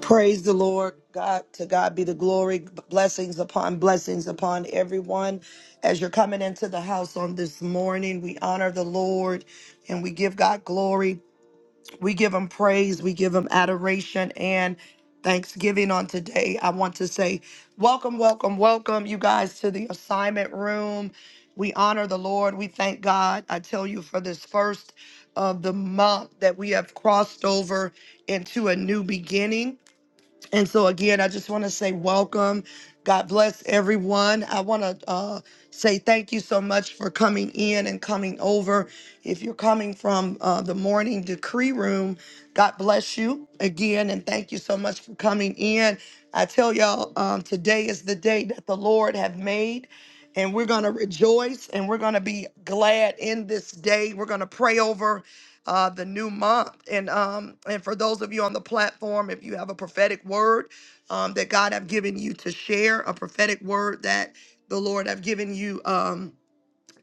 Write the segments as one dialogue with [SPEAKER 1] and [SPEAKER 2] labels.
[SPEAKER 1] Praise the Lord. God, to God be the glory. Blessings upon blessings upon everyone. As you're coming into the house on this morning, we honor the Lord and we give God glory. We give him praise. We give him adoration and thanksgiving on today. I want to say, welcome, welcome, welcome, you guys, to the assignment room. We honor the Lord. We thank God. I tell you for this first of the month that we have crossed over into a new beginning and so, again, I just want to say welcome. God bless everyone. I want to uh, say thank you so much for coming in and coming over. If you're coming from uh, the morning decree room, God bless you again. And thank you so much for coming in. I tell y'all, um, today is the day that the Lord have made. And we're going to rejoice and we're going to be glad in this day. We're going to pray over uh, the new month. And um, and for those of you on the platform, if you have a prophetic word um, that God have given you to share, a prophetic word that the Lord have given you. Um,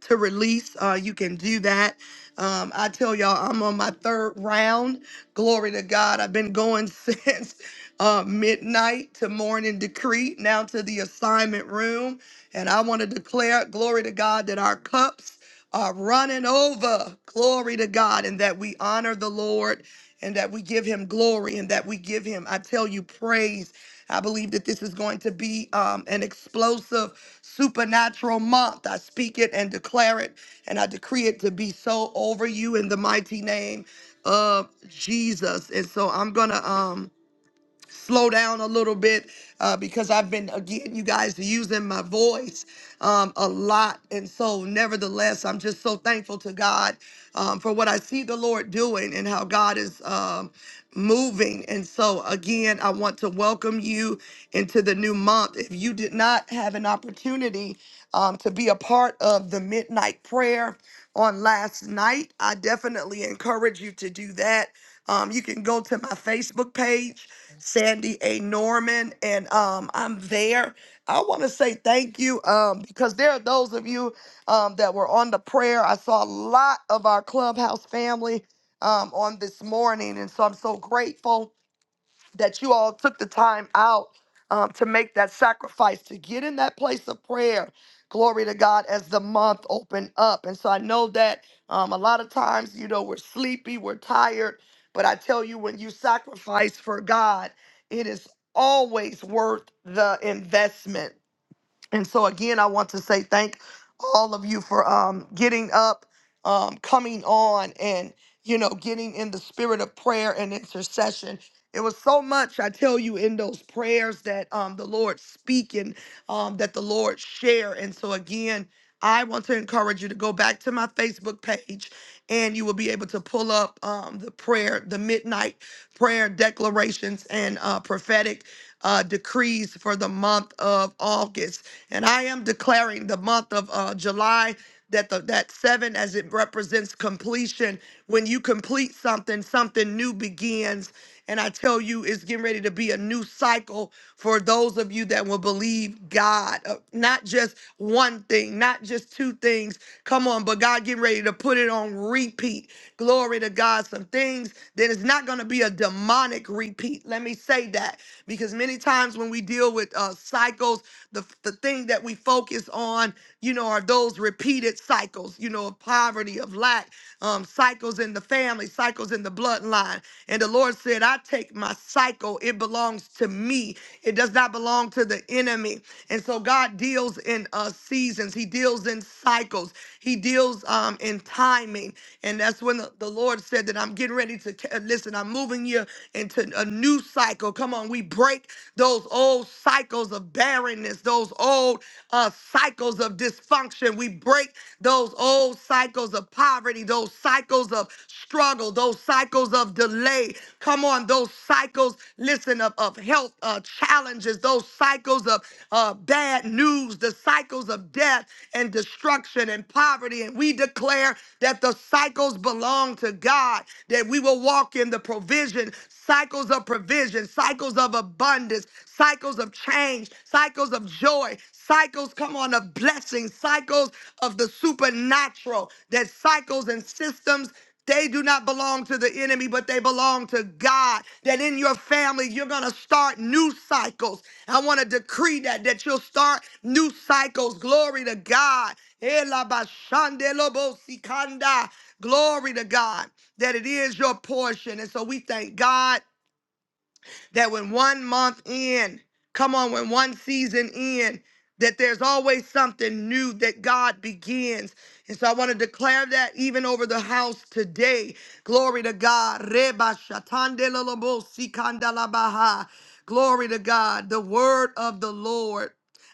[SPEAKER 1] to release. Uh, you can do that. Um, I tell y'all, I'm on my third round. Glory to God. I've been going since uh, midnight to morning decree, now to the assignment room. And I want to declare, glory to God, that our cups are running over. Glory to God. And that we honor the Lord and that we give him glory and that we give him, I tell you, praise. I believe that this is going to be um, an explosive supernatural month. I speak it and declare it, and I decree it to be so over you in the mighty name of Jesus. And so I'm gonna um slow down a little bit uh, because I've been, again, you guys, using my voice um, a lot. And so, nevertheless, I'm just so thankful to God um, for what I see the Lord doing and how God is um, moving. And so, again, I want to welcome you into the new month. If you did not have an opportunity um, to be a part of the midnight prayer on last night, I definitely encourage you to do that. Um, you can go to my Facebook page Sandy A. Norman, and um, I'm there. I want to say thank you um, because there are those of you um, that were on the prayer. I saw a lot of our clubhouse family um, on this morning, and so I'm so grateful that you all took the time out um, to make that sacrifice, to get in that place of prayer. Glory to God as the month opened up. And so I know that um, a lot of times, you know, we're sleepy, we're tired, but I tell you, when you sacrifice for God, it is always worth the investment. And so again, I want to say thank all of you for um, getting up, um, coming on, and you know, getting in the spirit of prayer and intercession. It was so much I tell you in those prayers that um, the Lord speak and um, that the Lord share. And so again, I want to encourage you to go back to my Facebook page, and you will be able to pull up um, the prayer, the midnight prayer declarations and uh, prophetic uh, decrees for the month of August. And I am declaring the month of uh, July that the, that seven as it represents completion. When you complete something, something new begins. And I tell you, it's getting ready to be a new cycle for those of you that will believe God. Uh, Not just one thing, not just two things. Come on, but God getting ready to put it on repeat. Glory to God. Some things that is not going to be a demonic repeat. Let me say that because many times when we deal with uh, cycles, the, the thing that we focus on, you know, are those repeated cycles, you know, of poverty, of lack, um, cycles in the family, cycles in the bloodline. And the Lord said, I take my cycle, it belongs to me, it does not belong to the enemy. And so God deals in uh, seasons, He deals in cycles, He deals um, in timing. And that's when the, the Lord said that I'm getting ready to ca- listen, I'm moving you into a new cycle cycle. Come on, we break those old cycles of barrenness, those old uh, cycles of dysfunction. We break those old cycles of poverty, those cycles of struggle, those cycles of delay. Come on, those cycles, listen, of, of health uh, challenges, those cycles of uh, bad news, the cycles of death and destruction and poverty. And we declare that the cycles belong to God, that we will walk in the provision, cycles of provision of provision, cycles of abundance, cycles of change, cycles of joy, cycles, come on, of blessings, cycles of the supernatural, that cycles and systems they do not belong to the enemy, but they belong to God. That in your family, you're going to start new cycles. I want to decree that, that you'll start new cycles. Glory to God. Ela bashande lobo sikanda. Glory to God that it is your portion. And so we thank God that when one month in, come on, when one season in, that there's always something new that God begins. And so I want to declare that even over the house today. Glory to God. Reba shatande lolobo sikanda labaha. Glory to God. The word of the Lord.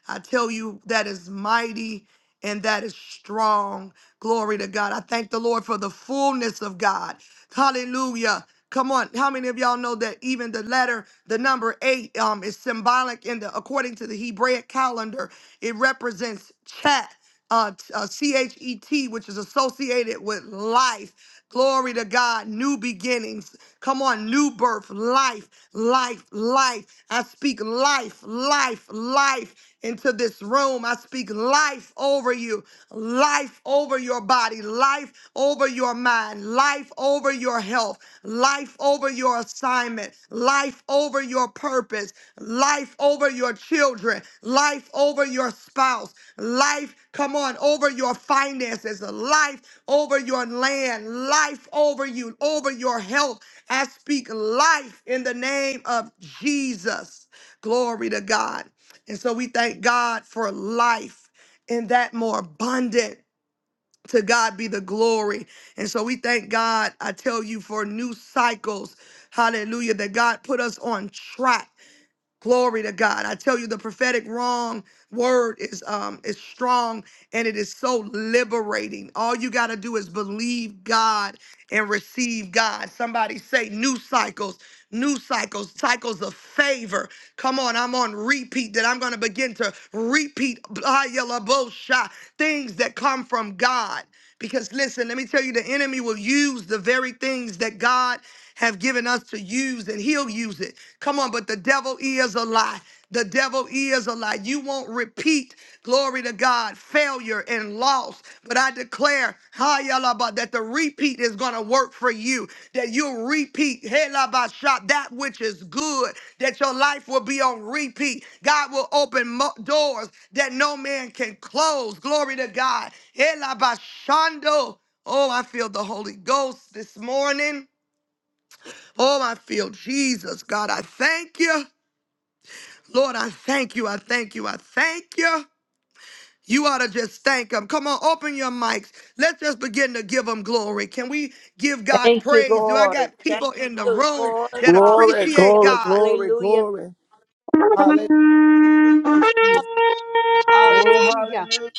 [SPEAKER 1] I tell you, that is mighty and that is strong. Glory to God. I thank the Lord for the fullness of God. Hallelujah. Come on, how many of y'all know that even the letter, the number eight, um, is symbolic in the according to the Hebraic calendar, it represents chat uh, t- uh, C-H-E-T, which is associated with life. Glory to God, new beginnings. Come on, new birth, life, life, life. I speak life, life, life into this room. I speak life over you, life over your body, life over your mind, life over over your health, life over your assignment, life over your purpose, life over your children, life over your spouse, life, come on, over your finances, life over your land, life over you, over your health. I speak life in the name of Jesus. Glory to God. And so we thank God for life in that more abundant to God be the glory. And so we thank God, I tell you, for new cycles. Hallelujah. That God put us on track. Glory to God. I tell you, the prophetic wrong word is um is strong and it is so liberating. All you gotta do is believe God and receive God. Somebody say new cycles, new cycles, cycles of favor. Come on, I'm on repeat that I'm gonna begin to repeat ah, yalla, bo, sha, things that come from God. Because listen, let me tell you, the enemy will use the very things that God have given us to use, and He'll use it. Come on, but the devil is a lie. The devil is a lie. You won't repeat, glory to God, failure and loss. But I declare, hi, yalaba, that the repeat is going to work for you, that you'll repeat, hey, laba, shop, that which is good, that your life will be on repeat. God will open mo- doors that no man can close. Glory to God. Hey, laba, shando. Oh, I feel the Holy Ghost this morning. Oh, I feel Jesus, God. I thank you. Lord, I thank you. I thank you. I thank you. You ought to just thank him. Come on, open your mics. Let's just begin to give him glory. Can we give God
[SPEAKER 2] Thank you,
[SPEAKER 1] praise? Do I
[SPEAKER 2] Lord.
[SPEAKER 1] got
[SPEAKER 2] Thank
[SPEAKER 1] people in the
[SPEAKER 2] you,
[SPEAKER 1] room
[SPEAKER 2] Lord.
[SPEAKER 1] that
[SPEAKER 2] Hallelujah.
[SPEAKER 3] Glory,
[SPEAKER 1] appreciate
[SPEAKER 3] glory,
[SPEAKER 1] God?
[SPEAKER 3] glory,
[SPEAKER 2] Hallelujah.
[SPEAKER 3] glory.
[SPEAKER 4] Yes,
[SPEAKER 3] Hallelujah, Jesus.
[SPEAKER 2] Hallelujah.
[SPEAKER 3] Oh,
[SPEAKER 2] Hallelujah.
[SPEAKER 3] hallelujah.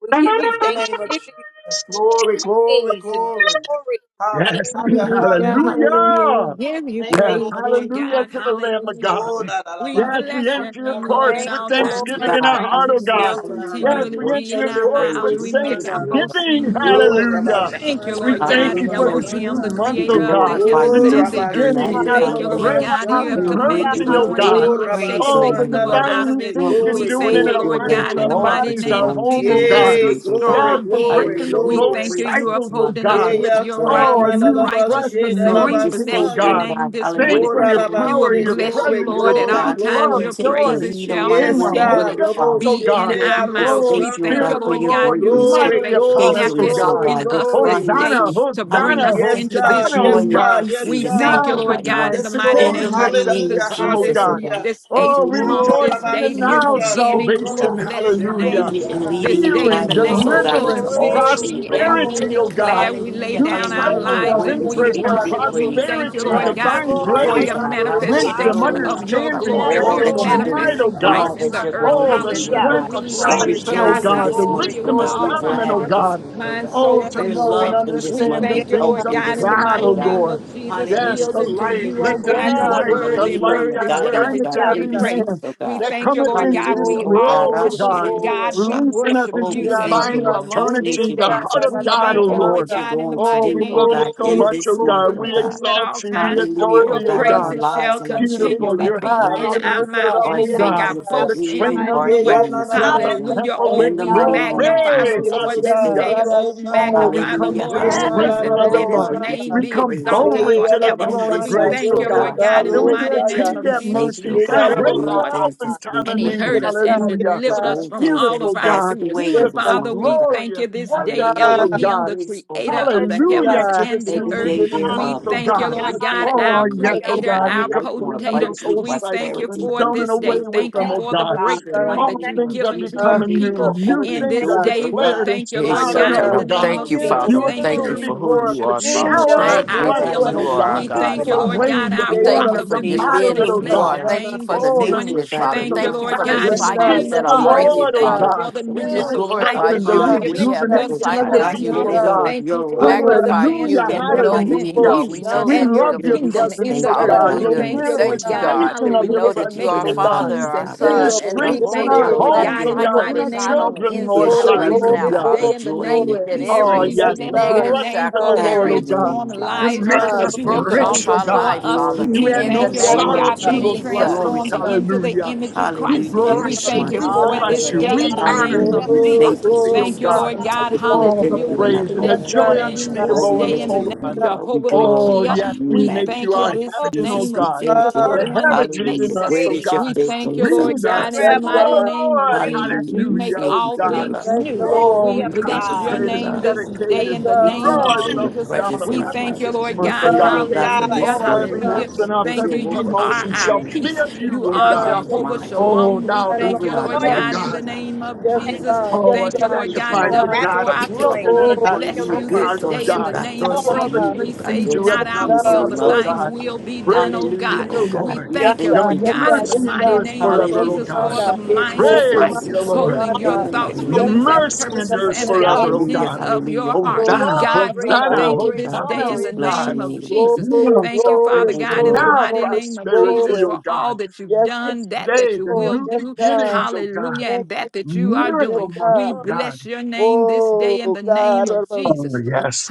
[SPEAKER 2] We give
[SPEAKER 3] That's
[SPEAKER 2] you
[SPEAKER 3] the name of
[SPEAKER 2] thanksgiving,
[SPEAKER 3] Jesus. Glory, glory,
[SPEAKER 2] praise, and
[SPEAKER 3] glory.
[SPEAKER 2] glory.
[SPEAKER 3] Hallelujah,
[SPEAKER 2] Hallelujah.
[SPEAKER 5] Hallelujah,
[SPEAKER 2] Hallelujah.
[SPEAKER 3] hallelujah.
[SPEAKER 5] hallelujah. We
[SPEAKER 4] hallelujah.
[SPEAKER 5] give you
[SPEAKER 3] Thank you,
[SPEAKER 4] Yes,
[SPEAKER 5] praise,
[SPEAKER 3] Lord Jesus.
[SPEAKER 5] Lord
[SPEAKER 4] hallelujah
[SPEAKER 5] God.
[SPEAKER 4] to the Lamb of
[SPEAKER 5] Hallelujah,
[SPEAKER 4] God.
[SPEAKER 3] Oh, da da da
[SPEAKER 5] we
[SPEAKER 3] ba.
[SPEAKER 4] Yes, we
[SPEAKER 5] bless
[SPEAKER 3] da,
[SPEAKER 5] your
[SPEAKER 4] enter your
[SPEAKER 5] name,
[SPEAKER 3] da, da, da.
[SPEAKER 5] Lord,
[SPEAKER 4] courts
[SPEAKER 5] at
[SPEAKER 2] Thank
[SPEAKER 4] with
[SPEAKER 5] all
[SPEAKER 2] you,
[SPEAKER 6] Glory
[SPEAKER 5] times.
[SPEAKER 6] to
[SPEAKER 4] thanksgiving
[SPEAKER 5] Your
[SPEAKER 2] Lord.
[SPEAKER 4] in
[SPEAKER 6] God.
[SPEAKER 4] our heart, O
[SPEAKER 5] praises
[SPEAKER 6] Hallelujah.
[SPEAKER 4] God.
[SPEAKER 5] shall
[SPEAKER 3] Oh, da da
[SPEAKER 6] Hallelujah.
[SPEAKER 3] ba.
[SPEAKER 6] We
[SPEAKER 4] Yes, we
[SPEAKER 5] continually be
[SPEAKER 6] worship
[SPEAKER 4] enter
[SPEAKER 3] da, da, da,
[SPEAKER 5] in
[SPEAKER 4] your
[SPEAKER 6] you.
[SPEAKER 5] our
[SPEAKER 4] courts
[SPEAKER 6] Praise
[SPEAKER 5] mouths.
[SPEAKER 3] da,
[SPEAKER 6] you.
[SPEAKER 4] with
[SPEAKER 5] We
[SPEAKER 6] We
[SPEAKER 3] da, da,
[SPEAKER 5] make
[SPEAKER 6] thank
[SPEAKER 5] our
[SPEAKER 3] da.
[SPEAKER 6] you,
[SPEAKER 5] boast
[SPEAKER 4] thanksgiving.
[SPEAKER 6] Almighty.
[SPEAKER 5] in you,
[SPEAKER 3] Oh,
[SPEAKER 5] Lord.
[SPEAKER 4] Hallelujah.
[SPEAKER 5] Thank you,
[SPEAKER 4] We
[SPEAKER 3] Rabashana,
[SPEAKER 5] Lord
[SPEAKER 3] la la
[SPEAKER 5] God,
[SPEAKER 4] thank
[SPEAKER 3] la
[SPEAKER 4] you for
[SPEAKER 6] Hallelujah.
[SPEAKER 4] this
[SPEAKER 5] Elohim,
[SPEAKER 4] new
[SPEAKER 5] the
[SPEAKER 3] Rabashana.
[SPEAKER 4] month,
[SPEAKER 6] We
[SPEAKER 4] O
[SPEAKER 5] creator of the
[SPEAKER 4] God.
[SPEAKER 6] glorify
[SPEAKER 4] The
[SPEAKER 6] you,
[SPEAKER 5] heavens
[SPEAKER 3] Oh,
[SPEAKER 4] new
[SPEAKER 5] and
[SPEAKER 6] Jesus.
[SPEAKER 5] the
[SPEAKER 6] We
[SPEAKER 5] earth.
[SPEAKER 4] beginnings,
[SPEAKER 5] We
[SPEAKER 3] Rabashere,
[SPEAKER 4] the
[SPEAKER 3] la
[SPEAKER 6] magnify
[SPEAKER 3] la
[SPEAKER 5] thank
[SPEAKER 4] new
[SPEAKER 5] you,
[SPEAKER 6] your
[SPEAKER 3] la
[SPEAKER 5] Lord
[SPEAKER 6] name.
[SPEAKER 2] Hallelujah.
[SPEAKER 4] grace,
[SPEAKER 5] God, that you
[SPEAKER 4] new
[SPEAKER 5] have
[SPEAKER 6] You are
[SPEAKER 3] Rabashana.
[SPEAKER 2] Hallelujah.
[SPEAKER 6] greatly
[SPEAKER 5] commanded
[SPEAKER 6] You
[SPEAKER 5] the
[SPEAKER 4] mercy, O
[SPEAKER 6] greatly
[SPEAKER 2] Hallelujah.
[SPEAKER 6] to
[SPEAKER 5] morning and
[SPEAKER 6] be
[SPEAKER 4] God.
[SPEAKER 3] Oh,
[SPEAKER 5] you have
[SPEAKER 2] Thank
[SPEAKER 6] praised,
[SPEAKER 5] shaken
[SPEAKER 4] Oh,
[SPEAKER 5] the
[SPEAKER 2] you,
[SPEAKER 4] the
[SPEAKER 6] Almighty
[SPEAKER 3] Rabasana,
[SPEAKER 5] evil
[SPEAKER 6] One.
[SPEAKER 2] Lord.
[SPEAKER 4] divine
[SPEAKER 5] out of
[SPEAKER 4] new
[SPEAKER 5] it.
[SPEAKER 3] Rabashe.
[SPEAKER 6] Lord,
[SPEAKER 4] things
[SPEAKER 6] we
[SPEAKER 4] you're
[SPEAKER 5] We
[SPEAKER 3] Glory,
[SPEAKER 6] just
[SPEAKER 4] doing in
[SPEAKER 5] thank
[SPEAKER 6] thank
[SPEAKER 5] you,
[SPEAKER 3] glory,
[SPEAKER 4] our
[SPEAKER 6] you, oh
[SPEAKER 5] Lord
[SPEAKER 6] God,
[SPEAKER 4] lives,
[SPEAKER 5] God,
[SPEAKER 6] for
[SPEAKER 4] our
[SPEAKER 5] in
[SPEAKER 3] glory.
[SPEAKER 5] the
[SPEAKER 6] all
[SPEAKER 5] mighty
[SPEAKER 6] that
[SPEAKER 4] bodies,
[SPEAKER 6] you're
[SPEAKER 5] name
[SPEAKER 4] our
[SPEAKER 5] of
[SPEAKER 6] going to
[SPEAKER 4] home, O
[SPEAKER 5] Jesus,
[SPEAKER 6] do in
[SPEAKER 5] Lord,
[SPEAKER 6] this
[SPEAKER 4] God.
[SPEAKER 5] your
[SPEAKER 3] Yay,
[SPEAKER 6] month, oh God.
[SPEAKER 3] glory,
[SPEAKER 4] Yes,
[SPEAKER 5] strong
[SPEAKER 4] for
[SPEAKER 5] hand.
[SPEAKER 3] glory,
[SPEAKER 4] breaking
[SPEAKER 6] Hallelujah.
[SPEAKER 4] those
[SPEAKER 6] We
[SPEAKER 5] We
[SPEAKER 4] old
[SPEAKER 3] glory.
[SPEAKER 5] thank you,
[SPEAKER 6] embrace
[SPEAKER 5] you're
[SPEAKER 6] this
[SPEAKER 4] cycles, O
[SPEAKER 6] month,
[SPEAKER 5] upholding
[SPEAKER 6] oh
[SPEAKER 5] us
[SPEAKER 3] Yeah,
[SPEAKER 4] God.
[SPEAKER 6] God,
[SPEAKER 5] with
[SPEAKER 3] yeah,
[SPEAKER 6] with
[SPEAKER 5] your right
[SPEAKER 3] kana
[SPEAKER 4] Oh, a
[SPEAKER 3] na
[SPEAKER 6] gladness,
[SPEAKER 5] hand
[SPEAKER 3] la
[SPEAKER 6] oh
[SPEAKER 5] of
[SPEAKER 6] my
[SPEAKER 3] la
[SPEAKER 4] new
[SPEAKER 3] ba
[SPEAKER 6] God.
[SPEAKER 4] fresh
[SPEAKER 3] she
[SPEAKER 5] righteousness,
[SPEAKER 3] la
[SPEAKER 5] and
[SPEAKER 3] la
[SPEAKER 6] Lord, we
[SPEAKER 5] we
[SPEAKER 3] ba
[SPEAKER 6] just
[SPEAKER 4] anointing, O
[SPEAKER 5] bless
[SPEAKER 6] thank
[SPEAKER 3] sa
[SPEAKER 5] your
[SPEAKER 6] you, oh
[SPEAKER 4] God.
[SPEAKER 3] ye.
[SPEAKER 5] name
[SPEAKER 6] God.
[SPEAKER 5] this morning.
[SPEAKER 6] Hallelujah,
[SPEAKER 4] Thanks for
[SPEAKER 6] for
[SPEAKER 3] Ora
[SPEAKER 4] your
[SPEAKER 6] all
[SPEAKER 3] la ba
[SPEAKER 5] We
[SPEAKER 6] the
[SPEAKER 5] will
[SPEAKER 4] power,
[SPEAKER 3] she,
[SPEAKER 6] rich
[SPEAKER 4] your
[SPEAKER 6] that
[SPEAKER 5] bless
[SPEAKER 6] you
[SPEAKER 5] you,
[SPEAKER 3] glory,
[SPEAKER 4] presence,
[SPEAKER 6] birth,
[SPEAKER 4] your
[SPEAKER 5] Lord,
[SPEAKER 6] oh
[SPEAKER 5] at
[SPEAKER 3] glory,
[SPEAKER 5] all
[SPEAKER 6] God.
[SPEAKER 4] peace,
[SPEAKER 5] times.
[SPEAKER 4] love,
[SPEAKER 6] You
[SPEAKER 3] glory.
[SPEAKER 5] Your
[SPEAKER 6] take the
[SPEAKER 4] joy
[SPEAKER 5] praises
[SPEAKER 6] lead,
[SPEAKER 5] shall
[SPEAKER 6] Almighty
[SPEAKER 4] in
[SPEAKER 3] Yes,
[SPEAKER 4] the
[SPEAKER 6] One, and we
[SPEAKER 4] Holy
[SPEAKER 3] God,
[SPEAKER 5] continually
[SPEAKER 6] will
[SPEAKER 4] Ghost,
[SPEAKER 3] robo
[SPEAKER 6] follow.
[SPEAKER 4] Oh
[SPEAKER 5] be
[SPEAKER 3] she
[SPEAKER 5] in
[SPEAKER 4] God.
[SPEAKER 3] te
[SPEAKER 6] Lord,
[SPEAKER 5] our
[SPEAKER 3] ya
[SPEAKER 6] we
[SPEAKER 3] robo
[SPEAKER 6] just
[SPEAKER 5] mouths.
[SPEAKER 4] Oh,
[SPEAKER 5] We
[SPEAKER 6] thank you, oh
[SPEAKER 5] thank
[SPEAKER 4] Spirit
[SPEAKER 3] shanda.
[SPEAKER 5] you,
[SPEAKER 6] God,
[SPEAKER 4] of the
[SPEAKER 6] for
[SPEAKER 5] Lord
[SPEAKER 6] your
[SPEAKER 5] God,
[SPEAKER 4] Lord,
[SPEAKER 5] you
[SPEAKER 6] greatness, your
[SPEAKER 3] Glory,
[SPEAKER 4] mightily
[SPEAKER 5] nephesh
[SPEAKER 4] upon
[SPEAKER 3] glory,
[SPEAKER 4] us, Oh
[SPEAKER 6] faithfulness,
[SPEAKER 5] nephesh
[SPEAKER 6] oh
[SPEAKER 4] God.
[SPEAKER 3] glory,
[SPEAKER 5] in
[SPEAKER 6] God, your
[SPEAKER 5] us this
[SPEAKER 3] glory.
[SPEAKER 6] kindness
[SPEAKER 5] day
[SPEAKER 4] Hosanna,
[SPEAKER 5] to bring
[SPEAKER 4] Hosanna,
[SPEAKER 6] Hallelujah.
[SPEAKER 5] us
[SPEAKER 3] Yes,
[SPEAKER 6] Thank you
[SPEAKER 5] into
[SPEAKER 6] for
[SPEAKER 3] God,
[SPEAKER 5] this
[SPEAKER 4] Hosanna,
[SPEAKER 5] new
[SPEAKER 3] yes,
[SPEAKER 4] Oh
[SPEAKER 6] joy and
[SPEAKER 5] month.
[SPEAKER 3] God,
[SPEAKER 4] God.
[SPEAKER 6] peace
[SPEAKER 3] yes,
[SPEAKER 6] in
[SPEAKER 5] We
[SPEAKER 6] this
[SPEAKER 3] God.
[SPEAKER 5] thank
[SPEAKER 6] month,
[SPEAKER 5] you,
[SPEAKER 4] Now's the
[SPEAKER 5] Lord
[SPEAKER 6] Almighty
[SPEAKER 5] God,
[SPEAKER 6] One.
[SPEAKER 5] in
[SPEAKER 4] time.
[SPEAKER 5] the
[SPEAKER 3] Yes,
[SPEAKER 5] mighty
[SPEAKER 6] In
[SPEAKER 4] Today's
[SPEAKER 3] Lord.
[SPEAKER 6] the
[SPEAKER 5] name
[SPEAKER 4] the
[SPEAKER 5] of
[SPEAKER 6] mighty name
[SPEAKER 4] accepted
[SPEAKER 5] Jesus
[SPEAKER 6] of
[SPEAKER 3] Hallelujah,
[SPEAKER 4] time,
[SPEAKER 5] for
[SPEAKER 4] Oh
[SPEAKER 5] this,
[SPEAKER 6] Jesus, oh
[SPEAKER 4] God.
[SPEAKER 6] God.
[SPEAKER 3] hallelujah.
[SPEAKER 5] this
[SPEAKER 6] We
[SPEAKER 5] eighth
[SPEAKER 4] Oh, we
[SPEAKER 6] thank you, oh
[SPEAKER 5] month,
[SPEAKER 3] Oh,
[SPEAKER 6] God,
[SPEAKER 4] rejoice
[SPEAKER 6] for
[SPEAKER 5] this
[SPEAKER 4] in
[SPEAKER 3] Rabban
[SPEAKER 4] the
[SPEAKER 5] day,
[SPEAKER 6] keeping
[SPEAKER 3] Shea,
[SPEAKER 5] new
[SPEAKER 6] us
[SPEAKER 4] now
[SPEAKER 6] in this month,
[SPEAKER 5] beginnings.
[SPEAKER 6] oh
[SPEAKER 5] We
[SPEAKER 4] salvation.
[SPEAKER 3] Robo
[SPEAKER 6] God.
[SPEAKER 3] Shea,
[SPEAKER 5] bless your
[SPEAKER 3] Robo
[SPEAKER 4] Hallelujah.
[SPEAKER 5] name.
[SPEAKER 6] Hallelujah. And
[SPEAKER 3] Shana.
[SPEAKER 5] This
[SPEAKER 6] leading and
[SPEAKER 5] day, in
[SPEAKER 4] Healing,
[SPEAKER 5] the
[SPEAKER 6] guiding us,
[SPEAKER 5] name
[SPEAKER 6] oh
[SPEAKER 2] Oh,
[SPEAKER 5] of
[SPEAKER 3] Glory,
[SPEAKER 6] God, into
[SPEAKER 5] Jesus,
[SPEAKER 4] deliverance,
[SPEAKER 5] we
[SPEAKER 6] all
[SPEAKER 2] glory.
[SPEAKER 6] truth,
[SPEAKER 3] glory,
[SPEAKER 5] decree
[SPEAKER 6] oh my.
[SPEAKER 5] and
[SPEAKER 6] God.
[SPEAKER 5] we
[SPEAKER 4] prosperity,
[SPEAKER 3] glory.
[SPEAKER 4] Oh God.
[SPEAKER 2] Hallelujah.
[SPEAKER 5] declare, we lay
[SPEAKER 6] Hallelujah,
[SPEAKER 4] New
[SPEAKER 5] down our
[SPEAKER 6] hallelujah. You
[SPEAKER 3] Yes,
[SPEAKER 4] cycles
[SPEAKER 6] are
[SPEAKER 4] of
[SPEAKER 5] lives
[SPEAKER 3] God.
[SPEAKER 5] and
[SPEAKER 6] greatly
[SPEAKER 5] we
[SPEAKER 3] Yes,
[SPEAKER 4] interest
[SPEAKER 6] worthy to
[SPEAKER 4] and
[SPEAKER 3] God.
[SPEAKER 6] be
[SPEAKER 5] worship
[SPEAKER 3] Honorable
[SPEAKER 5] you.
[SPEAKER 6] praised.
[SPEAKER 5] Thank you,
[SPEAKER 4] prosperity,
[SPEAKER 6] Lord,
[SPEAKER 3] Sana.
[SPEAKER 6] I
[SPEAKER 5] Lord
[SPEAKER 2] Thank you,
[SPEAKER 5] God
[SPEAKER 6] just
[SPEAKER 4] divine
[SPEAKER 6] thank
[SPEAKER 2] Lord.
[SPEAKER 6] you,
[SPEAKER 5] for
[SPEAKER 3] Yea,
[SPEAKER 6] oh
[SPEAKER 2] I
[SPEAKER 4] grace,
[SPEAKER 5] your
[SPEAKER 6] God.
[SPEAKER 2] thank you,
[SPEAKER 3] honorable
[SPEAKER 4] wisdom,
[SPEAKER 5] manifestation
[SPEAKER 2] Father.
[SPEAKER 5] of
[SPEAKER 3] Sana.
[SPEAKER 5] your
[SPEAKER 6] Hashirorororshaka, For
[SPEAKER 4] understanding,
[SPEAKER 2] Yes,
[SPEAKER 5] glory.
[SPEAKER 3] Oh,
[SPEAKER 6] all
[SPEAKER 5] We're
[SPEAKER 3] oh,
[SPEAKER 6] that
[SPEAKER 4] counsel,
[SPEAKER 6] you're
[SPEAKER 2] Lord.
[SPEAKER 3] oh,
[SPEAKER 2] A
[SPEAKER 6] doing
[SPEAKER 4] might,
[SPEAKER 2] new
[SPEAKER 4] oh
[SPEAKER 5] manifesting
[SPEAKER 6] and
[SPEAKER 2] month.
[SPEAKER 3] Sana,
[SPEAKER 4] God.
[SPEAKER 6] all
[SPEAKER 5] Christ in
[SPEAKER 6] that
[SPEAKER 5] the
[SPEAKER 6] you're
[SPEAKER 3] Sana.
[SPEAKER 5] earth.
[SPEAKER 6] going
[SPEAKER 4] Oh,
[SPEAKER 6] to
[SPEAKER 4] the
[SPEAKER 6] do, oh
[SPEAKER 5] Hallelujah.
[SPEAKER 2] Hallelujah.
[SPEAKER 4] strength
[SPEAKER 6] God.
[SPEAKER 5] We
[SPEAKER 4] of
[SPEAKER 6] We
[SPEAKER 5] love
[SPEAKER 3] Glory,
[SPEAKER 5] you,
[SPEAKER 4] Samson, oh
[SPEAKER 5] God.
[SPEAKER 6] rejoice
[SPEAKER 3] glory,
[SPEAKER 6] in
[SPEAKER 4] God, the
[SPEAKER 6] this
[SPEAKER 3] glory,
[SPEAKER 6] month,
[SPEAKER 5] Hallelujah.
[SPEAKER 6] oh
[SPEAKER 4] wisdom
[SPEAKER 5] With
[SPEAKER 4] of
[SPEAKER 6] God.
[SPEAKER 3] glory,
[SPEAKER 6] We're
[SPEAKER 5] all of our
[SPEAKER 4] Solomon, oh
[SPEAKER 6] glad
[SPEAKER 3] glory.
[SPEAKER 6] in
[SPEAKER 5] hearts,
[SPEAKER 6] this
[SPEAKER 4] God.
[SPEAKER 6] month, oh
[SPEAKER 5] minds,
[SPEAKER 6] God.
[SPEAKER 4] Oh,
[SPEAKER 3] Yes,
[SPEAKER 5] souls,
[SPEAKER 4] to
[SPEAKER 6] We're
[SPEAKER 5] and
[SPEAKER 4] know
[SPEAKER 3] Lord.
[SPEAKER 4] and
[SPEAKER 6] loved
[SPEAKER 5] strength.
[SPEAKER 6] in
[SPEAKER 3] Yes,
[SPEAKER 6] this
[SPEAKER 5] We
[SPEAKER 3] Lord.
[SPEAKER 4] understand
[SPEAKER 6] month
[SPEAKER 4] the
[SPEAKER 6] and
[SPEAKER 3] Yes,
[SPEAKER 5] thank you,
[SPEAKER 6] help
[SPEAKER 4] things
[SPEAKER 3] God.
[SPEAKER 5] Lord
[SPEAKER 4] of
[SPEAKER 6] in
[SPEAKER 5] God,
[SPEAKER 6] this
[SPEAKER 5] in the
[SPEAKER 6] month,
[SPEAKER 4] God,
[SPEAKER 6] oh
[SPEAKER 5] mighty
[SPEAKER 4] oh
[SPEAKER 6] God.
[SPEAKER 5] name
[SPEAKER 4] Lord.
[SPEAKER 5] of Jesus,
[SPEAKER 4] Yes,
[SPEAKER 6] Hallelujah.
[SPEAKER 4] the
[SPEAKER 6] So
[SPEAKER 5] yielding
[SPEAKER 6] we
[SPEAKER 5] to
[SPEAKER 4] light,
[SPEAKER 6] thank
[SPEAKER 5] you, oh
[SPEAKER 6] you,
[SPEAKER 4] let there
[SPEAKER 3] Yes,
[SPEAKER 6] Holy
[SPEAKER 4] be
[SPEAKER 5] God. You're
[SPEAKER 6] Spirit,
[SPEAKER 3] God.
[SPEAKER 2] Yes.
[SPEAKER 6] for
[SPEAKER 4] light,
[SPEAKER 6] your
[SPEAKER 4] the
[SPEAKER 3] Honorable
[SPEAKER 5] worthy,
[SPEAKER 6] leading
[SPEAKER 2] Jesus.
[SPEAKER 3] Sana,
[SPEAKER 6] and
[SPEAKER 4] light
[SPEAKER 6] your
[SPEAKER 4] that
[SPEAKER 5] worthy,
[SPEAKER 3] Sana,
[SPEAKER 6] guiding, oh
[SPEAKER 5] worthy
[SPEAKER 4] shineth to
[SPEAKER 6] God,
[SPEAKER 2] Hallelujah.
[SPEAKER 5] to be
[SPEAKER 6] in
[SPEAKER 4] every
[SPEAKER 3] Sana.
[SPEAKER 6] this month,
[SPEAKER 4] man
[SPEAKER 5] praised.
[SPEAKER 6] oh
[SPEAKER 5] We
[SPEAKER 6] God.
[SPEAKER 4] that
[SPEAKER 5] thank you,
[SPEAKER 4] cometh
[SPEAKER 5] Lord
[SPEAKER 3] Hey,
[SPEAKER 4] into
[SPEAKER 5] God.
[SPEAKER 4] this
[SPEAKER 6] Hallelujah,
[SPEAKER 5] We
[SPEAKER 6] oh
[SPEAKER 3] glory,
[SPEAKER 5] are the
[SPEAKER 6] God.
[SPEAKER 4] world, oh
[SPEAKER 3] glory,
[SPEAKER 5] temples
[SPEAKER 4] God,
[SPEAKER 5] of God.
[SPEAKER 3] glory.
[SPEAKER 5] We
[SPEAKER 6] Hashirorororshaka.
[SPEAKER 4] releasing us
[SPEAKER 5] worship
[SPEAKER 6] Oh,
[SPEAKER 4] into
[SPEAKER 6] we
[SPEAKER 5] you and
[SPEAKER 6] thank you,
[SPEAKER 4] divine
[SPEAKER 5] you
[SPEAKER 6] Lord. We
[SPEAKER 5] alone
[SPEAKER 6] thank
[SPEAKER 5] this
[SPEAKER 4] eternity,
[SPEAKER 6] you,
[SPEAKER 4] the
[SPEAKER 5] day.
[SPEAKER 4] heart
[SPEAKER 6] Jesus
[SPEAKER 4] of
[SPEAKER 5] We
[SPEAKER 4] God,
[SPEAKER 6] for
[SPEAKER 4] oh
[SPEAKER 5] thank you,
[SPEAKER 6] all
[SPEAKER 4] Lord.
[SPEAKER 5] Lord
[SPEAKER 6] that you're
[SPEAKER 5] God, in the
[SPEAKER 6] going to
[SPEAKER 4] Oh,
[SPEAKER 5] mighty
[SPEAKER 4] we
[SPEAKER 6] do, oh
[SPEAKER 4] love
[SPEAKER 5] name
[SPEAKER 4] you
[SPEAKER 6] God,
[SPEAKER 5] of
[SPEAKER 4] so
[SPEAKER 3] Glory,
[SPEAKER 6] in
[SPEAKER 5] Jesus.
[SPEAKER 4] much, oh
[SPEAKER 6] this
[SPEAKER 5] We
[SPEAKER 6] month,
[SPEAKER 3] glory,
[SPEAKER 4] God.
[SPEAKER 6] oh
[SPEAKER 4] We
[SPEAKER 5] bless
[SPEAKER 6] God.
[SPEAKER 5] you at
[SPEAKER 3] glory.
[SPEAKER 5] all
[SPEAKER 4] exalt you. We
[SPEAKER 5] times.
[SPEAKER 6] Hallelujah,
[SPEAKER 4] adore
[SPEAKER 3] Oh,
[SPEAKER 6] oh
[SPEAKER 5] Your
[SPEAKER 4] thee, oh
[SPEAKER 6] God, in our
[SPEAKER 4] God.
[SPEAKER 5] praises
[SPEAKER 6] lives
[SPEAKER 5] shall
[SPEAKER 6] and our
[SPEAKER 3] Ramanabashe,
[SPEAKER 4] Beautiful.
[SPEAKER 6] children's
[SPEAKER 5] continually
[SPEAKER 6] life,
[SPEAKER 4] You're
[SPEAKER 6] our
[SPEAKER 5] be
[SPEAKER 3] Ah,
[SPEAKER 4] high
[SPEAKER 5] in
[SPEAKER 4] and
[SPEAKER 5] our
[SPEAKER 2] Hallelujah,
[SPEAKER 6] grandchildren,
[SPEAKER 3] Rubosa,
[SPEAKER 4] lifted
[SPEAKER 5] mouths.
[SPEAKER 4] up,
[SPEAKER 6] our
[SPEAKER 5] We
[SPEAKER 4] oh
[SPEAKER 5] make
[SPEAKER 4] God.
[SPEAKER 5] our
[SPEAKER 3] Yeramasa,
[SPEAKER 6] associates, or
[SPEAKER 4] The
[SPEAKER 5] boast in
[SPEAKER 4] train
[SPEAKER 6] even
[SPEAKER 4] of
[SPEAKER 5] you,
[SPEAKER 6] our
[SPEAKER 4] your
[SPEAKER 5] Lord.
[SPEAKER 4] robe
[SPEAKER 6] enemies,
[SPEAKER 4] fills
[SPEAKER 6] Almighty
[SPEAKER 4] our
[SPEAKER 3] Yeyananabasa,
[SPEAKER 6] One.
[SPEAKER 5] Hallelujah.
[SPEAKER 4] temple
[SPEAKER 5] Oh,
[SPEAKER 4] with
[SPEAKER 6] In the
[SPEAKER 5] we
[SPEAKER 6] mighty
[SPEAKER 3] Rubosa,
[SPEAKER 6] name of
[SPEAKER 5] magnify
[SPEAKER 2] Lord.
[SPEAKER 5] the
[SPEAKER 4] glory.
[SPEAKER 6] Jesus, we
[SPEAKER 5] Lord
[SPEAKER 3] Yeska,
[SPEAKER 6] just
[SPEAKER 5] this
[SPEAKER 6] thank
[SPEAKER 4] Hallelujah.
[SPEAKER 5] day.
[SPEAKER 6] you.
[SPEAKER 5] Oh,
[SPEAKER 4] Oh,
[SPEAKER 3] Rarashana,
[SPEAKER 4] we
[SPEAKER 5] magnify the
[SPEAKER 4] come
[SPEAKER 6] Hallelujah,
[SPEAKER 4] to
[SPEAKER 5] Lord
[SPEAKER 4] the
[SPEAKER 5] with
[SPEAKER 2] Yes,
[SPEAKER 6] hallelujah.
[SPEAKER 5] us
[SPEAKER 6] You
[SPEAKER 4] sprinkling
[SPEAKER 6] are
[SPEAKER 4] of
[SPEAKER 5] and
[SPEAKER 4] the
[SPEAKER 5] let
[SPEAKER 6] greatly,
[SPEAKER 5] his
[SPEAKER 4] blood.
[SPEAKER 2] Lord.
[SPEAKER 6] greatly
[SPEAKER 2] Yes,
[SPEAKER 3] Nananabosana,
[SPEAKER 6] to
[SPEAKER 5] name
[SPEAKER 4] We
[SPEAKER 6] be
[SPEAKER 5] be
[SPEAKER 4] come
[SPEAKER 6] praised, oh
[SPEAKER 2] Lord.
[SPEAKER 5] exalted
[SPEAKER 6] God.
[SPEAKER 4] boldly to the
[SPEAKER 5] forever.
[SPEAKER 6] In
[SPEAKER 4] throne of
[SPEAKER 6] this
[SPEAKER 5] We
[SPEAKER 3] Yeyamasana,
[SPEAKER 6] month,
[SPEAKER 4] grace,
[SPEAKER 5] thank
[SPEAKER 4] oh
[SPEAKER 6] oh
[SPEAKER 5] you,
[SPEAKER 4] God,
[SPEAKER 5] Lord
[SPEAKER 6] God,
[SPEAKER 3] Yeruboka,
[SPEAKER 5] God, in
[SPEAKER 4] that
[SPEAKER 5] the
[SPEAKER 4] we
[SPEAKER 6] hallelujah.
[SPEAKER 4] may
[SPEAKER 5] mighty
[SPEAKER 3] Rosaya,
[SPEAKER 5] name
[SPEAKER 4] attain
[SPEAKER 5] of
[SPEAKER 6] We
[SPEAKER 4] that
[SPEAKER 5] Jesus.
[SPEAKER 6] thank
[SPEAKER 4] mercy,
[SPEAKER 6] you, oh
[SPEAKER 5] We
[SPEAKER 6] God,
[SPEAKER 4] find
[SPEAKER 2] Do
[SPEAKER 5] sought
[SPEAKER 3] Yeska,
[SPEAKER 6] for the
[SPEAKER 5] the
[SPEAKER 4] grace
[SPEAKER 6] new
[SPEAKER 4] to
[SPEAKER 5] Lord
[SPEAKER 4] help
[SPEAKER 6] things
[SPEAKER 4] in
[SPEAKER 6] that's
[SPEAKER 2] Rabbah.
[SPEAKER 6] coming
[SPEAKER 4] time
[SPEAKER 5] and
[SPEAKER 4] of
[SPEAKER 5] he
[SPEAKER 6] forth
[SPEAKER 4] need.
[SPEAKER 6] in
[SPEAKER 5] heard us
[SPEAKER 6] this month.
[SPEAKER 5] and
[SPEAKER 4] Hallelujah.
[SPEAKER 6] The
[SPEAKER 3] Yeska,
[SPEAKER 5] delivered us
[SPEAKER 6] old
[SPEAKER 5] from
[SPEAKER 6] things that
[SPEAKER 5] all
[SPEAKER 4] Beautiful
[SPEAKER 6] has
[SPEAKER 5] of our
[SPEAKER 4] God,
[SPEAKER 6] passed
[SPEAKER 5] fears.
[SPEAKER 6] away in
[SPEAKER 3] Yeska,
[SPEAKER 6] this
[SPEAKER 4] beautiful,
[SPEAKER 5] Father,
[SPEAKER 6] month, oh
[SPEAKER 5] we
[SPEAKER 6] God.
[SPEAKER 5] thank
[SPEAKER 4] glorious,
[SPEAKER 5] you this day,
[SPEAKER 6] Hallelujah.
[SPEAKER 4] wonderful, oh
[SPEAKER 6] We
[SPEAKER 3] Ah,
[SPEAKER 5] Elohim, the
[SPEAKER 4] God.
[SPEAKER 6] embrace, oh
[SPEAKER 5] creator
[SPEAKER 6] God,
[SPEAKER 5] of
[SPEAKER 2] Yes,
[SPEAKER 6] this
[SPEAKER 5] the
[SPEAKER 6] day
[SPEAKER 2] God.
[SPEAKER 4] Hallelujah
[SPEAKER 5] heavens
[SPEAKER 6] and
[SPEAKER 4] to
[SPEAKER 5] and
[SPEAKER 2] Thank
[SPEAKER 4] this
[SPEAKER 5] the
[SPEAKER 2] you,
[SPEAKER 4] new
[SPEAKER 6] every
[SPEAKER 2] Lord.
[SPEAKER 5] earth.
[SPEAKER 6] day
[SPEAKER 4] beginning month,
[SPEAKER 5] We
[SPEAKER 6] thereof,
[SPEAKER 4] oh
[SPEAKER 6] oh
[SPEAKER 3] Yes,
[SPEAKER 5] thank you,
[SPEAKER 6] God.
[SPEAKER 4] God.
[SPEAKER 3] Lord,
[SPEAKER 5] Lord
[SPEAKER 3] yes,
[SPEAKER 6] We thank
[SPEAKER 5] God,
[SPEAKER 6] you
[SPEAKER 3] Lord,
[SPEAKER 6] for
[SPEAKER 4] Oh,
[SPEAKER 5] our
[SPEAKER 6] the
[SPEAKER 4] yes,
[SPEAKER 3] yes,
[SPEAKER 6] light,
[SPEAKER 4] oh
[SPEAKER 2] Hallelujah.
[SPEAKER 3] yes,
[SPEAKER 6] oh
[SPEAKER 5] creator,
[SPEAKER 3] yes,
[SPEAKER 4] God,
[SPEAKER 2] Hallelujah.
[SPEAKER 6] God,
[SPEAKER 4] you're
[SPEAKER 5] our
[SPEAKER 6] and
[SPEAKER 3] yes,
[SPEAKER 6] life more
[SPEAKER 3] God,
[SPEAKER 4] completing
[SPEAKER 5] potentator.
[SPEAKER 4] those
[SPEAKER 6] abundantly,
[SPEAKER 4] old
[SPEAKER 5] We thank
[SPEAKER 4] cycles
[SPEAKER 5] you
[SPEAKER 6] prosperity
[SPEAKER 4] and
[SPEAKER 3] yes,
[SPEAKER 5] for
[SPEAKER 6] in
[SPEAKER 4] downing
[SPEAKER 5] this
[SPEAKER 6] this
[SPEAKER 4] away
[SPEAKER 5] day.
[SPEAKER 6] month,
[SPEAKER 4] with
[SPEAKER 6] oh
[SPEAKER 5] Thank
[SPEAKER 4] them,
[SPEAKER 5] you
[SPEAKER 2] Thank
[SPEAKER 6] God.
[SPEAKER 4] oh
[SPEAKER 5] for
[SPEAKER 2] you,
[SPEAKER 5] the
[SPEAKER 3] God,
[SPEAKER 4] God.
[SPEAKER 3] yes,
[SPEAKER 6] In
[SPEAKER 2] Father.
[SPEAKER 6] the
[SPEAKER 3] God,
[SPEAKER 5] breakthrough
[SPEAKER 6] mighty
[SPEAKER 4] All
[SPEAKER 5] that
[SPEAKER 2] Thank
[SPEAKER 6] name
[SPEAKER 5] you've
[SPEAKER 4] things
[SPEAKER 6] of
[SPEAKER 2] you.
[SPEAKER 4] are
[SPEAKER 5] given to
[SPEAKER 6] Jesus, we
[SPEAKER 3] ah,
[SPEAKER 5] your
[SPEAKER 4] becoming
[SPEAKER 6] thank you
[SPEAKER 4] new.
[SPEAKER 3] ah,
[SPEAKER 5] people
[SPEAKER 6] for
[SPEAKER 4] New
[SPEAKER 3] Lord,
[SPEAKER 5] in
[SPEAKER 6] opening
[SPEAKER 4] things
[SPEAKER 2] Thank
[SPEAKER 5] this
[SPEAKER 4] are
[SPEAKER 3] yeah,
[SPEAKER 6] doors,
[SPEAKER 2] you,
[SPEAKER 5] day.
[SPEAKER 6] oh
[SPEAKER 5] We
[SPEAKER 2] Lord.
[SPEAKER 4] declared
[SPEAKER 6] God.
[SPEAKER 4] and
[SPEAKER 5] thank you,
[SPEAKER 7] Yes,
[SPEAKER 5] Lord
[SPEAKER 4] sprouting
[SPEAKER 5] God,
[SPEAKER 4] up,
[SPEAKER 6] Hallelujah,
[SPEAKER 5] in
[SPEAKER 4] oh
[SPEAKER 3] ah,
[SPEAKER 5] the
[SPEAKER 7] Shakara.
[SPEAKER 6] oh God,
[SPEAKER 4] God.
[SPEAKER 5] name
[SPEAKER 2] New,
[SPEAKER 6] that
[SPEAKER 7] Thank
[SPEAKER 6] we
[SPEAKER 5] of
[SPEAKER 7] you,
[SPEAKER 2] new,
[SPEAKER 3] yeah,
[SPEAKER 6] know
[SPEAKER 5] Jesus.
[SPEAKER 7] Father.
[SPEAKER 3] Lord,
[SPEAKER 6] when
[SPEAKER 4] You
[SPEAKER 7] We
[SPEAKER 5] Thank
[SPEAKER 6] to
[SPEAKER 5] you.
[SPEAKER 7] thank you
[SPEAKER 4] appear
[SPEAKER 2] new.
[SPEAKER 6] check,
[SPEAKER 5] We
[SPEAKER 7] for who
[SPEAKER 4] before us
[SPEAKER 7] you
[SPEAKER 5] worship
[SPEAKER 4] with
[SPEAKER 7] are,
[SPEAKER 5] you.
[SPEAKER 3] yes,
[SPEAKER 2] New,
[SPEAKER 6] and
[SPEAKER 7] Father.
[SPEAKER 5] You
[SPEAKER 6] shut,
[SPEAKER 4] showers
[SPEAKER 2] new,
[SPEAKER 5] are
[SPEAKER 3] God,
[SPEAKER 2] new.
[SPEAKER 4] of
[SPEAKER 7] Thank you
[SPEAKER 6] oh
[SPEAKER 5] our
[SPEAKER 3] ah,
[SPEAKER 6] God,
[SPEAKER 7] that
[SPEAKER 4] blessing,
[SPEAKER 3] ah,
[SPEAKER 5] healer.
[SPEAKER 6] no
[SPEAKER 7] you
[SPEAKER 2] Everything
[SPEAKER 4] oh
[SPEAKER 6] one
[SPEAKER 7] are our
[SPEAKER 4] God.
[SPEAKER 6] can
[SPEAKER 5] We
[SPEAKER 7] God,
[SPEAKER 5] thank
[SPEAKER 6] open,
[SPEAKER 2] new.
[SPEAKER 5] you,
[SPEAKER 4] The
[SPEAKER 6] oh
[SPEAKER 5] Lord
[SPEAKER 7] Father.
[SPEAKER 6] God.
[SPEAKER 5] God,
[SPEAKER 4] rain, the
[SPEAKER 7] We
[SPEAKER 3] yeah,
[SPEAKER 5] our
[SPEAKER 6] In the
[SPEAKER 3] yeah,
[SPEAKER 7] thank
[SPEAKER 3] ah,
[SPEAKER 5] rock
[SPEAKER 7] you
[SPEAKER 4] former,
[SPEAKER 5] of
[SPEAKER 6] mighty
[SPEAKER 7] for
[SPEAKER 4] the
[SPEAKER 6] name
[SPEAKER 7] just
[SPEAKER 6] of
[SPEAKER 5] defense.
[SPEAKER 7] being
[SPEAKER 5] We
[SPEAKER 4] moderate,
[SPEAKER 3] ah,
[SPEAKER 7] who
[SPEAKER 4] oh
[SPEAKER 3] ah, ah,
[SPEAKER 6] Jesus,
[SPEAKER 7] you
[SPEAKER 6] oh
[SPEAKER 5] bless
[SPEAKER 7] are.
[SPEAKER 4] God.
[SPEAKER 5] your
[SPEAKER 6] God,
[SPEAKER 7] Thank you
[SPEAKER 3] ah,
[SPEAKER 5] name
[SPEAKER 7] for
[SPEAKER 6] we
[SPEAKER 7] the
[SPEAKER 5] this
[SPEAKER 4] Oh, the
[SPEAKER 6] thank
[SPEAKER 5] morning.
[SPEAKER 6] you, oh
[SPEAKER 7] newness,
[SPEAKER 6] God, that
[SPEAKER 7] Father.
[SPEAKER 4] appearance
[SPEAKER 6] we
[SPEAKER 5] Thank
[SPEAKER 4] of the
[SPEAKER 5] you,
[SPEAKER 6] will
[SPEAKER 7] Thank you
[SPEAKER 5] Lord
[SPEAKER 6] have
[SPEAKER 7] for the
[SPEAKER 4] sign,
[SPEAKER 2] We
[SPEAKER 5] God,
[SPEAKER 4] the
[SPEAKER 3] yes,
[SPEAKER 5] in the
[SPEAKER 6] kingdom
[SPEAKER 2] step
[SPEAKER 4] spirit,
[SPEAKER 3] God,
[SPEAKER 7] cycles
[SPEAKER 5] name of
[SPEAKER 7] that
[SPEAKER 4] of
[SPEAKER 3] yes,
[SPEAKER 2] out of
[SPEAKER 6] mindset
[SPEAKER 7] are
[SPEAKER 2] the
[SPEAKER 4] the
[SPEAKER 6] and
[SPEAKER 3] God, yes,
[SPEAKER 5] Jesus.
[SPEAKER 6] build
[SPEAKER 7] breaking,
[SPEAKER 2] old
[SPEAKER 4] Lord, oh
[SPEAKER 2] and
[SPEAKER 5] Thank
[SPEAKER 6] on
[SPEAKER 5] you
[SPEAKER 6] your
[SPEAKER 3] God,
[SPEAKER 7] Father.
[SPEAKER 5] for
[SPEAKER 4] God.
[SPEAKER 6] kingdom,
[SPEAKER 5] the
[SPEAKER 2] the
[SPEAKER 7] We
[SPEAKER 6] oh
[SPEAKER 4] The
[SPEAKER 7] just
[SPEAKER 6] God,
[SPEAKER 5] newness of
[SPEAKER 2] new.
[SPEAKER 5] life
[SPEAKER 7] glorify
[SPEAKER 4] refreshing,
[SPEAKER 3] yes,
[SPEAKER 5] that
[SPEAKER 4] the
[SPEAKER 7] you
[SPEAKER 3] God,
[SPEAKER 5] you've
[SPEAKER 6] upon
[SPEAKER 7] that we
[SPEAKER 5] given
[SPEAKER 6] this,
[SPEAKER 7] have
[SPEAKER 5] to
[SPEAKER 3] yes,
[SPEAKER 5] us
[SPEAKER 7] that
[SPEAKER 6] oh
[SPEAKER 4] rejuvenation
[SPEAKER 3] God, yes,
[SPEAKER 4] of
[SPEAKER 5] in
[SPEAKER 6] God.
[SPEAKER 7] cycle
[SPEAKER 4] your
[SPEAKER 3] God,
[SPEAKER 6] I
[SPEAKER 5] this
[SPEAKER 7] in you,
[SPEAKER 3] yes,
[SPEAKER 4] people,
[SPEAKER 6] said
[SPEAKER 5] month.
[SPEAKER 7] that
[SPEAKER 4] oh
[SPEAKER 6] it,
[SPEAKER 7] we
[SPEAKER 3] God,
[SPEAKER 4] God.
[SPEAKER 6] oh,
[SPEAKER 5] Thank you
[SPEAKER 6] your
[SPEAKER 5] for
[SPEAKER 6] rock,
[SPEAKER 3] oh,
[SPEAKER 6] oh
[SPEAKER 3] Rabbi,
[SPEAKER 5] another
[SPEAKER 6] God.
[SPEAKER 7] magnify
[SPEAKER 5] chance
[SPEAKER 7] you.
[SPEAKER 4] Hallelujah,
[SPEAKER 5] to
[SPEAKER 7] We
[SPEAKER 6] In
[SPEAKER 3] yes,
[SPEAKER 6] the
[SPEAKER 3] Lord, yes, God, yes, God, Lord, God, oh, yeah, Lord, yes, yeah,
[SPEAKER 7] know
[SPEAKER 6] mighty
[SPEAKER 7] who
[SPEAKER 5] represent
[SPEAKER 3] God,
[SPEAKER 6] name
[SPEAKER 7] you
[SPEAKER 4] hallelujah.
[SPEAKER 6] of
[SPEAKER 7] are.
[SPEAKER 5] you
[SPEAKER 7] We know
[SPEAKER 4] We
[SPEAKER 6] Jesus,
[SPEAKER 5] and
[SPEAKER 7] that you're
[SPEAKER 5] your
[SPEAKER 4] love
[SPEAKER 7] the
[SPEAKER 4] your
[SPEAKER 6] Lord, we
[SPEAKER 5] kingdom
[SPEAKER 6] just
[SPEAKER 5] in
[SPEAKER 4] presence,
[SPEAKER 6] thank
[SPEAKER 4] oh
[SPEAKER 5] the
[SPEAKER 6] you, oh
[SPEAKER 5] earth.
[SPEAKER 4] God,
[SPEAKER 6] God,
[SPEAKER 5] We
[SPEAKER 4] your
[SPEAKER 7] Hallelujah.
[SPEAKER 6] in
[SPEAKER 5] thank you,
[SPEAKER 6] this
[SPEAKER 5] Lord
[SPEAKER 6] month,
[SPEAKER 7] Thank you,
[SPEAKER 6] oh
[SPEAKER 5] God,
[SPEAKER 6] God.
[SPEAKER 7] God,
[SPEAKER 4] manifestation
[SPEAKER 7] that
[SPEAKER 4] of
[SPEAKER 7] we
[SPEAKER 4] your
[SPEAKER 6] We
[SPEAKER 5] hallelujah,
[SPEAKER 7] know
[SPEAKER 5] for
[SPEAKER 6] thank
[SPEAKER 7] that
[SPEAKER 6] you
[SPEAKER 7] you
[SPEAKER 4] presence,
[SPEAKER 6] for
[SPEAKER 7] are
[SPEAKER 5] making
[SPEAKER 6] your
[SPEAKER 4] oh
[SPEAKER 5] us
[SPEAKER 4] God,
[SPEAKER 6] love, oh
[SPEAKER 7] Father,
[SPEAKER 5] kings
[SPEAKER 7] our
[SPEAKER 5] and
[SPEAKER 6] God. We
[SPEAKER 4] in the
[SPEAKER 6] thank
[SPEAKER 7] Son,
[SPEAKER 6] you
[SPEAKER 5] priests.
[SPEAKER 7] and the
[SPEAKER 6] for,
[SPEAKER 5] We
[SPEAKER 4] streets, in
[SPEAKER 5] thank
[SPEAKER 7] Holy
[SPEAKER 5] you,
[SPEAKER 4] our
[SPEAKER 7] Ghost.
[SPEAKER 5] Lord
[SPEAKER 7] That
[SPEAKER 4] homes,
[SPEAKER 5] God,
[SPEAKER 4] oh
[SPEAKER 6] hallelujah,
[SPEAKER 5] in
[SPEAKER 3] Lord,
[SPEAKER 5] the
[SPEAKER 4] God,
[SPEAKER 7] cycle
[SPEAKER 4] in
[SPEAKER 5] mighty
[SPEAKER 4] our
[SPEAKER 7] reside
[SPEAKER 5] name
[SPEAKER 7] on the
[SPEAKER 5] of
[SPEAKER 4] children,
[SPEAKER 6] your
[SPEAKER 5] Jesus
[SPEAKER 4] Lord,
[SPEAKER 7] inside
[SPEAKER 3] glory,
[SPEAKER 7] of
[SPEAKER 5] for
[SPEAKER 7] us
[SPEAKER 6] strength,
[SPEAKER 5] this
[SPEAKER 6] oh
[SPEAKER 3] glory,
[SPEAKER 7] now,
[SPEAKER 5] this
[SPEAKER 4] hallelujah.
[SPEAKER 6] God,
[SPEAKER 7] Father.
[SPEAKER 6] your
[SPEAKER 5] day.
[SPEAKER 3] glory,
[SPEAKER 5] In the
[SPEAKER 6] joy and
[SPEAKER 7] Thank
[SPEAKER 5] name
[SPEAKER 6] your
[SPEAKER 7] you
[SPEAKER 3] glory,
[SPEAKER 5] of
[SPEAKER 7] that
[SPEAKER 6] peace that
[SPEAKER 5] Jesus,
[SPEAKER 4] Oh,
[SPEAKER 7] every
[SPEAKER 5] we
[SPEAKER 6] moves
[SPEAKER 3] yes,
[SPEAKER 4] yes, the
[SPEAKER 6] within,
[SPEAKER 5] bless
[SPEAKER 6] oh
[SPEAKER 5] your
[SPEAKER 6] God.
[SPEAKER 7] negative
[SPEAKER 5] name
[SPEAKER 4] blessings of
[SPEAKER 5] for
[SPEAKER 4] the
[SPEAKER 7] cycle,
[SPEAKER 3] God,
[SPEAKER 5] the
[SPEAKER 6] Have
[SPEAKER 4] Lord,
[SPEAKER 6] your
[SPEAKER 4] oh
[SPEAKER 7] every
[SPEAKER 6] way
[SPEAKER 4] God.
[SPEAKER 6] in
[SPEAKER 5] transformed
[SPEAKER 6] our
[SPEAKER 4] You're
[SPEAKER 6] lives, oh
[SPEAKER 5] lives
[SPEAKER 4] making
[SPEAKER 7] curse
[SPEAKER 6] God.
[SPEAKER 3] Ah,
[SPEAKER 6] We
[SPEAKER 7] is
[SPEAKER 4] us
[SPEAKER 5] that you have
[SPEAKER 6] thank
[SPEAKER 7] broken
[SPEAKER 6] you,
[SPEAKER 7] off
[SPEAKER 4] rich,
[SPEAKER 6] Lord.
[SPEAKER 5] chosen
[SPEAKER 4] oh
[SPEAKER 3] Lord,
[SPEAKER 7] our
[SPEAKER 4] God.
[SPEAKER 5] for
[SPEAKER 7] life,
[SPEAKER 5] us
[SPEAKER 4] And
[SPEAKER 6] Glory
[SPEAKER 7] Father,
[SPEAKER 6] to
[SPEAKER 4] you
[SPEAKER 5] we
[SPEAKER 6] your
[SPEAKER 4] add
[SPEAKER 7] in the
[SPEAKER 4] no
[SPEAKER 5] thank
[SPEAKER 6] name,
[SPEAKER 5] you,
[SPEAKER 3] Yes,
[SPEAKER 5] Lord
[SPEAKER 7] name
[SPEAKER 4] sorrow
[SPEAKER 6] glory
[SPEAKER 7] of
[SPEAKER 5] God,
[SPEAKER 6] to
[SPEAKER 4] to
[SPEAKER 3] God.
[SPEAKER 6] your
[SPEAKER 5] being
[SPEAKER 4] those
[SPEAKER 3] Yes,
[SPEAKER 6] name,
[SPEAKER 3] God.
[SPEAKER 6] glory
[SPEAKER 4] blessings.
[SPEAKER 3] Yes,
[SPEAKER 7] Jesus.
[SPEAKER 6] to
[SPEAKER 5] transformed
[SPEAKER 6] your
[SPEAKER 3] God.
[SPEAKER 5] into
[SPEAKER 6] name.
[SPEAKER 5] the
[SPEAKER 4] Hallelujah.
[SPEAKER 5] image of
[SPEAKER 4] We
[SPEAKER 3] Yes,
[SPEAKER 6] Hallelujah
[SPEAKER 5] Christ.
[SPEAKER 3] God.
[SPEAKER 6] in
[SPEAKER 5] We
[SPEAKER 6] this
[SPEAKER 4] bless you.
[SPEAKER 5] thank
[SPEAKER 6] month,
[SPEAKER 5] you
[SPEAKER 4] We
[SPEAKER 6] oh
[SPEAKER 3] Hallelujah.
[SPEAKER 5] for it
[SPEAKER 6] God.
[SPEAKER 5] this
[SPEAKER 4] bless you.
[SPEAKER 5] day
[SPEAKER 2] Hallelujah.
[SPEAKER 4] We
[SPEAKER 5] in the
[SPEAKER 4] honor
[SPEAKER 5] name
[SPEAKER 6] Hallelujah.
[SPEAKER 4] you.
[SPEAKER 2] Hallelujah.
[SPEAKER 4] We
[SPEAKER 5] of
[SPEAKER 6] We
[SPEAKER 3] Oh,
[SPEAKER 5] Jesus.
[SPEAKER 6] thank
[SPEAKER 4] love
[SPEAKER 6] you,
[SPEAKER 4] thee,
[SPEAKER 3] glory,
[SPEAKER 4] oh
[SPEAKER 5] Thank you,
[SPEAKER 3] God.
[SPEAKER 6] Jesus.
[SPEAKER 4] God.
[SPEAKER 5] Lord
[SPEAKER 2] Hallelujah.
[SPEAKER 5] God.
[SPEAKER 6] We
[SPEAKER 3] Hallelujah.
[SPEAKER 6] can't
[SPEAKER 4] All the
[SPEAKER 6] thank
[SPEAKER 5] Hallelujah.
[SPEAKER 6] you
[SPEAKER 5] We
[SPEAKER 6] enough,
[SPEAKER 4] praise and
[SPEAKER 6] oh
[SPEAKER 4] the
[SPEAKER 3] Yes,
[SPEAKER 5] bless
[SPEAKER 6] God.
[SPEAKER 5] your
[SPEAKER 3] God.
[SPEAKER 4] joy
[SPEAKER 5] name
[SPEAKER 6] Oh,
[SPEAKER 5] this
[SPEAKER 6] we
[SPEAKER 4] unspeakable and
[SPEAKER 5] day in
[SPEAKER 6] lift
[SPEAKER 5] the
[SPEAKER 4] full.
[SPEAKER 6] you up.
[SPEAKER 5] name of
[SPEAKER 3] Yes, God.
[SPEAKER 6] Well. We
[SPEAKER 5] Jehovah
[SPEAKER 3] Yes,
[SPEAKER 4] Oh,
[SPEAKER 3] God.
[SPEAKER 6] glorify
[SPEAKER 5] Makia.
[SPEAKER 4] yes,
[SPEAKER 6] you,
[SPEAKER 4] we
[SPEAKER 5] We
[SPEAKER 3] Yes,
[SPEAKER 4] make you
[SPEAKER 5] thank you
[SPEAKER 4] our
[SPEAKER 6] magnify you.
[SPEAKER 5] this
[SPEAKER 2] Lord.
[SPEAKER 4] habitant, O
[SPEAKER 6] Jesus,
[SPEAKER 5] name
[SPEAKER 6] we
[SPEAKER 3] God.
[SPEAKER 5] of
[SPEAKER 4] God.
[SPEAKER 6] thank
[SPEAKER 5] Jesus,
[SPEAKER 6] you,
[SPEAKER 5] the
[SPEAKER 3] Ah,
[SPEAKER 4] The
[SPEAKER 2] mercy,
[SPEAKER 6] Lord.
[SPEAKER 5] one that
[SPEAKER 4] habitate in
[SPEAKER 6] Hallelujah.
[SPEAKER 5] makes
[SPEAKER 4] us,
[SPEAKER 5] us.
[SPEAKER 6] Great
[SPEAKER 4] O
[SPEAKER 2] grace.
[SPEAKER 6] is
[SPEAKER 4] God.
[SPEAKER 6] your
[SPEAKER 5] We thank you,
[SPEAKER 4] We,
[SPEAKER 6] faithfulness
[SPEAKER 5] Lord
[SPEAKER 6] unto
[SPEAKER 4] the
[SPEAKER 2] We
[SPEAKER 5] God,
[SPEAKER 6] us,
[SPEAKER 5] in the
[SPEAKER 6] oh
[SPEAKER 3] yes,
[SPEAKER 2] grab
[SPEAKER 6] God.
[SPEAKER 4] temple of
[SPEAKER 5] mighty
[SPEAKER 2] hold
[SPEAKER 4] the
[SPEAKER 2] of
[SPEAKER 3] God.
[SPEAKER 5] name
[SPEAKER 2] the
[SPEAKER 5] of
[SPEAKER 4] Lord.
[SPEAKER 2] great
[SPEAKER 5] Jesus.
[SPEAKER 6] Hallelujah.
[SPEAKER 5] You
[SPEAKER 6] We
[SPEAKER 4] Hallelujah,
[SPEAKER 5] make
[SPEAKER 4] O
[SPEAKER 6] thank you
[SPEAKER 5] all
[SPEAKER 6] for your
[SPEAKER 4] God.
[SPEAKER 5] things
[SPEAKER 6] love.
[SPEAKER 3] Thank the
[SPEAKER 5] new.
[SPEAKER 3] Lord.
[SPEAKER 4] Oh,
[SPEAKER 5] We
[SPEAKER 2] mercy
[SPEAKER 4] we
[SPEAKER 6] We
[SPEAKER 2] of
[SPEAKER 6] thank
[SPEAKER 5] bless
[SPEAKER 6] you for
[SPEAKER 5] your
[SPEAKER 2] God.
[SPEAKER 4] consecrate
[SPEAKER 6] your
[SPEAKER 4] and
[SPEAKER 5] name
[SPEAKER 6] love,
[SPEAKER 5] this
[SPEAKER 6] oh God.
[SPEAKER 4] dedicate
[SPEAKER 3] Yes,
[SPEAKER 5] day in
[SPEAKER 4] and
[SPEAKER 5] the
[SPEAKER 6] We
[SPEAKER 3] God.
[SPEAKER 5] name
[SPEAKER 4] throw
[SPEAKER 6] thank you
[SPEAKER 5] of
[SPEAKER 2] Oh,
[SPEAKER 6] for your
[SPEAKER 4] ourselves
[SPEAKER 5] Jesus.
[SPEAKER 4] down
[SPEAKER 6] presence in
[SPEAKER 5] We
[SPEAKER 6] our
[SPEAKER 4] upon
[SPEAKER 2] mercy
[SPEAKER 4] you
[SPEAKER 5] thank
[SPEAKER 6] life.
[SPEAKER 5] you,
[SPEAKER 4] this
[SPEAKER 5] Lord
[SPEAKER 6] We
[SPEAKER 2] of
[SPEAKER 4] month, O
[SPEAKER 2] the
[SPEAKER 5] God.
[SPEAKER 6] thank
[SPEAKER 3] Ah,
[SPEAKER 2] living
[SPEAKER 4] God.
[SPEAKER 6] you, oh
[SPEAKER 3] yes,
[SPEAKER 6] God, for
[SPEAKER 2] God.
[SPEAKER 3] God.
[SPEAKER 5] Hallelujah.
[SPEAKER 2] We
[SPEAKER 6] this day,
[SPEAKER 4] Oh,
[SPEAKER 3] Yes,
[SPEAKER 6] oh
[SPEAKER 4] every
[SPEAKER 2] grab
[SPEAKER 3] God.
[SPEAKER 6] God,
[SPEAKER 5] Hallelujah.
[SPEAKER 2] hold
[SPEAKER 4] lifting up,
[SPEAKER 6] that
[SPEAKER 5] Thank
[SPEAKER 6] you
[SPEAKER 5] you.
[SPEAKER 4] every
[SPEAKER 6] woke
[SPEAKER 5] You
[SPEAKER 6] us
[SPEAKER 2] today
[SPEAKER 6] up
[SPEAKER 5] are
[SPEAKER 4] promotion
[SPEAKER 2] in the
[SPEAKER 5] our
[SPEAKER 4] shall
[SPEAKER 2] name
[SPEAKER 6] again,
[SPEAKER 4] be
[SPEAKER 6] oh
[SPEAKER 5] peace.
[SPEAKER 6] God,
[SPEAKER 4] of
[SPEAKER 3] Yes,
[SPEAKER 4] you,
[SPEAKER 5] You
[SPEAKER 4] O
[SPEAKER 6] and
[SPEAKER 5] are
[SPEAKER 6] our
[SPEAKER 4] God.
[SPEAKER 3] God. Yes, God.
[SPEAKER 6] right
[SPEAKER 3] Yes,
[SPEAKER 5] Jehovah
[SPEAKER 6] minds, oh God
[SPEAKER 4] Oh,
[SPEAKER 5] Shalom. We
[SPEAKER 4] thou
[SPEAKER 3] and
[SPEAKER 4] the
[SPEAKER 3] on
[SPEAKER 5] thank
[SPEAKER 6] moving
[SPEAKER 5] you,
[SPEAKER 3] my
[SPEAKER 2] of
[SPEAKER 6] our
[SPEAKER 2] the
[SPEAKER 5] Lord
[SPEAKER 4] dwellest,
[SPEAKER 2] Lord.
[SPEAKER 3] side.
[SPEAKER 2] Yeah,
[SPEAKER 4] O
[SPEAKER 5] God,
[SPEAKER 6] land,
[SPEAKER 5] in
[SPEAKER 4] God.
[SPEAKER 6] oh
[SPEAKER 5] the
[SPEAKER 6] God.
[SPEAKER 5] name of
[SPEAKER 3] Yes,
[SPEAKER 2] Thank
[SPEAKER 5] Jesus.
[SPEAKER 3] God.
[SPEAKER 6] Hallelujah.
[SPEAKER 4] Oh,
[SPEAKER 3] Yes,
[SPEAKER 4] a
[SPEAKER 5] Thank
[SPEAKER 2] you
[SPEAKER 5] you,
[SPEAKER 3] God.
[SPEAKER 5] Lord
[SPEAKER 6] Thank
[SPEAKER 3] Yes,
[SPEAKER 5] God,
[SPEAKER 2] for
[SPEAKER 4] sacrifice to
[SPEAKER 3] God.
[SPEAKER 5] double
[SPEAKER 2] rapid
[SPEAKER 4] God,
[SPEAKER 5] for
[SPEAKER 4] a
[SPEAKER 5] our
[SPEAKER 6] Lord.
[SPEAKER 2] healing.
[SPEAKER 4] broken
[SPEAKER 5] trouble.
[SPEAKER 4] and a
[SPEAKER 5] We
[SPEAKER 3] Oh,
[SPEAKER 2] Thank
[SPEAKER 5] bless
[SPEAKER 6] Hallelujah.
[SPEAKER 2] you,
[SPEAKER 5] you
[SPEAKER 4] contrite
[SPEAKER 2] Lord.
[SPEAKER 5] this
[SPEAKER 6] Good
[SPEAKER 4] heart of
[SPEAKER 5] day
[SPEAKER 6] thoughts,
[SPEAKER 5] in
[SPEAKER 6] oh
[SPEAKER 5] the
[SPEAKER 4] God,
[SPEAKER 6] God.
[SPEAKER 5] name of
[SPEAKER 4] of
[SPEAKER 6] Thoughts
[SPEAKER 3] yes,
[SPEAKER 2] Acceleration,
[SPEAKER 6] of
[SPEAKER 4] all the
[SPEAKER 5] Jesus.
[SPEAKER 3] God.
[SPEAKER 6] you,
[SPEAKER 4] good
[SPEAKER 6] oh
[SPEAKER 5] We
[SPEAKER 6] God.
[SPEAKER 5] say,
[SPEAKER 4] things you
[SPEAKER 6] Thoughts of
[SPEAKER 5] Not
[SPEAKER 3] Yes,
[SPEAKER 4] have
[SPEAKER 5] our
[SPEAKER 4] done
[SPEAKER 6] peace
[SPEAKER 4] for
[SPEAKER 5] will,
[SPEAKER 6] and
[SPEAKER 4] us,
[SPEAKER 5] but
[SPEAKER 4] oh
[SPEAKER 6] love,
[SPEAKER 3] God.
[SPEAKER 6] oh
[SPEAKER 5] thine
[SPEAKER 4] God.
[SPEAKER 6] God.
[SPEAKER 5] will be done, oh
[SPEAKER 4] Praise
[SPEAKER 6] Hallelujah,
[SPEAKER 4] thee
[SPEAKER 5] God.
[SPEAKER 4] the
[SPEAKER 6] oh
[SPEAKER 5] We
[SPEAKER 6] God.
[SPEAKER 4] Lord.
[SPEAKER 6] We
[SPEAKER 2] God.
[SPEAKER 5] thank
[SPEAKER 3] Yes,
[SPEAKER 5] you,
[SPEAKER 4] Your
[SPEAKER 6] thank
[SPEAKER 3] God.
[SPEAKER 6] you,
[SPEAKER 5] Lord
[SPEAKER 3] Yes,
[SPEAKER 5] God, in
[SPEAKER 3] God.
[SPEAKER 5] the
[SPEAKER 3] Yes,
[SPEAKER 4] mercy
[SPEAKER 6] Jesus.
[SPEAKER 5] mighty
[SPEAKER 3] God.
[SPEAKER 4] endures
[SPEAKER 3] Yeah,
[SPEAKER 5] name
[SPEAKER 3] yeah,
[SPEAKER 5] of
[SPEAKER 3] oh,
[SPEAKER 4] forever, oh
[SPEAKER 5] Jesus
[SPEAKER 6] Hallelujah.
[SPEAKER 4] God.
[SPEAKER 5] for the
[SPEAKER 3] Shana.
[SPEAKER 6] Great is
[SPEAKER 5] mind
[SPEAKER 6] your
[SPEAKER 3] Oh,
[SPEAKER 5] of
[SPEAKER 4] Praise
[SPEAKER 3] Ramana,
[SPEAKER 5] Christ,
[SPEAKER 4] thee the
[SPEAKER 6] faithfulness, oh God.
[SPEAKER 4] Lord.
[SPEAKER 5] holding your
[SPEAKER 6] In
[SPEAKER 3] Shana.
[SPEAKER 6] the
[SPEAKER 4] Your
[SPEAKER 5] thoughts,
[SPEAKER 6] mighty
[SPEAKER 3] Yes,
[SPEAKER 6] name
[SPEAKER 5] feelings,
[SPEAKER 6] of
[SPEAKER 3] God.
[SPEAKER 5] and
[SPEAKER 4] mercy
[SPEAKER 3] Yes,
[SPEAKER 6] Jesus.
[SPEAKER 5] purposes
[SPEAKER 3] God.
[SPEAKER 4] endures
[SPEAKER 5] and
[SPEAKER 3] Yes,
[SPEAKER 5] the
[SPEAKER 2] Hallelujah.
[SPEAKER 3] God.
[SPEAKER 4] forever, oh
[SPEAKER 6] Hallelujah,
[SPEAKER 5] intents
[SPEAKER 4] God.
[SPEAKER 5] of your
[SPEAKER 6] hallelujah,
[SPEAKER 5] heart.
[SPEAKER 3] Oh,
[SPEAKER 4] Hosanna,
[SPEAKER 6] hallelujah.
[SPEAKER 5] God,
[SPEAKER 2] Glory,
[SPEAKER 5] we
[SPEAKER 3] Ramana.
[SPEAKER 4] Hosanna,
[SPEAKER 5] thank you
[SPEAKER 6] Oh
[SPEAKER 2] glory,
[SPEAKER 5] this
[SPEAKER 6] God, we
[SPEAKER 5] day
[SPEAKER 4] Hosanna,
[SPEAKER 5] in
[SPEAKER 4] oh
[SPEAKER 2] glory.
[SPEAKER 5] the
[SPEAKER 6] just bless
[SPEAKER 4] God.
[SPEAKER 6] your
[SPEAKER 5] name of
[SPEAKER 6] name, oh God.
[SPEAKER 5] Jesus.
[SPEAKER 3] Glory,
[SPEAKER 4] Now
[SPEAKER 5] Thank you,
[SPEAKER 3] glory,
[SPEAKER 5] Father
[SPEAKER 6] Thank you,
[SPEAKER 4] salvation,
[SPEAKER 5] God, in the
[SPEAKER 6] Lord.
[SPEAKER 3] glory,
[SPEAKER 4] now
[SPEAKER 5] mighty
[SPEAKER 3] glory,
[SPEAKER 5] name of
[SPEAKER 4] prosperity,
[SPEAKER 5] Jesus
[SPEAKER 3] glory.
[SPEAKER 4] oh
[SPEAKER 5] for all
[SPEAKER 4] God.
[SPEAKER 5] that you've
[SPEAKER 3] Yes, God.
[SPEAKER 4] This
[SPEAKER 5] done, that
[SPEAKER 3] Yes,
[SPEAKER 5] that
[SPEAKER 4] day,
[SPEAKER 5] you
[SPEAKER 4] the
[SPEAKER 3] Lord.
[SPEAKER 5] will
[SPEAKER 4] new
[SPEAKER 3] Yes,
[SPEAKER 5] do.
[SPEAKER 3] God.
[SPEAKER 4] beginnings, oh God.
[SPEAKER 5] Hallelujah.
[SPEAKER 3] Thank
[SPEAKER 5] And
[SPEAKER 3] you,
[SPEAKER 5] that that you are
[SPEAKER 3] Jesus. Yes,
[SPEAKER 4] Miracle
[SPEAKER 5] doing.
[SPEAKER 4] month,
[SPEAKER 3] God.
[SPEAKER 5] We
[SPEAKER 4] oh God
[SPEAKER 5] bless your name this day in
[SPEAKER 3] Oh,
[SPEAKER 5] the
[SPEAKER 3] God.
[SPEAKER 5] name
[SPEAKER 3] Oh,
[SPEAKER 5] of
[SPEAKER 3] God.
[SPEAKER 4] Oh,
[SPEAKER 5] Jesus.
[SPEAKER 4] yes.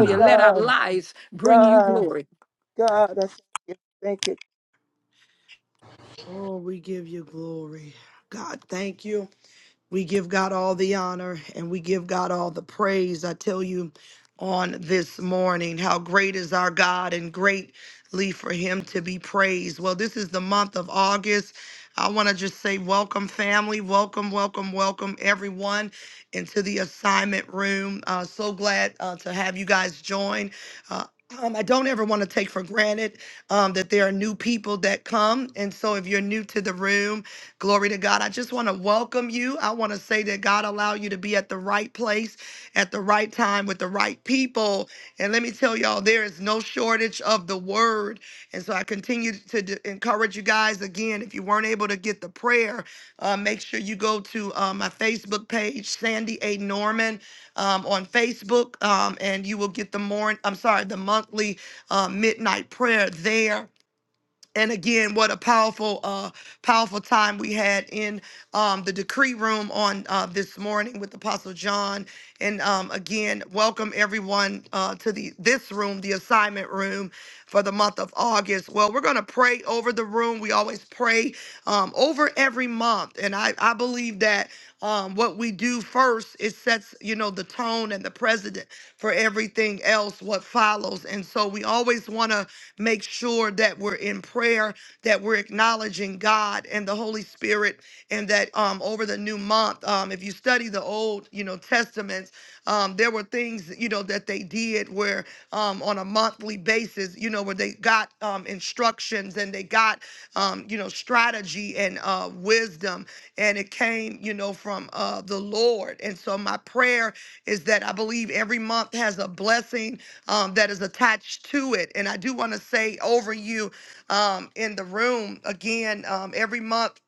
[SPEAKER 3] Oh,
[SPEAKER 5] Let our lives bring you
[SPEAKER 3] God.
[SPEAKER 5] glory.
[SPEAKER 3] God. I Thank you.
[SPEAKER 1] Oh, we give you glory. God, thank you. We give God all the honor and we give God all the praise. I tell you on this morning how great is our God and greatly for him to be praised. Well, this is the month of August. I want to just say welcome, family. Welcome, welcome, welcome, everyone, into the assignment room. Uh, so glad uh, to have you guys join. Uh, um, I don't ever want to take for granted um, that there are new people that come. And so if you're new to the room, Glory to God. I just want to welcome you. I want to say that God allow you to be at the right place at the right time with the right people. And let me tell y'all, there is no shortage of the word. And so I continue to d- encourage you guys again. If you weren't able to get the prayer, uh, make sure you go to uh, my Facebook page, Sandy A. Norman, um, on Facebook, um, and you will get the morning. I'm sorry, the monthly uh, midnight prayer there and again what a powerful uh powerful time we had in um the decree room on uh this morning with apostle john and um again welcome everyone uh to the this room the assignment room for the month of august well we're gonna pray over the room we always pray um over every month and i i believe that um what we do first it sets you know the tone and the precedent for everything else what follows. And so we always want to make sure that we're in prayer, that we're acknowledging God and the Holy Spirit, and that um, over the new month, um, if you study the old, you know, testaments, um, there were things, you know, that they did where um, on a monthly basis, you know, where they got um, instructions and they got, um, you know, strategy and uh, wisdom, and it came, you know, from uh, the Lord. And so my prayer is that I believe every month has a blessing um, that is attached to it. And I do want to say over you um, in the room again, um, every month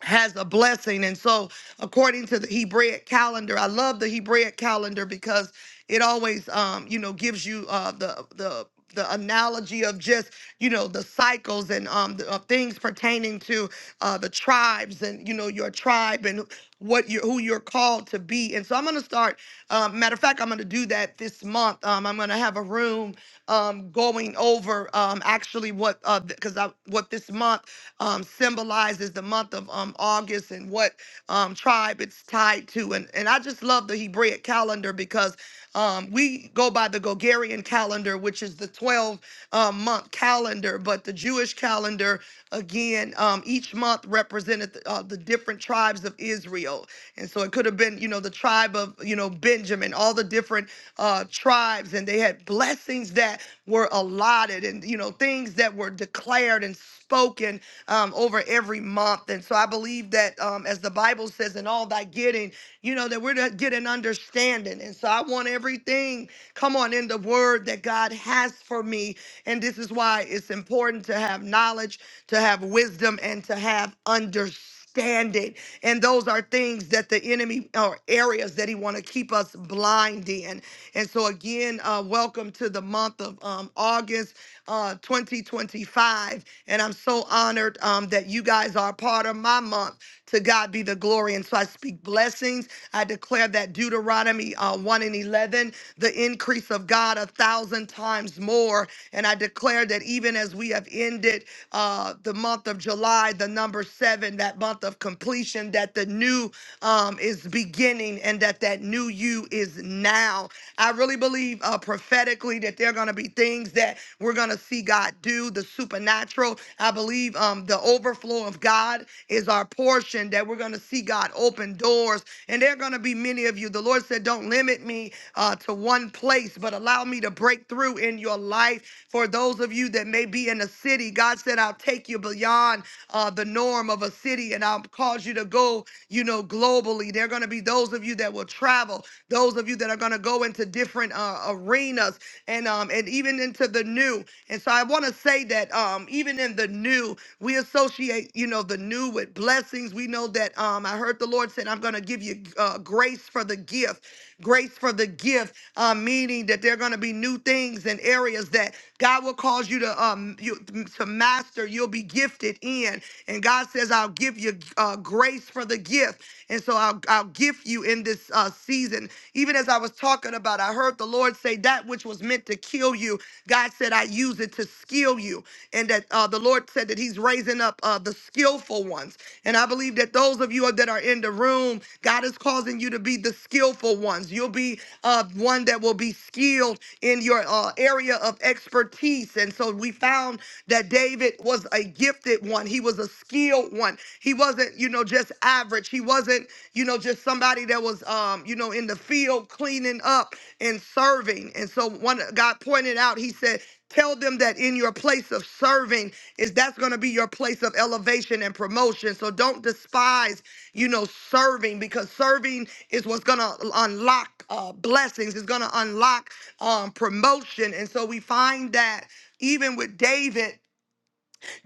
[SPEAKER 1] has a blessing. And so, according to the Hebraic calendar, I love the Hebraic calendar because it always, um, you know, gives you uh, the the the analogy of just you know the cycles and um the, of things pertaining to uh the tribes and you know your tribe and what you who you're called to be and so i'm going to start um matter of fact i'm going to do that this month um i'm going to have a room um going over um actually what uh because i what this month um, symbolizes the month of um, August and what um, tribe it's tied to. And, and I just love the Hebraic calendar because um, we go by the Gogarian calendar, which is the 12 um, month calendar, but the Jewish calendar, again, um, each month represented the, uh, the different tribes of Israel. And so it could have been, you know, the tribe of, you know, Benjamin, all the different uh, tribes, and they had blessings that were allotted and, you know, things that were declared and spoken um, over every month. And so I believe that, um, as the Bible says, in all thy getting, you know, that we're to get an understanding. And so I want everything, come on, in the word that God has for me. And this is why it's important to have knowledge, to have wisdom, and to have understanding standing. And those are things that the enemy or areas that he want to keep us blind in. And so again, uh, welcome to the month of um, August uh, 2025. And I'm so honored um, that you guys are a part of my month. To God be the glory. And so I speak blessings. I declare that Deuteronomy uh, 1 and 11, the increase of God a thousand times more. And I declare that even as we have ended uh, the month of July, the number seven, that month of completion, that the new um, is beginning and that that new you is now. I really believe uh, prophetically that there are going to be things that we're going to see God do, the supernatural. I believe um, the overflow of God is our portion, that we're going to see God open doors. And there are going to be many of you. The Lord said, Don't limit me uh, to one place, but allow me to break through in your life. For those of you that may be in the city, God said, I'll take you beyond uh, the norm of a city, and I'll cause you to go, you know, globally. There are going to be those of you that will travel, those of you that are going to go into different uh, arenas, and um, and even into the new. And so I want to say that um, even in the new, we associate, you know, the new with blessings. We know that um, I heard the Lord said, "I'm going to give you uh, grace for the gift." grace for the gift, uh, meaning that there are going to be new things and areas that God will cause you to um you to master. You'll be gifted gifted in. And God says, I'll give you uh, grace for the gift. And so I'll, I'll gift you in this uh, season. Even as I was talking about, I heard the Lord say, That which was meant to kill you, God said, I use it to skill you. And that uh, the Lord said that He's raising up uh, the skillful ones. And I believe that those of you that are in the room, God is causing you to be the skillful ones. You'll be uh, one that will be skilled in your uh, area of expertise. And so we found that David was a gifted one. He was a skilled one. He wasn't, you know, just average. He wasn't, you know, just somebody that was, um, you know, in the field cleaning up and serving. And so one God pointed out, he said, tell them that in your place of serving is that's going to be your place of elevation and promotion. So don't despise, you know, serving because serving is what's going to unlock uh, blessings. It's going to unlock um, promotion. And so we find that even with David.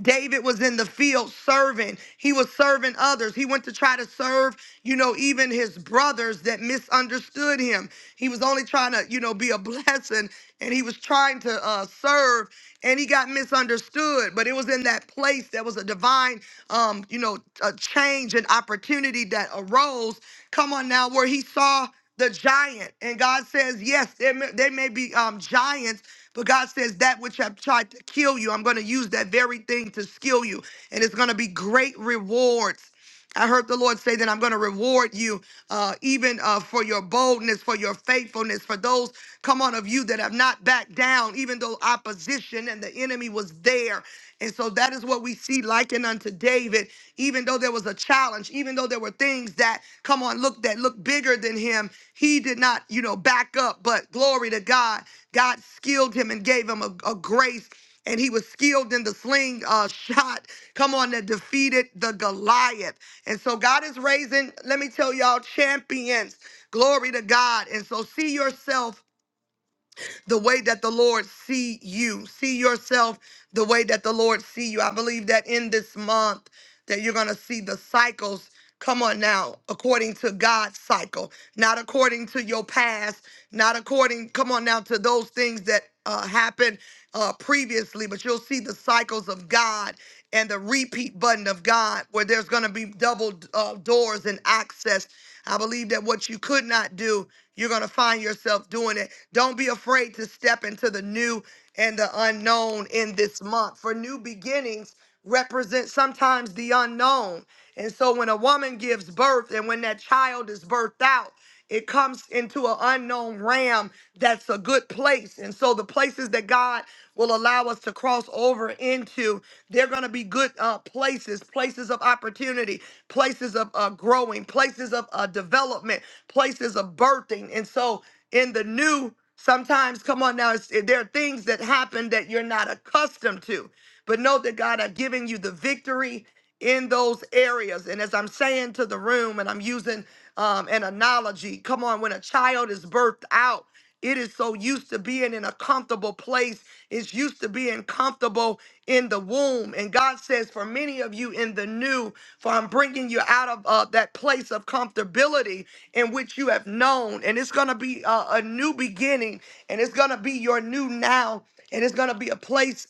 [SPEAKER 1] David was in the field serving. He was serving others. He went to try to serve, you know, even his brothers that misunderstood him. He was only trying to, you know, be a blessing and he was trying to uh, serve and he got misunderstood. But it was in that place that was a divine, um, you know, a change and opportunity that arose. Come on now, where he saw the giant. And God says, yes, there may, there may be um, giants, but God says that which have tried to kill you, I'm going to use that very thing to skill you. And it's going to be great rewards. I heard the Lord say that I'm going to reward you uh, even uh, for your boldness, for your faithfulness, for those, come on, of you that have not backed down, even though opposition and the enemy was there. And so that is what we see likened unto David, even though there was a challenge, even though there were things that, come on, look, that looked bigger than him. He did not, you know, back up, but glory to God. God skilled him and gave him a, a grace and he was skilled in the sling uh, shot. Come on, that defeated the Goliath. And so God is raising, let me tell y'all, champions. Glory to God. And so see yourself the way that the Lord see you. See yourself the way that the Lord see you. I believe that in this month that you're going to see the cycles Come on now, according to God's cycle, not according to your past, not according, come on now, to those things that uh, happened uh, previously, but you'll see the cycles of God and the repeat button of God where there's going to be double uh, doors and access. I believe that what you could not do, you're going to find yourself doing it. Don't be afraid to step into the new and the unknown in this month, for new beginnings represent sometimes the unknown. And so when a woman gives birth and when that child is birthed out, it comes into an unknown realm that's a good place. And so the places that God will allow us to cross over into, they're going to be good uh, places, places of opportunity, places of uh, growing, places of uh, development, places of birthing. And so in the new, sometimes, come on now, it's, there are things that happen that you're not accustomed to. But know that God are giving you the victory in those areas. And as I'm saying to the room, and I'm using um, an analogy, come on, when a child is birthed out, it is so used to being in a comfortable place. It's used to being comfortable in the womb. And God says, for many of you in the new, for I'm bringing you out of uh, that place of comfortability in which you have known. And it's going to be uh, a new beginning, and it's going to be your new now, and it's going to be a place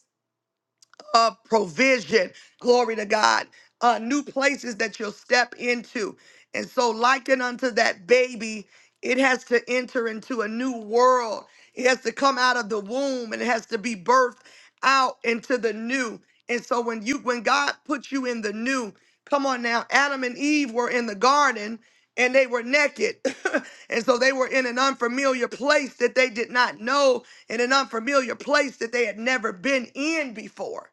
[SPEAKER 1] uh, provision. Glory to God. Uh, new places that you'll step into. And so, likened unto that baby, it has to enter into a new world. It has to come out of the womb and it has to be birthed out into the new. And so, when you when God puts you in the new, come on now, Adam and Eve were in the garden and they were naked. and so they were in an unfamiliar place that they did not know, in an unfamiliar place that they had never been in before.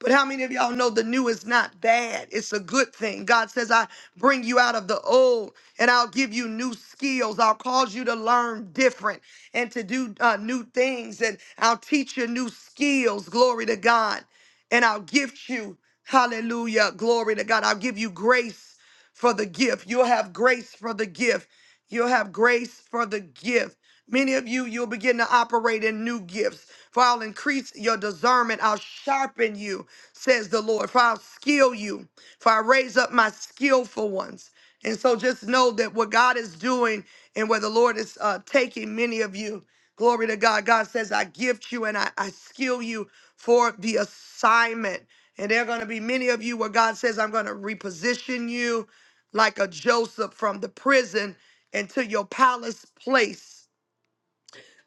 [SPEAKER 1] But how many of y'all know the new is not bad? It's a good thing. God says, I bring you out of the old and I'll give you new skills. I'll cause you to learn different and to do uh, new things. And I'll teach you new skills. Glory to God. And I'll gift you, hallelujah, glory to God. I'll give you grace for the gift. You'll have grace for the gift. You'll have grace for the gift. Many of you, you'll begin to operate in new gifts. For I'll increase your discernment. I'll sharpen you says the Lord. For I'll skill you, for I raise up my skillful ones. And so just know that what God is doing and where the Lord is uh, taking many of you, glory to God. God says, I gift you and I, I skill you for the assignment. And there are going to be many of you where God says, I'm going to reposition you like a Joseph from the prison into your palace place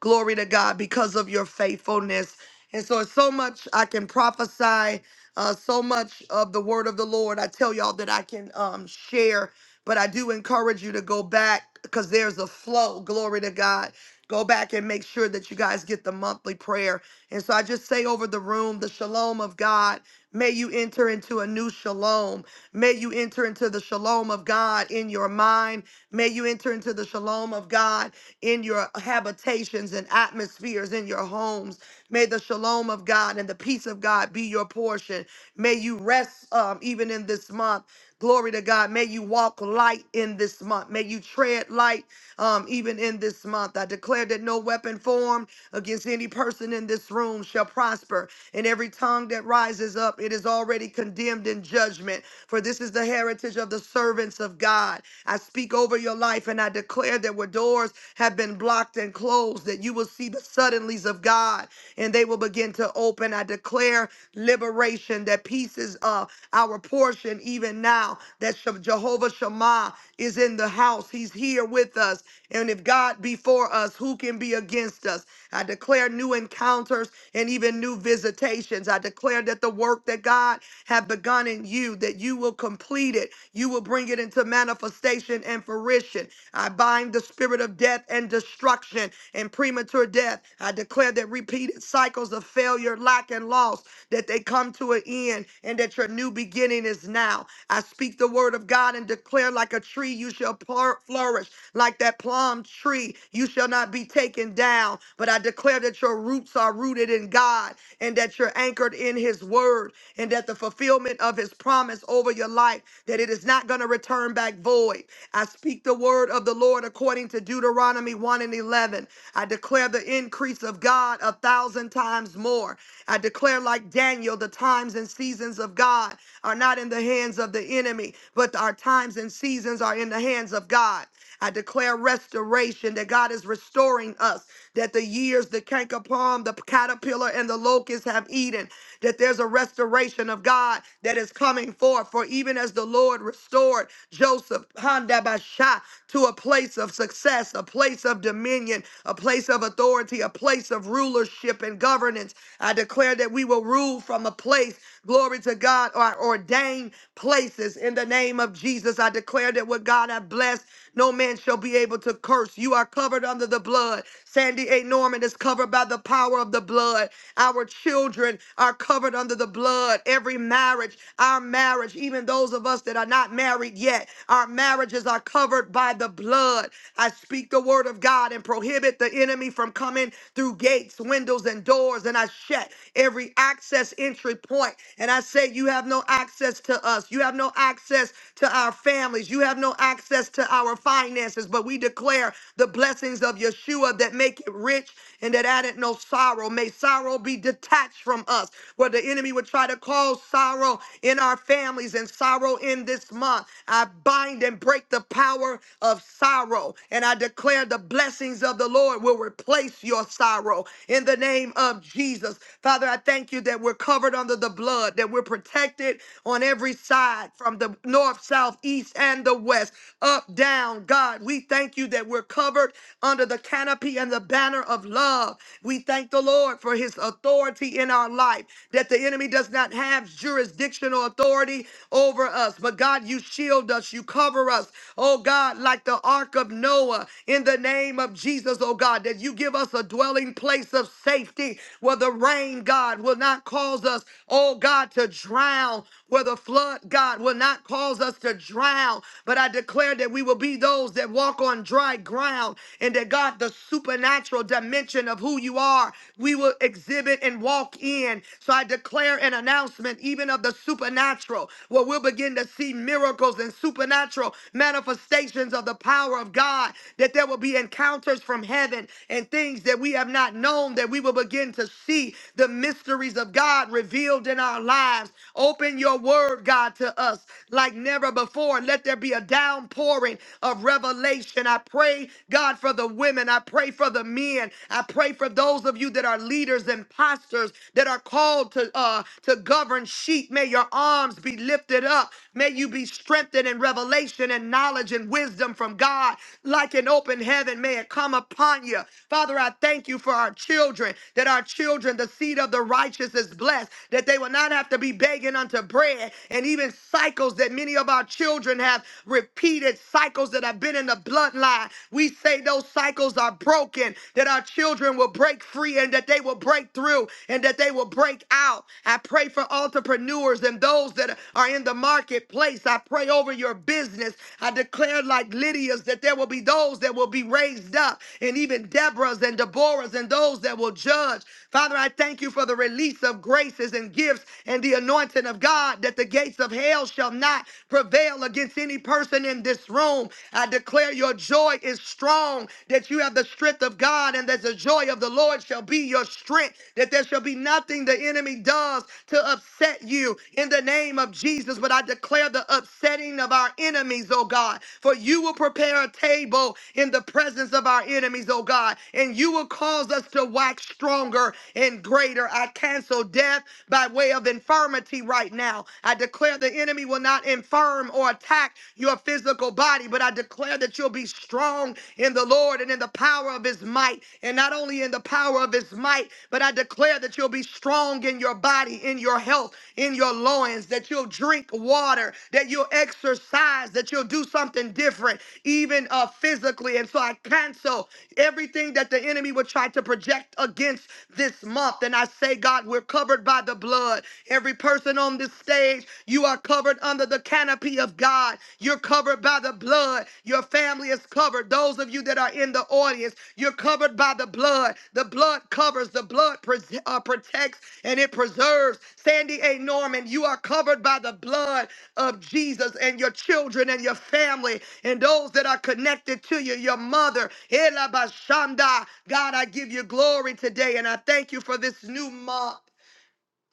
[SPEAKER 1] Glory to God because of your faithfulness. And so, it's so much I can prophesy, uh, so much of the word of the Lord. I tell y'all that I can um, share, but I do encourage you to go back because there's a flow. Glory to God. Go back and make sure that you guys get the monthly prayer. And so, I just say over the room, the shalom of God. May you enter into a new shalom. May you enter into the shalom of God in your mind. May you enter into the shalom of God in your habitations and atmospheres, in your homes. May the shalom of God and the peace of God be your portion. May you rest um, even in this month. Glory to God. May you walk light in this month. May you tread light um, even in this month. I declare that no weapon formed against any person in this room shall prosper, and every tongue that rises up, it is already condemned in judgment. For this is the heritage of the servants of God. I speak over your life and I declare that where doors have been blocked and closed, that you will see the suddenlies of God and they will begin to open. I declare liberation that peace is uh, our portion even now, that Shem- Jehovah Shema is in the house. He's here with us. And if God be for us, who can be against us? I declare new encounters and even new visitations. I declare that the work that God have begun in you, that you will complete it. You will bring it into manifestation and fruition. I bind the spirit of death and destruction and prematurity premature death. I declare that repeated cycles of failure, lack, and loss, that they come to an end and that your new beginning is now. I speak the word of God and declare like a tree you shall plur- flourish, like that plum tree you shall not be taken down. But I declare that your roots are rooted in God and that you're anchored in his word and that the fulfillment of his promise over your life that it is not going to return back void. I speak the word of the Lord according to to Deuteronomy 1 and 11. I declare the increase of God a thousand times more. I declare, like Daniel, the times and seasons of God are not in the hands of the enemy, but our times and seasons are in the hands of God. I declare restoration that God is restoring us, that the years, the cankerpalm, the caterpillar, and the locust have eaten that there's a restoration of God that is coming forth. For even as the Lord restored Joseph Handabasha to a place of success, a place of dominion, a place of authority, a place of rulership and governance, I declare that we will rule from a place, glory to God, our ordained places in the name of Jesus. I declare that what God hath blessed, no man shall be able to curse. You are covered under the blood. Sandy A. Norman is covered by the power of the blood. Our children are covered under the blood. Every marriage, our marriage, even those of us that are not married yet, our marriages are covered by the blood. I speak the word of God and prohibit the enemy from coming through gates, windows, and doors. And I shut every access entry point. And I say, You have no access to us. You have no access to our families. You have no access to our finances. But we declare the blessings of Yeshua that make it rich and that added not no sorrow. May sorrow be detached from us, where the enemy would try to cause sorrow in our families and sorrow in this month. I bind and break the power of sorrow, and I declare the blessings of the Lord will replace your sorrow in the name of Jesus. Father, I thank you that we're covered under the blood, that we're protected on every side from the north, south, east, and the west, up, down. God, we thank you that we're covered under the canopy and the banner of love. We thank the Lord for his authority in our life, that the enemy does not have jurisdictional authority over us. But God, you shield us, you cover us, oh God, like the ark of Noah in the name of Jesus, oh God, that you give us a dwelling place of safety where the rain, God, will not cause us, oh God, to drown, where the flood, God, will not cause us to drown. But I declare that we will be those that walk on dry ground down into God, the supernatural dimension of who you are. We will exhibit and walk in. So I declare an announcement, even of the supernatural, where we'll begin to see miracles and supernatural manifestations of the power of God, that there will be encounters from heaven and things that we have not known, that we will begin to see the mysteries of God revealed in our lives. Open your word, God, to us like never before. Let there be a downpouring of revelation revelation. I pray, God, for the women. I pray for the men. I pray for those of you that are leaders and pastors that are called to uh to govern sheep. May your arms be lifted up. May you be strengthened in revelation and knowledge and wisdom from God, like an open heaven. May it come upon you. Father, I thank you for our children, that our children, the seed of the righteous is blessed, that they will not have to be begging unto bread, and even cycles that many of our children have reversed repeated cycles that have been in the bloodline. We say those cycles are broken, that our children will break free and that they will break through and that they will break out. I pray for entrepreneurs and those that are in the marketplace. I pray over your business. I declare, like Lydia's, that there will be those that will be raised up, and even Deborah's and Deborah's, and those that will judge. Father, I thank you for the release of graces and gifts and the anointing of God that the gates of hell shall not prevail against any person in this room. I declare your joy is strong, that you have the strength of God, and that the joy of the Lord shall be your strength, that there shall be nothing the enemy does to upset you in the name of Jesus. But I declare the upsetting of our enemies, oh God, for you will prepare a table in the presence of our enemies, oh God, and you will cause us to wax stronger and greater. I cancel death by way of infirmity right now. I. I declare the enemy will not infirm or attack your physical body, but I declare that you'll be strong in the Lord and in the power of his might. And not only in the power of his might, but I declare that you'll be strong in your body, in your health, in your loins, that you'll drink water, that you'll exercise, that you'll do something different, even uh, physically. And so I cancel everything that the enemy would try to project against this month. And I say, God, we're covered by the blood. Every person on this stage, you are covered under the canopy of God. You're covered by the blood. Your family is covered. Those of you that are in the audience, you're covered by the blood. The blood covers, the blood pres- uh, protects, and it preserves. Sandy A. Norman, you are covered by the blood of Jesus and your children and your family and those that are connected to you, your mother. Ela Bashanda. God, I give you glory today and I thank you for this new month.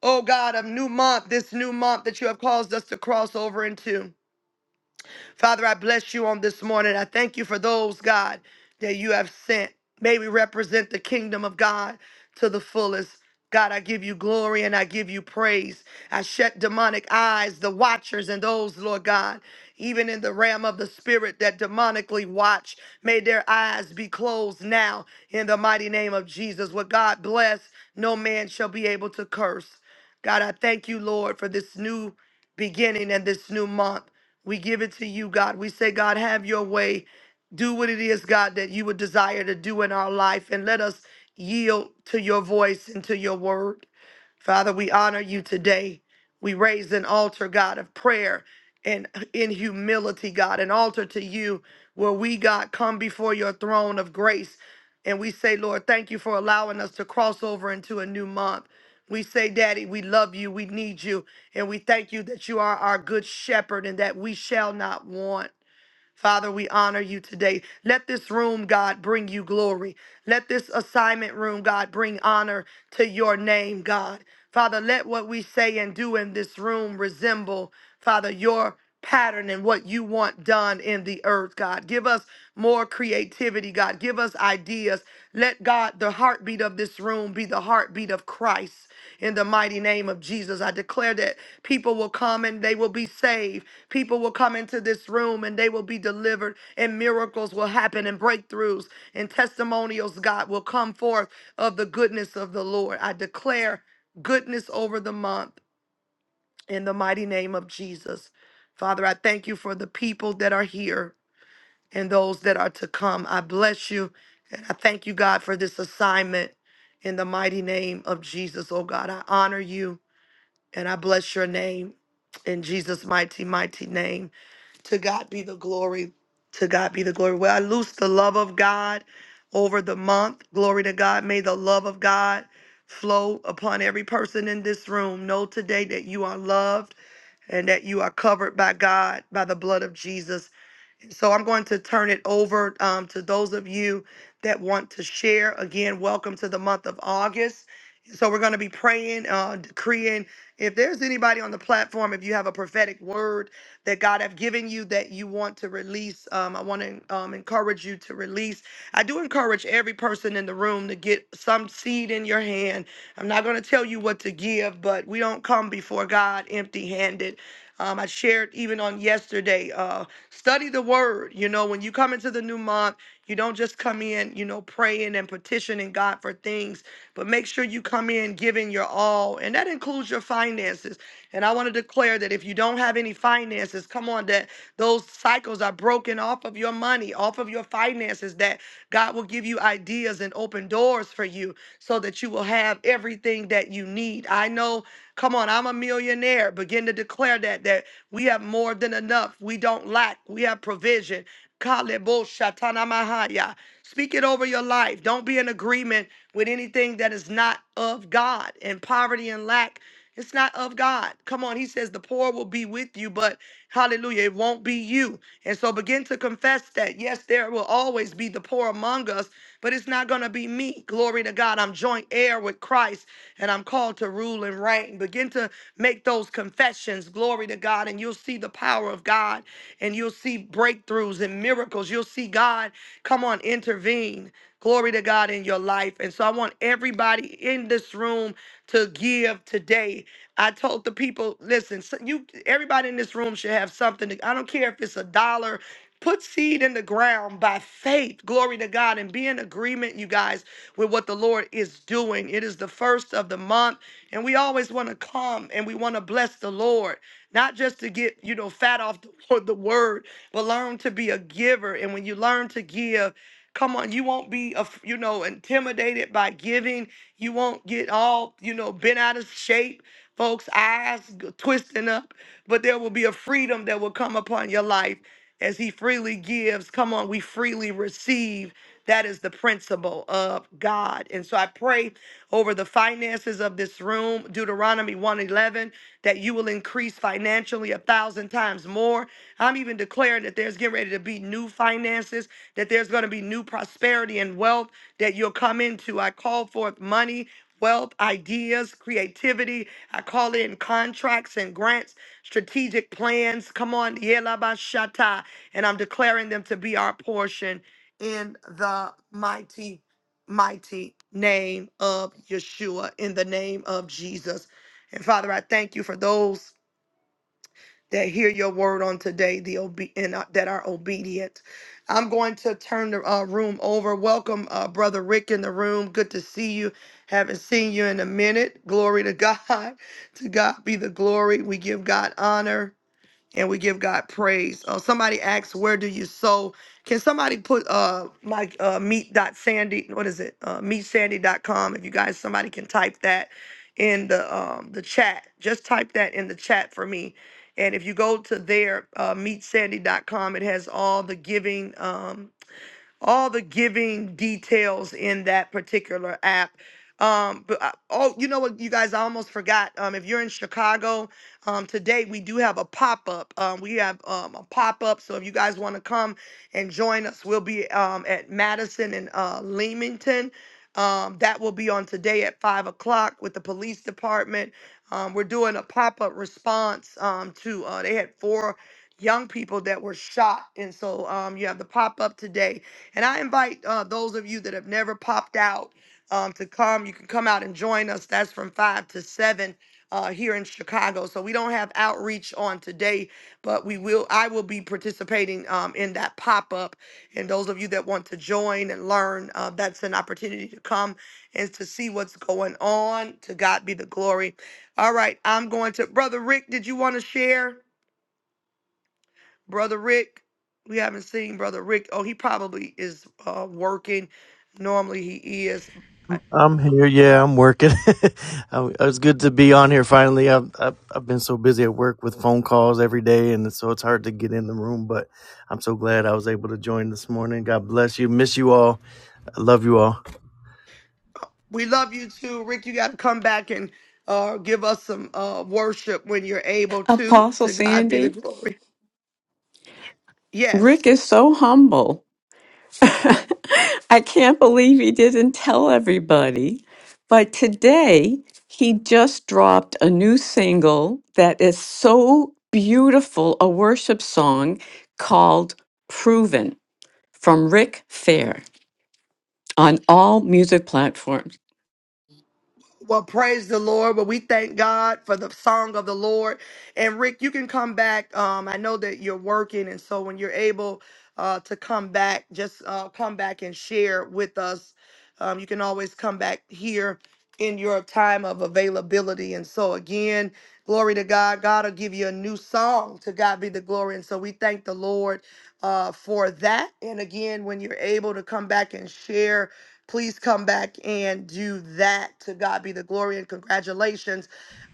[SPEAKER 1] Oh God, of new month, this new month that you have caused us to cross over into. Father, I bless you on this morning. I thank you for those, God, that you have sent. May we represent the kingdom of God to the fullest. God, I give you glory and I give you praise. I shut demonic eyes, the watchers, and those, Lord God, even in the realm of the spirit that demonically watch. May their eyes be closed now in the mighty name of Jesus. What God bless, no man shall be able to curse. God, I thank you, Lord, for this new beginning and this new month. We give it to you, God. We say, God, have your way. Do what it is, God, that you would desire to do in our life, and let us yield to your voice and to your word. Father, we honor you today. We raise an altar, God, of prayer and in humility, God, an altar to you where we, God, come before your throne of grace. And we say, Lord, thank you for allowing us to cross over into a new month. We say, Daddy, we love you. We need you. And we thank you that you are our good shepherd and that we shall not want. Father, we honor you today. Let this room, God, bring you glory. Let this assignment room, God, bring honor to your name, God. Father, let what we say and do in this room resemble, Father, your pattern and what you want done in the earth, God. Give us more creativity, God. Give us ideas. Let God, the heartbeat of this room be the heartbeat of Christ. In the mighty name of Jesus, I declare that people will come and they will be saved. People will come into this room and they will be delivered, and miracles will happen, and breakthroughs and testimonials, God, will come forth of the goodness of the Lord. I declare goodness over the month in the mighty name of Jesus. Father, I thank you for the people that are here and those that are to come. I bless you and I thank you, God, for this assignment in the mighty name of Jesus. Oh God, I honor you and I bless your name in Jesus' mighty, mighty name. To God be the glory. To God be the glory. Well, I loose the love of God over the month. Glory to God. May the love of God flow upon every person in this room. Know today that you are loved and that you are covered by God, by the blood of Jesus. So I'm going to turn it over um, to those of you that want to share. Again, welcome to the month of August. So we're going to be praying, uh, decreeing. If there's anybody on the platform, if you have a prophetic word that God have given you that you want to release, um, I want to um, encourage you to release. I do encourage every person in the room to get some seed in your hand. I'm not going to tell you what to give, but we don't come before God empty-handed. Um, I shared even on yesterday. Uh, Study the word. You know, when you come into the new month, you don't just come in, you know, praying and petitioning God for things, but make sure you come in giving your all. And that includes your finances. And I want to declare that if you don't have any finances, come on, that those cycles are broken off of your money, off of your finances, that God will give you ideas and open doors for you so that you will have everything that you need. I know, come on, I'm a millionaire. Begin to declare that that we have more than enough. We don't lack. We have provision. Kalebo shatana mahaya. Speak it over your life. Don't be in agreement with anything that is not of God. And poverty and lack, it's not of God. Come on, he says the poor will be with you, but hallelujah, it won't be you. And so begin to confess that. Yes, there will always be the poor among us, but it's not going to be me. Glory to God. I'm joint heir with Christ and I'm called to rule and reign. Begin to Make those confessions, glory to God, and you'll see the power of God and you'll see breakthroughs and miracles. You'll see God, come on, intervene. Glory to God in your life. And so I want everybody in this room to give today. I told the people, listen, so you everybody in this room should have something. To, I don't care if it's a dollar. Put seed in the ground by faith. Glory to God and be in agreement, you guys, with what the Lord is doing. It is the first of the month. And we always want to come and we want to bless the Lord, not just to get, you know, fat off the, the word, but learn to be a giver. And when you learn to give, come on, you won't be, af- you know, intimidated by giving. You won't get all, you know, bent out of shape, folks' eyes g- twisting up, but there will be a freedom that will come upon your life as He freely gives. Come on, we freely receive. That is the principle of God. And so I pray over the finances of this room. Deuteronomy 111, that you will increase financially a thousand times more. I'm even declaring that there's getting ready to be new finances, that there's going to be new prosperity and wealth that you'll come into. I call forth money. Wealth, ideas, creativity. I call in contracts and grants, strategic plans. Come on, Yelabashata. And I'm declaring them to be our portion in the mighty mighty name of Yeshua, in the name of Jesus. And Father, I thank you for those that hear your word on today, the obe- and uh, that are obedient. I'm going to turn the uh, room over. Welcome, uh, brother Rick, in the room. Good to see you. Haven't seen you in a minute. Glory to God. To God be the glory. We give God honor and we give God praise. Uh, somebody asks, "Where do you sow?" Can somebody put uh my uh meet dot sandy? What is it? Uh, meetsandy.com. If you guys, somebody can type that in the um the chat. Just type that in the chat for me. And if you go to there, uh, meetsandy.com, it has all the giving. Um, all the giving details in that particular app. Um, but I, oh, you know what, you guys, I almost forgot. Um, if you're in Chicago, um, today we do have a pop up. Um, we have um, a pop up, so if you guys want to come and join us, we'll be um, at Madison and uh, Leamington. Um, that will be on today at five o'clock with the police department. Um, we're doing a pop up response um, to uh, they had four young people that were shot, and so um, you have the pop up today and I invite uh, those of you that have never popped out um, to come. You can come out and join us. That's from 5 to 7 uh, here in Chicago. So we don't have outreach on today, but we will. I will be participating um, in that pop up. And those of you that want to join and learn, uh, that's an opportunity to come and to see what's going on. To God be the glory. All right, I'm going to Brother Rick. Did you want to share? Brother Rick, we haven't seen Brother Rick. Oh, he probably is uh, working. Normally he is. I-
[SPEAKER 8] I'm here. Yeah, I'm working. Um, it's good to be on here finally. I've, I've I've been so busy at work with phone calls every day, and so it's hard to get in the room. But I'm so glad I was able to join this morning. God bless you. Miss you all. I love you all.
[SPEAKER 1] We love you too, Rick. You got to come back and uh, give us some uh, worship when you're able to.
[SPEAKER 9] Apostle
[SPEAKER 1] To God be the
[SPEAKER 9] Sandy,
[SPEAKER 1] glory. Yes.
[SPEAKER 9] Rick is so humble. I can't believe he didn't tell everybody. But today, he just dropped a new single that is so beautiful a worship song called Proven from Rick Fair on all music platforms.
[SPEAKER 1] Well, praise the Lord. But we thank God for the song of the Lord. And Rick, you can come back. Um, I know that you're working, and so when you're able uh, to come back, just uh, come back and share with us. Um, you can always come back here in your time of availability. And so again, glory to God. God will give you a new song. To God be the glory. And so we thank the Lord uh, for that. And again, when you're able to come back and share Please come back and do that. To God be the glory and congratulations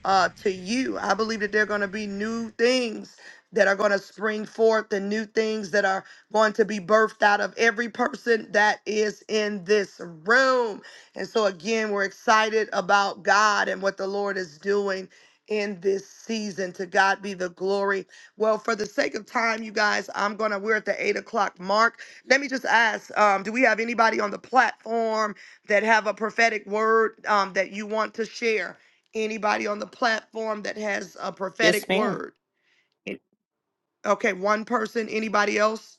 [SPEAKER 1] uh, to you. I believe that there are going to be new things that are going to spring forth and new things that are going to be birthed out of every person that is in this room. And so, again, we're excited about God and what the Lord is doing in this season. To God be the glory. Well, for the sake of time, you guys, I'm going to, we're at the eight o'clock mark let me just ask um, do we have anybody on the platform that have a prophetic word um, that you want to share anybody on the platform that has a
[SPEAKER 10] Yes,
[SPEAKER 1] prophetic
[SPEAKER 10] ma'am.
[SPEAKER 1] word It- okay one person anybody else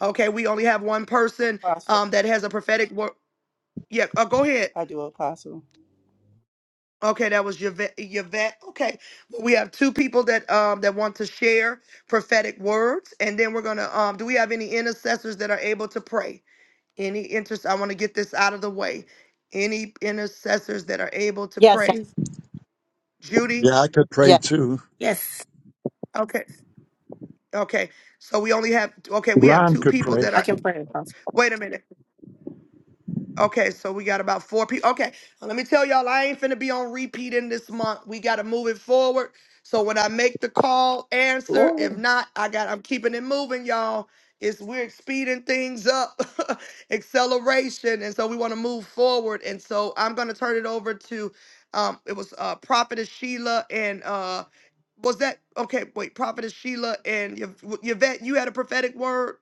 [SPEAKER 1] okay we only have one
[SPEAKER 3] Thank you,
[SPEAKER 1] person
[SPEAKER 3] Apostle.
[SPEAKER 1] um, that has a prophetic word yeah uh, go ahead
[SPEAKER 3] I do, Apostle.
[SPEAKER 1] okay that was yvette, yvette. okay well, we have two people that um, that want to share prophetic words and then we're gonna um, do we have any intercessors that are able to pray Any interest, I want to get this out of the way. Any intercessors that are able to
[SPEAKER 2] Yes, I,
[SPEAKER 1] pray? Yes. Judy?
[SPEAKER 4] Yeah, I could pray
[SPEAKER 2] yes,
[SPEAKER 4] too.
[SPEAKER 10] Yes,
[SPEAKER 1] Okay, okay. So we only have, okay, we have
[SPEAKER 4] Ron
[SPEAKER 1] two
[SPEAKER 4] could
[SPEAKER 1] people
[SPEAKER 4] pray.
[SPEAKER 1] that
[SPEAKER 10] I
[SPEAKER 1] are,
[SPEAKER 10] can pray, Apostle.
[SPEAKER 1] wait a minute. Okay, so we got about four people. Okay, let me tell y'all, I ain't finna be on repeat in this month. We gotta move it forward. So when I make the call, answer.
[SPEAKER 10] Glory.
[SPEAKER 1] If not, I got. I'm keeping it moving, y'all. It's we're speeding things up, acceleration, and so we want to move forward. And so I'm gonna turn it over to, um, it was uh, Prophetess Sheila and uh, was that okay? Wait, Prophetess Sheila and Yv- Yvette, you had a prophetic word.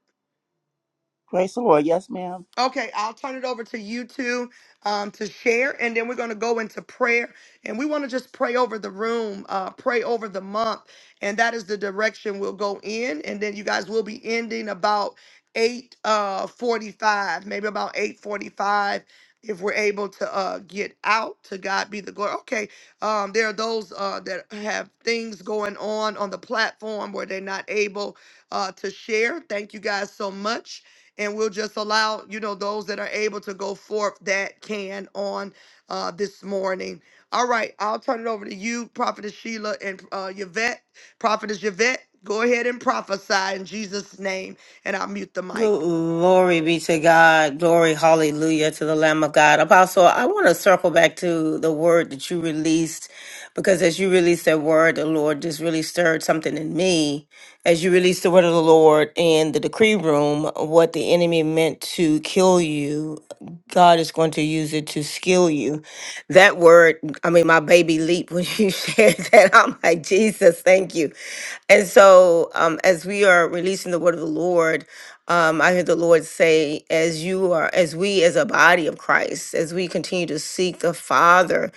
[SPEAKER 3] Praise the Lord. Yes, ma'am.
[SPEAKER 1] Okay, I'll turn it over to you two um, to share, and then we're going to go into prayer. And we want to just pray over the room, uh, pray over the month, and that is the direction we'll go in. And then you guys will be ending about eight uh, forty-five, maybe about eight forty-five, if we're able to uh, get out. To God be the glory. Okay, um, there are those uh, that have things going on on the platform where they're not able uh, to share. Thank you guys so much and we'll just allow you know those that are able to go forth that can on uh, this morning. All right, I'll turn it over to you, Prophetess Sheila and uh, Yvette. Prophetess Yvette, go ahead and prophesy in Jesus' name, and I'll mute the mic.
[SPEAKER 10] Glory be to God. Glory, hallelujah to the Lamb of God. Apostle, I want to circle back to the word that you released because as you released that word, the Lord just really stirred something in me. As you released the word of the Lord in the decree room, what the enemy meant to kill you, God is going to use it to skill you. That word, I mean, my baby leaped when you shared that. I'm like, Jesus, thank you. And so, um, as we are releasing the word of the Lord, um, I hear the Lord say, as you are, as we as a body of Christ, as we continue to seek the Father,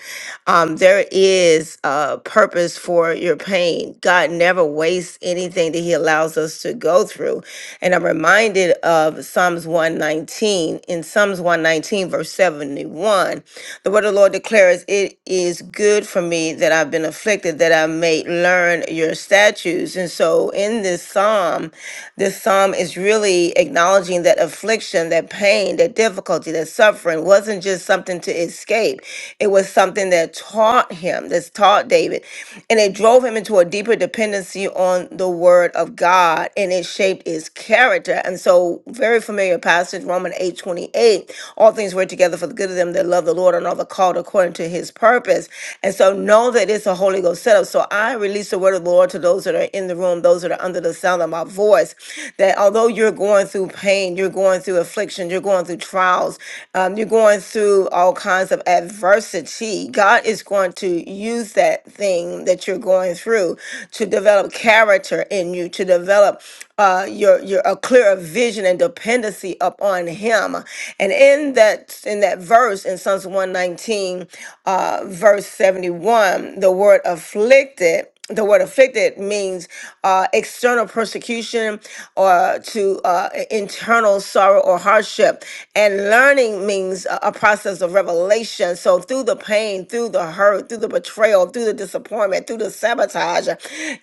[SPEAKER 10] um, there is a purpose for your pain. God never wastes anything that He allows us to go through. And I'm reminded of Psalms 119. In Psalms 119, verse 71, the word of the Lord declares, It is good for me that I've been afflicted, that I may learn your statutes. And so in this psalm, this psalm is really acknowledging that affliction, that pain, that difficulty, that suffering wasn't just something to escape. It was something that taught him, that's taught David. And it drove him into a deeper dependency on the word of God and it shaped his character. And so, very familiar passage, Romans eight twenty eight. all things work together for the good of them that love the Lord and are the called according to his purpose. And so, know that it's a Holy Ghost setup. So, I release the word of the Lord to those that are in the room, those that are that are under the sound of my voice, that although you're going through pain, you're going through affliction, you're going through trials, um, you're going through all kinds of adversity, God is going to use that thing that you're going through to develop character in you, to develop uh, your your a clearer vision and dependency upon Him. And in that in that verse in Psalms 119, uh, verse 71, the word afflicted the word afflicted means uh, external persecution or to uh, internal sorrow or hardship. And learning means a, a process of revelation. So, through the pain, through the hurt, through the betrayal, through the disappointment, through the sabotage,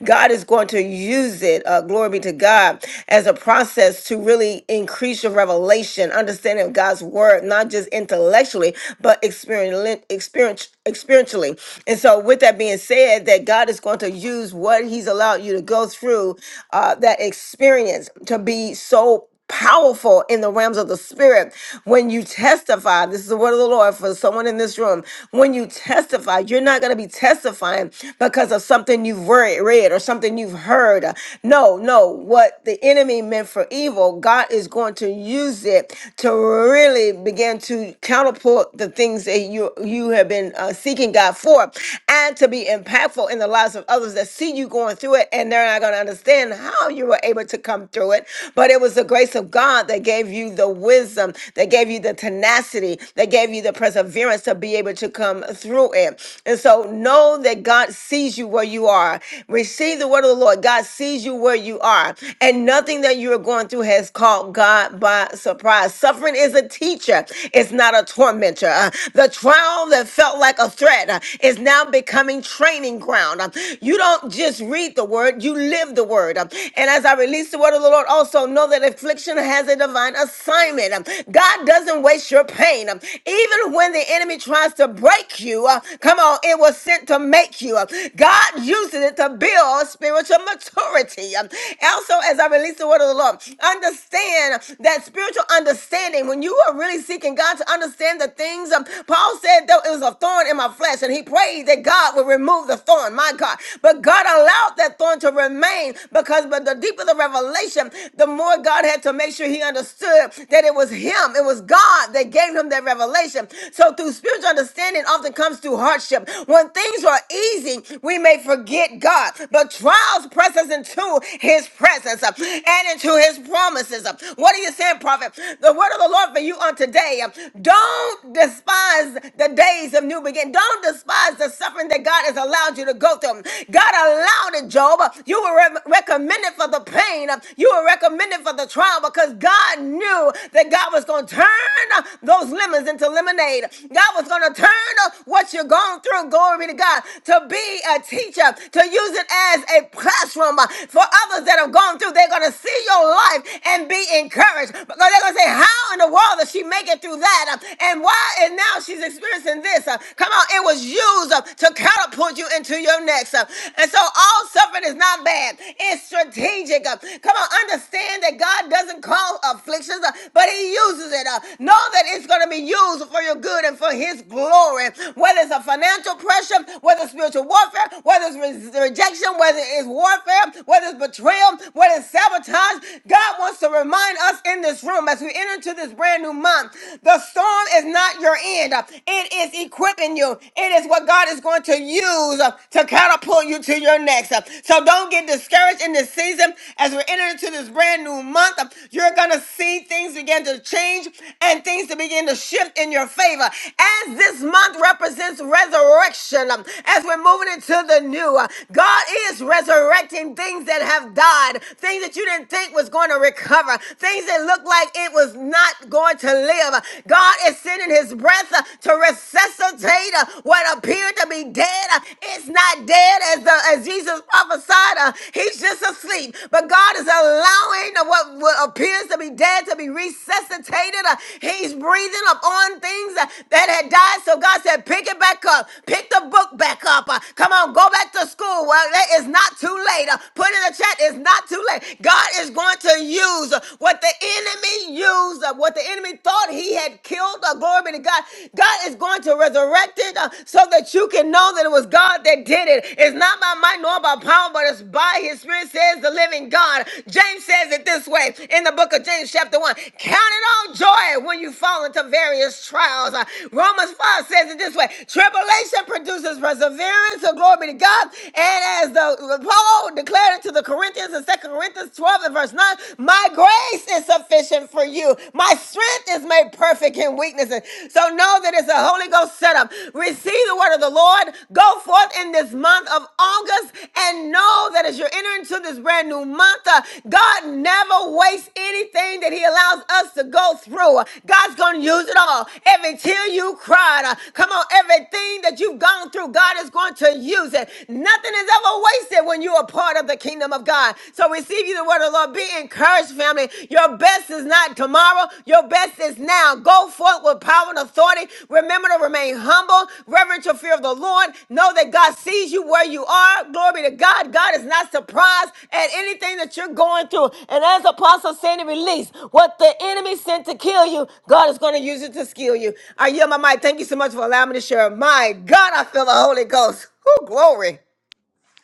[SPEAKER 10] God is going to use it, uh, glory be to God, as a process to really increase your revelation, understanding of God's word, not just intellectually, but experientially, experientially. And so, with that being said, that God is going to use what He's allowed you to go through, uh, that experience to be so powerful in the realms of the spirit when you testify this is the word of the lord for someone in this room when you testify you're not going to be testifying because of something you've re- read or something you've heard no no what the enemy meant for evil god is going to use it to really begin to counterpart the things that you you you have been uh, seeking God for, and to be impactful in the lives of others that see you going through it, and they're not going to understand how you were able to come through it. But it was the grace of God that gave you the wisdom, that gave you the tenacity, that gave you the perseverance to be able to come through it. And so know that God sees you where you are. Receive the word of the Lord. God sees you where you are, and nothing that you are going through has caught God by surprise. Suffering is a teacher. It's not a tormentor tormentor. Uh, The trial that felt like a threat uh, is now becoming training ground. Uh, You don't just read the word, you live the word. Uh, And as I release the word of the Lord, also know that affliction has a divine assignment. Um, God doesn't waste your pain. Um, Even when the enemy tries to break you, uh, come on, it was sent to make you. Uh, God uses it to build spiritual maturity. Um, Also, as I release the word of the Lord, understand that spiritual understanding, when you are really seeking seeking God to understand the things. Um, Paul said, though it was a thorn in my flesh, and he prayed that God would remove the thorn, my God. But God allowed that thorn to remain because but the deeper the revelation, the more God had to make sure he understood that it was him, it was God that gave him that revelation. So through spiritual understanding often comes through hardship. When things are easy, we may forget God, but trials press us into his presence uh, and into his promises. uh. What are you saying, prophet? The word of the the Lord for you on today. Don't despise the days of new beginning. Don't despise the suffering that God has allowed you to go through. God allowed it, Job. You were re- recommended for the pain. You were recommended for the trial because God knew that God was going to turn those lemons into lemonade. God was going to turn what you're going through, glory to God, to be a teacher, to use it as a classroom for others that have gone through. They're going to see your life and be encouraged. Because they're going to say, how in the world does she make it through that? Uh, And why and now she's experiencing this? Uh, Come on, it was used uh, to catapult you into your next. uh, And so all suffering is not bad. It's strategic. uh, Come on, understand that God doesn't call afflictions, uh, but he uses it. uh, Know that it's going to be used for your good and for his glory. Whether it's a financial pressure, whether it's spiritual warfare, whether it's re- rejection, whether it's warfare, whether it's betrayal, whether it's sabotage, God wants to to remind us in this room as we enter into this brand new month. The storm is not your end, it is equipping you. It is what God is going to use uh, to catapult you to your next. Uh, So don't get discouraged in this season as we're entering into this brand new month. uh, You're going to see things begin to change and things to begin to shift in your favor. As this month represents resurrection, um, as we're moving into the new, uh, God is resurrecting things that have died, things that you didn't think didn't think was going to recover, things that looked like it was not going to live. God is sending his breath uh, to resuscitate uh, what appeared to be dead. Uh, It's not dead as the as Jesus prophesied. uh, He's just asleep. But God is allowing uh, what, what appears to be dead to be resuscitated. Uh, He's breathing upon things uh, that had died. So God said, pick it back up. Pick the book back up. Uh, Come on, go back to school. Well, it is not too late. Uh, Put in the chat, it's not not too late. God is going to use what the enemy used, uh, what the enemy thought he had killed. Uh, glory be to God. God is going to resurrect it uh, so that you can know that it was God that did it. It's not by might nor by power, but it's by his spirit, says the living God. James says it this way in the book of James, chapter 1. Count it all joy when you fall into various trials. Uh, Romans 5 says it this way tribulation produces perseverance, so glory be to God. And as the Paul declared, declared it to the Corinthians in Second Corinthians 12 and verse 9. My grace is sufficient for you. My strength is made perfect in weaknesses. So know that it's a Holy Ghost setup. Receive the word of the Lord. Go forth in this month of August and know that as you're entering into this brand new month, uh, God never wastes anything that He allows us to go through. God's going to use it all. Every tear you cried, uh, come on, everything that you've gone through, God is going to use it. Nothing is ever wasted embrace it when you are part of the kingdom of God. So receive you the word of the Lord. Be encouraged, family. Your best is not tomorrow. Your best is now. Go forth with power and authority. Remember to remain humble, reverent your fear of the Lord. Know that God sees you where you are. Glory be to God. God is not surprised at anything that you're going through. And as Apostle Sandy released, what the enemy sent to kill you, God is going to use it to skill you. I yield my mic. Thank you so much for allowing me to share. My God, I feel the Holy Ghost. Who glory.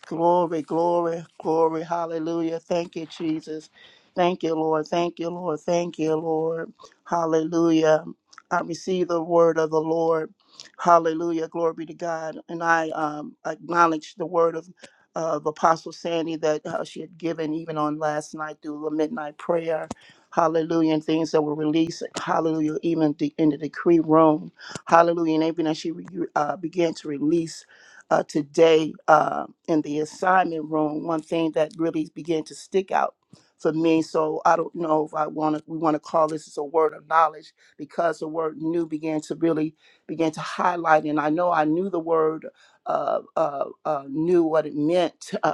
[SPEAKER 3] Glory, glory, glory. Hallelujah. Thank you, Jesus. Thank you, Lord. Thank you, Lord. Thank you, Lord. Hallelujah. I receive the word of the Lord. Hallelujah. Glory be to God. And I um, acknowledge the word of, of Apostle Sandy that uh, she had given even on last night through the midnight prayer. Hallelujah. And things that were released. Hallelujah. Even de- in the decree room. Hallelujah. And everything that she re- uh, began to release uh, today. uh, um, in the assignment room, one thing that really began to stick out for me. So I don't know if I want to. We want to call this as a word of knowledge because the word "new" began to really began to highlight, and I know I knew the word uh, uh, uh, "new" what it meant,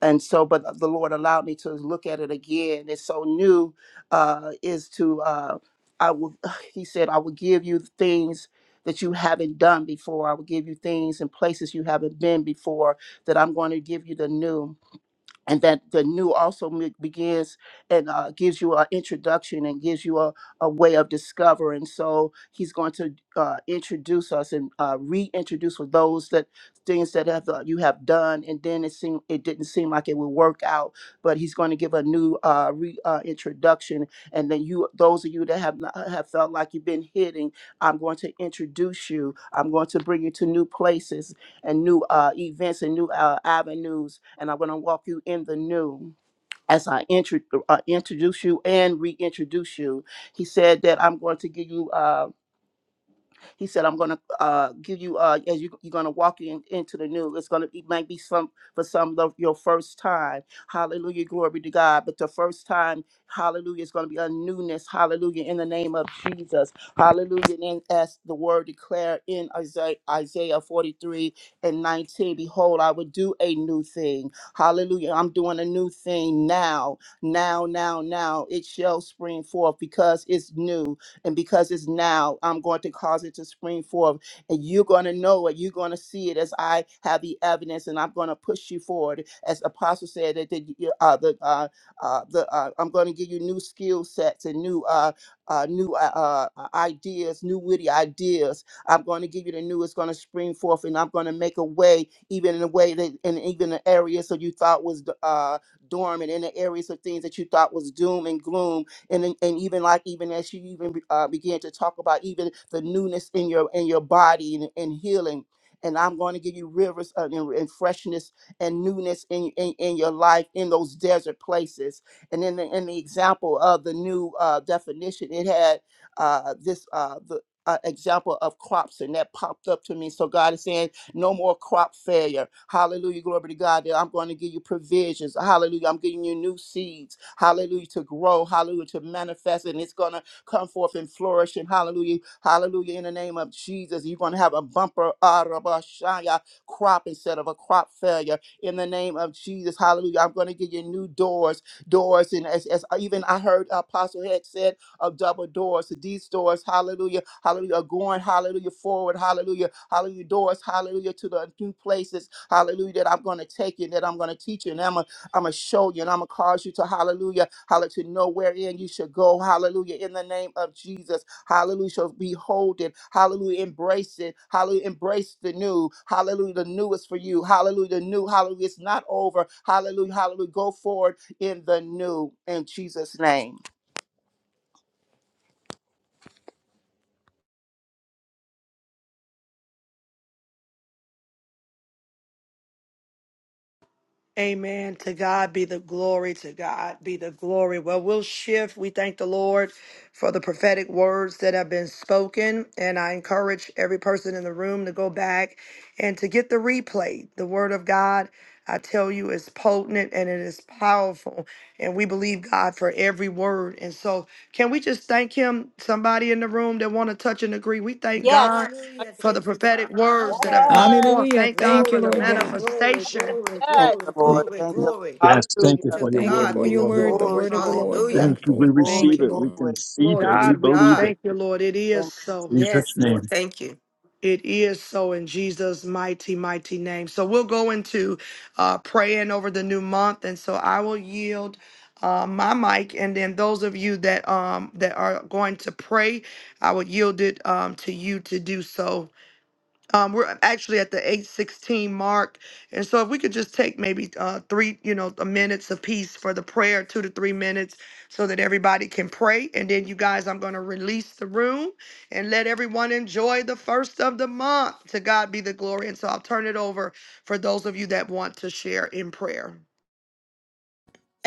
[SPEAKER 3] and so but the lord allowed me to look at it again it's so new uh is to uh i will he said i will give you things that you haven't done before i will give you things and places you haven't been before that i'm going to give you the new and that the new also me- begins and uh, gives you an introduction and gives you a, a way of discovering. So he's going to uh, introduce us and uh, reintroduce with those that things that have uh, you have done, and then it seemed it didn't seem like it would work out, but he's going to give a new uh, re, uh, introduction, and then you those of you that have not, have felt like you've been hitting, I'm going to introduce you. I'm going to bring you to new places and new uh, events and new uh, avenues. And I'm going to walk you in the new as I intro- uh, introduce you and reintroduce you. He said that I'm going to give you. Uh, he said, "I'm gonna uh, give you uh, as you, you're gonna walk in, into the new. It's gonna it might be some for some of your first time. Hallelujah, glory to God. But the first time, Hallelujah, it's gonna be a newness. Hallelujah, in the name of Jesus. Hallelujah. And then as the word declared in Isaiah, Isaiah 43 and 19, behold, I will do a new thing. Hallelujah. I'm doing a new thing now, now, now, now. It shall spring forth because it's new and because it's now, I'm going to cause it to spring forth. And you're going to know it. You're going to see it as I have the evidence, and I'm going to push you forward. As Apostle said, that that you- uh, the, uh, uh, the, uh, I'm going to give you new skill sets and new uh, uh, new uh, uh, uh, ideas, new witty ideas. I'm going to give you the new. It's going to spring forth, and I'm going to make a way, even in a way that, and even the areas that you thought was uh, dormant, in the areas of things that you thought was doom and gloom and then- and even like even as you even be- uh, began to talk about even the newness in your in your body and, and healing and i'm going to give you rivers of, and, and freshness and newness in, in in your life in those desert places and in the, in the example of the new uh, definition it had uh, this uh, the uh, example of crops and that popped up to me so god is saying no more crop failure. Hallelujah. Glory to God. That I'm going to give you provisions. Hallelujah. I'm giving you new seeds. Hallelujah. To grow. Hallelujah. To manifest. And it's going to come forth and flourish. And hallelujah. Hallelujah. In the name of Jesus, you're going to have a bumper arabashaya, crop instead of a crop failure. In the name of Jesus. Hallelujah. I'm going to give you new doors. Doors. And as, as even I heard Apostle Heck said, of double doors. So these doors, hallelujah, hallelujah, are going, hallelujah, forward, hallelujah, hallelujah, doors, hallelujah, to the new places, hallelujah, that I'm going to take you, that I'm going to teach you, and I'm going I'm to show you, and I'm going to cause you to, hallelujah, hallelujah, to know wherein you should go, hallelujah, in the name of Jesus, hallelujah, shall behold it, hallelujah, embrace it, hallelujah, embrace the new, hallelujah, the new is for you, hallelujah, the new, hallelujah, it's not over, hallelujah, hallelujah, go forward in the new, in Jesus' name.
[SPEAKER 1] Amen. To God be the glory. To God be the glory. Well, we'll shift. We thank the Lord for the prophetic words that have been spoken. And I encourage every person in the room to go back and to get the replay. The word of God, I tell you, is potent and it is powerful. And we believe God for every word. And so can we just thank him? Somebody in the room that want to touch and agree. We thank
[SPEAKER 2] yes.
[SPEAKER 1] God
[SPEAKER 2] I can
[SPEAKER 1] for the
[SPEAKER 2] agree.
[SPEAKER 1] prophetic words that have come
[SPEAKER 2] Yes,
[SPEAKER 1] forth.
[SPEAKER 2] I
[SPEAKER 5] Hallelujah.
[SPEAKER 1] Thank
[SPEAKER 2] receive
[SPEAKER 1] God
[SPEAKER 5] Thank you,
[SPEAKER 1] for the
[SPEAKER 5] Lord God.
[SPEAKER 2] it.
[SPEAKER 1] manifestation
[SPEAKER 10] Glory,
[SPEAKER 3] Thank
[SPEAKER 2] Yes,
[SPEAKER 3] you,
[SPEAKER 10] glory,
[SPEAKER 3] Lord.
[SPEAKER 10] glory,
[SPEAKER 3] Thank you.
[SPEAKER 10] glory.
[SPEAKER 4] Yes. Thank you
[SPEAKER 3] Hallelujah.
[SPEAKER 10] To
[SPEAKER 4] for your
[SPEAKER 5] Thank you
[SPEAKER 4] word,
[SPEAKER 10] God
[SPEAKER 4] O
[SPEAKER 5] for
[SPEAKER 10] be
[SPEAKER 5] your
[SPEAKER 10] the
[SPEAKER 4] Lord.
[SPEAKER 5] word, the
[SPEAKER 10] glory.
[SPEAKER 3] Glory,
[SPEAKER 5] word of the
[SPEAKER 3] glory,
[SPEAKER 5] Lord
[SPEAKER 10] Hallelujah.
[SPEAKER 5] going
[SPEAKER 4] Thank you. We
[SPEAKER 5] forth.
[SPEAKER 3] glory,
[SPEAKER 5] Thank
[SPEAKER 4] receive
[SPEAKER 5] you,
[SPEAKER 4] it. We
[SPEAKER 5] Lord.
[SPEAKER 3] glory.
[SPEAKER 4] conceive
[SPEAKER 10] Glory
[SPEAKER 4] it.
[SPEAKER 10] be
[SPEAKER 4] We
[SPEAKER 10] to
[SPEAKER 1] God, we
[SPEAKER 4] believe
[SPEAKER 10] God.
[SPEAKER 4] it.
[SPEAKER 1] thank you, Lord. It
[SPEAKER 3] Thank
[SPEAKER 1] is
[SPEAKER 3] you,
[SPEAKER 1] so.
[SPEAKER 4] In Jesus'
[SPEAKER 10] Yes,
[SPEAKER 4] name.
[SPEAKER 10] Lord. Thank you.
[SPEAKER 1] It is so in Jesus' mighty, mighty name. So we'll go into uh, praying over the new month, and so I will yield uh, my mic, and then those of you that um that are going to pray, I would yield it um to you to do so um, we're actually at the 816 mark. And so if we could just take maybe uh, three, you know, a minutes apiece for the prayer, two to three minutes, so that everybody can pray. And then you guys, I'm going to release the room and let everyone enjoy the first of the month. To God be the glory. And so I'll turn it over for those of you that want to share in prayer.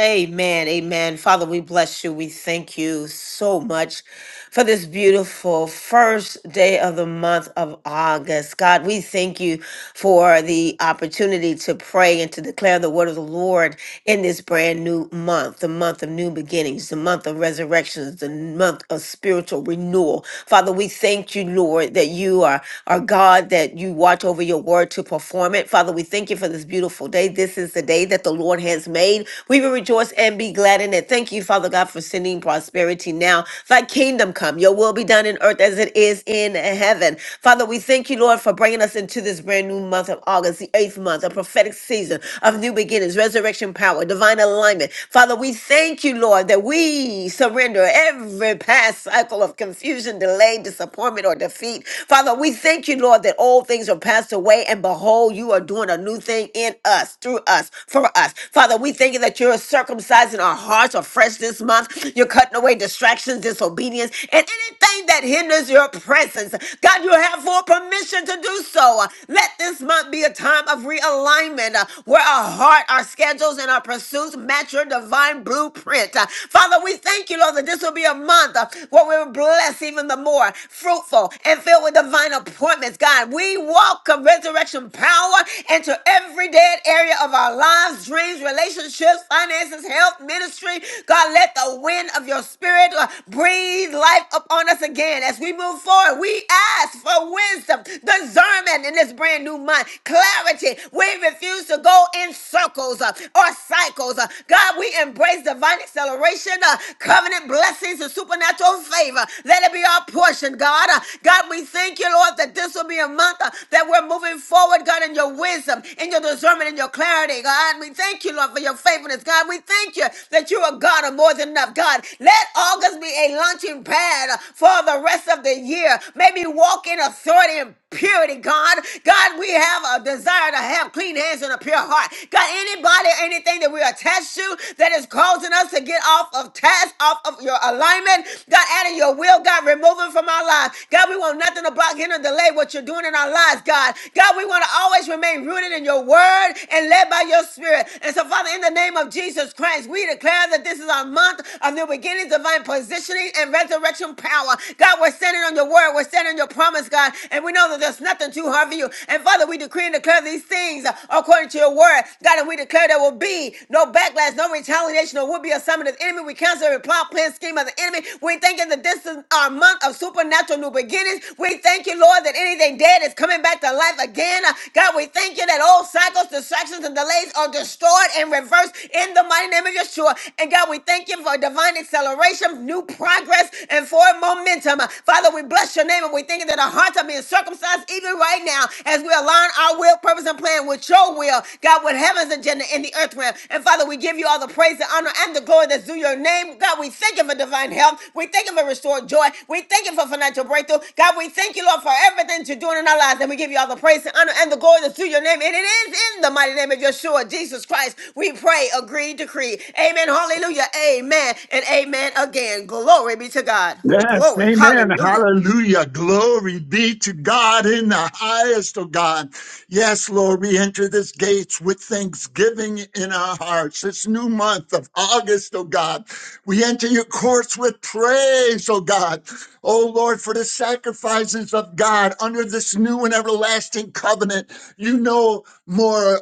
[SPEAKER 10] Amen. Amen. Father, we bless you. We thank you so much for this beautiful first day of the month of August. God, we thank you for the opportunity to pray and to declare the word of the Lord in this brand new month, the month of new beginnings, the month of resurrections, the month of spiritual renewal. Father, we thank you, Lord, that you are our God, that you watch over your word to perform it. Father, we thank you for this beautiful beautiful day. This is the day that the Lord has made. We will rejoice and be glad in it. Thank you, Father God, for sending prosperity now. Thy kingdom come, your will be done in earth as it is in heaven. Father, we thank you, Lord, for bringing us into this brand new month of August, the eighth month, a prophetic season of new beginnings, resurrection power, divine alignment. Father, we thank you, Lord, that we surrender every past cycle of confusion, delay, disappointment, or defeat. Father, we thank you, Lord, that all things things are passed away, and behold, you are doing a new thing in us, through us, for us. Father, we thank you that you're circumcising our hearts afresh this month. You're cutting away distractions, disobedience, and anything that hinders your presence. God, you have full permission to do so. Let this month be a time of realignment uh, where our heart, our schedules, and our pursuits match your divine blueprint. Uh, Father, we thank you, Lord, that this will be a month uh, where we will bless even the more fruitful and filled with divine appointments, God. We welcome resurrection power into every dead area of our lives, dreams, relationships, finances, health, ministry. God, let the wind of your spirit uh, breathe life upon us again as we move forward. We ask for wisdom, discernment in this brand new month, clarity. We refuse to go in circles uh, or cycles. uh. God, we embrace divine acceleration, uh, covenant blessings blessings and supernatural favor. Let it be our portion, God. Uh, God, we thank you, Lord, that this will be a month uh, that we're moving forward, God, in your wisdom, in your discernment, in your clarity, God. We thank you, Lord, for your faithfulness, God. We thank you that you are God of more than enough, God. Let August be a launching pad uh, for the rest of the year. May we walk in authority and purity, God. God, we have a desire to have clean hands and a pure heart. God, anybody, anything that we're attached to that is causing us to get off of task, off of your alignment, God, out of your will, God, remove it from our lives. God, we want nothing to block, hinder, delay what you're doing in our lives, God. God, we want to always remain rooted in your word and led by your spirit. And so, Father, in the name of Jesus Christ, we declare that this is our month of new beginnings, divine positioning, and resurrection power. God, we're standing on your word. We're standing on your promise, God. God. And we know that there's nothing too hard for you. And Father, we decree and declare these things uh, according to your word. God, and we declare there will be no backlash, no retaliation, or will be a summon of the enemy. We cancel every plot, plan, scheme of the enemy. We thank you that this is our month of supernatural new beginnings. We thank you, Lord, that anything dead is coming back to life again. Uh, God, we thank you that old cycles, distractions, and delays are destroyed and reversed in the mighty name of Yeshua. And God, we thank you for divine acceleration, new progress, and forward momentum. Uh, Father, we bless your name devil. We're thinking that our hearts are being circumcised even right now as we align our will, purpose, and plan with your will, God, with heaven's agenda in the earth realm. And Father, we give you all the praise, the honor, and the glory that's due your name. God, we thank you for divine health. We thank you for restored joy. We thank you for financial breakthrough. God, we thank you, Lord, for everything that you're doing in our lives. And we give you all the praise, the honor, and the glory that's due your name. And it is in the mighty name of Yeshua, Jesus Christ. We pray, agree, decree. Amen. Hallelujah. Amen. And amen again. Glory be to God. Who
[SPEAKER 4] Yes,
[SPEAKER 10] glory.
[SPEAKER 4] amen.
[SPEAKER 10] Hallelujah.
[SPEAKER 4] Hallelujah. Glory be to God in the highest, oh God. Yes, Lord, we enter this gates with thanksgiving in our hearts. This new month of August, oh God. We enter your courts with praise, oh God. Oh Lord, for the sacrifices of God under this new and everlasting covenant. You know more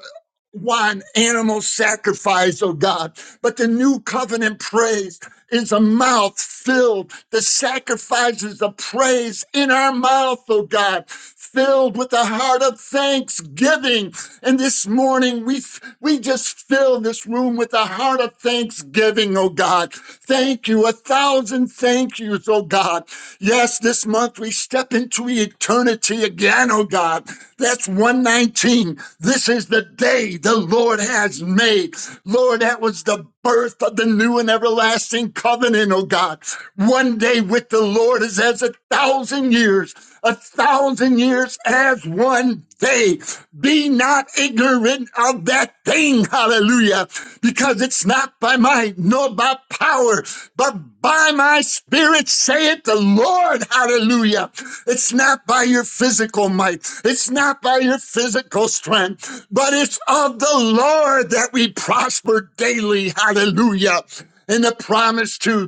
[SPEAKER 4] one animal sacrifice, oh God, but the new covenant praise is a mouth filled, the sacrifices of praise in our mouth, oh God, filled with a heart of thanksgiving. And this morning we we just fill this room with a heart of thanksgiving, oh God. Thank you, a thousand thank yous, oh God. Yes, this month we step into eternity again, oh God. That's 119. This is the day the Lord has made. Lord, that was the birth of the new and everlasting covenant, oh God. One day with the Lord is as a thousand years a thousand years as one day. Be not ignorant of that thing, hallelujah, because it's not by might nor by power, but by my spirit, saith the Lord, hallelujah. It's not by your physical might, it's not by your physical strength, but it's of the Lord that we prosper daily, hallelujah. And the promise to.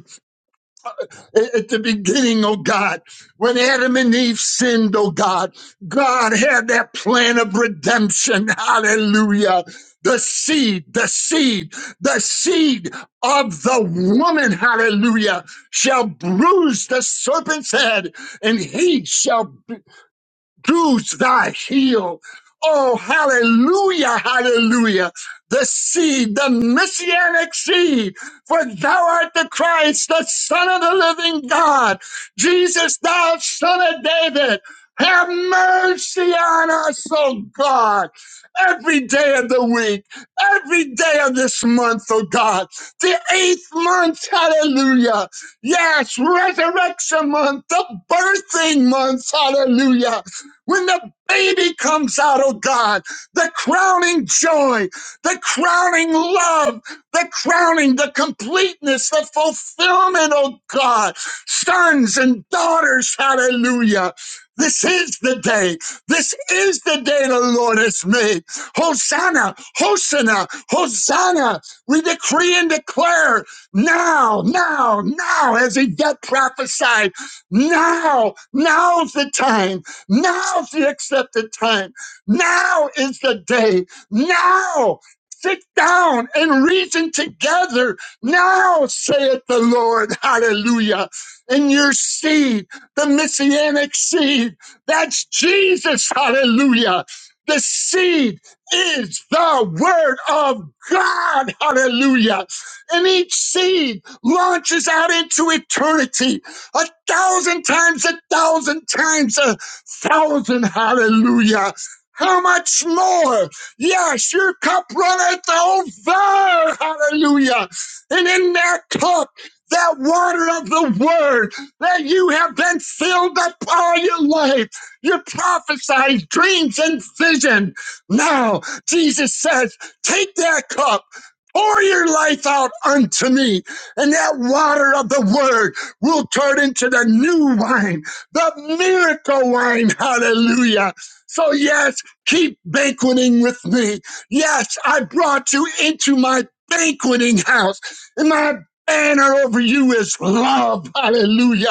[SPEAKER 4] A- At the beginning, oh God, when Adam and Eve sinned, oh God, God had that plan of redemption. Hallelujah. The seed, the seed, the seed of the woman, hallelujah, shall bruise the serpent's head, and he shall bruise thy heel. Oh, hallelujah, hallelujah. The seed, the messianic seed, for thou art the Christ, the Son of the living God. Jesus, thou son of David, have mercy on us, O God every day of the week, every day of this month, oh God, the eighth month, hallelujah. Yes, resurrection month, the birthing month, hallelujah. When the baby comes out, oh God, the crowning joy, the crowning love, the crowning, the completeness, the fulfillment, oh God, sons and daughters, hallelujah. This is the day. This is the day the Lord has made. Hosanna, Hosanna, Hosanna. We decree and declare now, now, now, as Yvette prophesied, now, now's the time, now's the accepted time, now is the day, now. Sit down and reason together now, saith the Lord. Hallelujah. And your seed, the messianic seed, that's Jesus. Hallelujah. The seed is the word of God. Hallelujah. And each seed launches out into eternity a thousand times, a thousand times, a thousand. Hallelujah. How much more? Yes, your cup runneth over. Hallelujah. And in that cup, that water of the word that you have been filled up all your life, your prophesied dreams and vision now Jesus says, Take that cup, pour your life out unto me, and that water of the word will turn into the new wine, the miracle wine. Hallelujah. So, yes, keep banqueting with me. Yes, I brought you into my banqueting house, and my banner over you is love. Hallelujah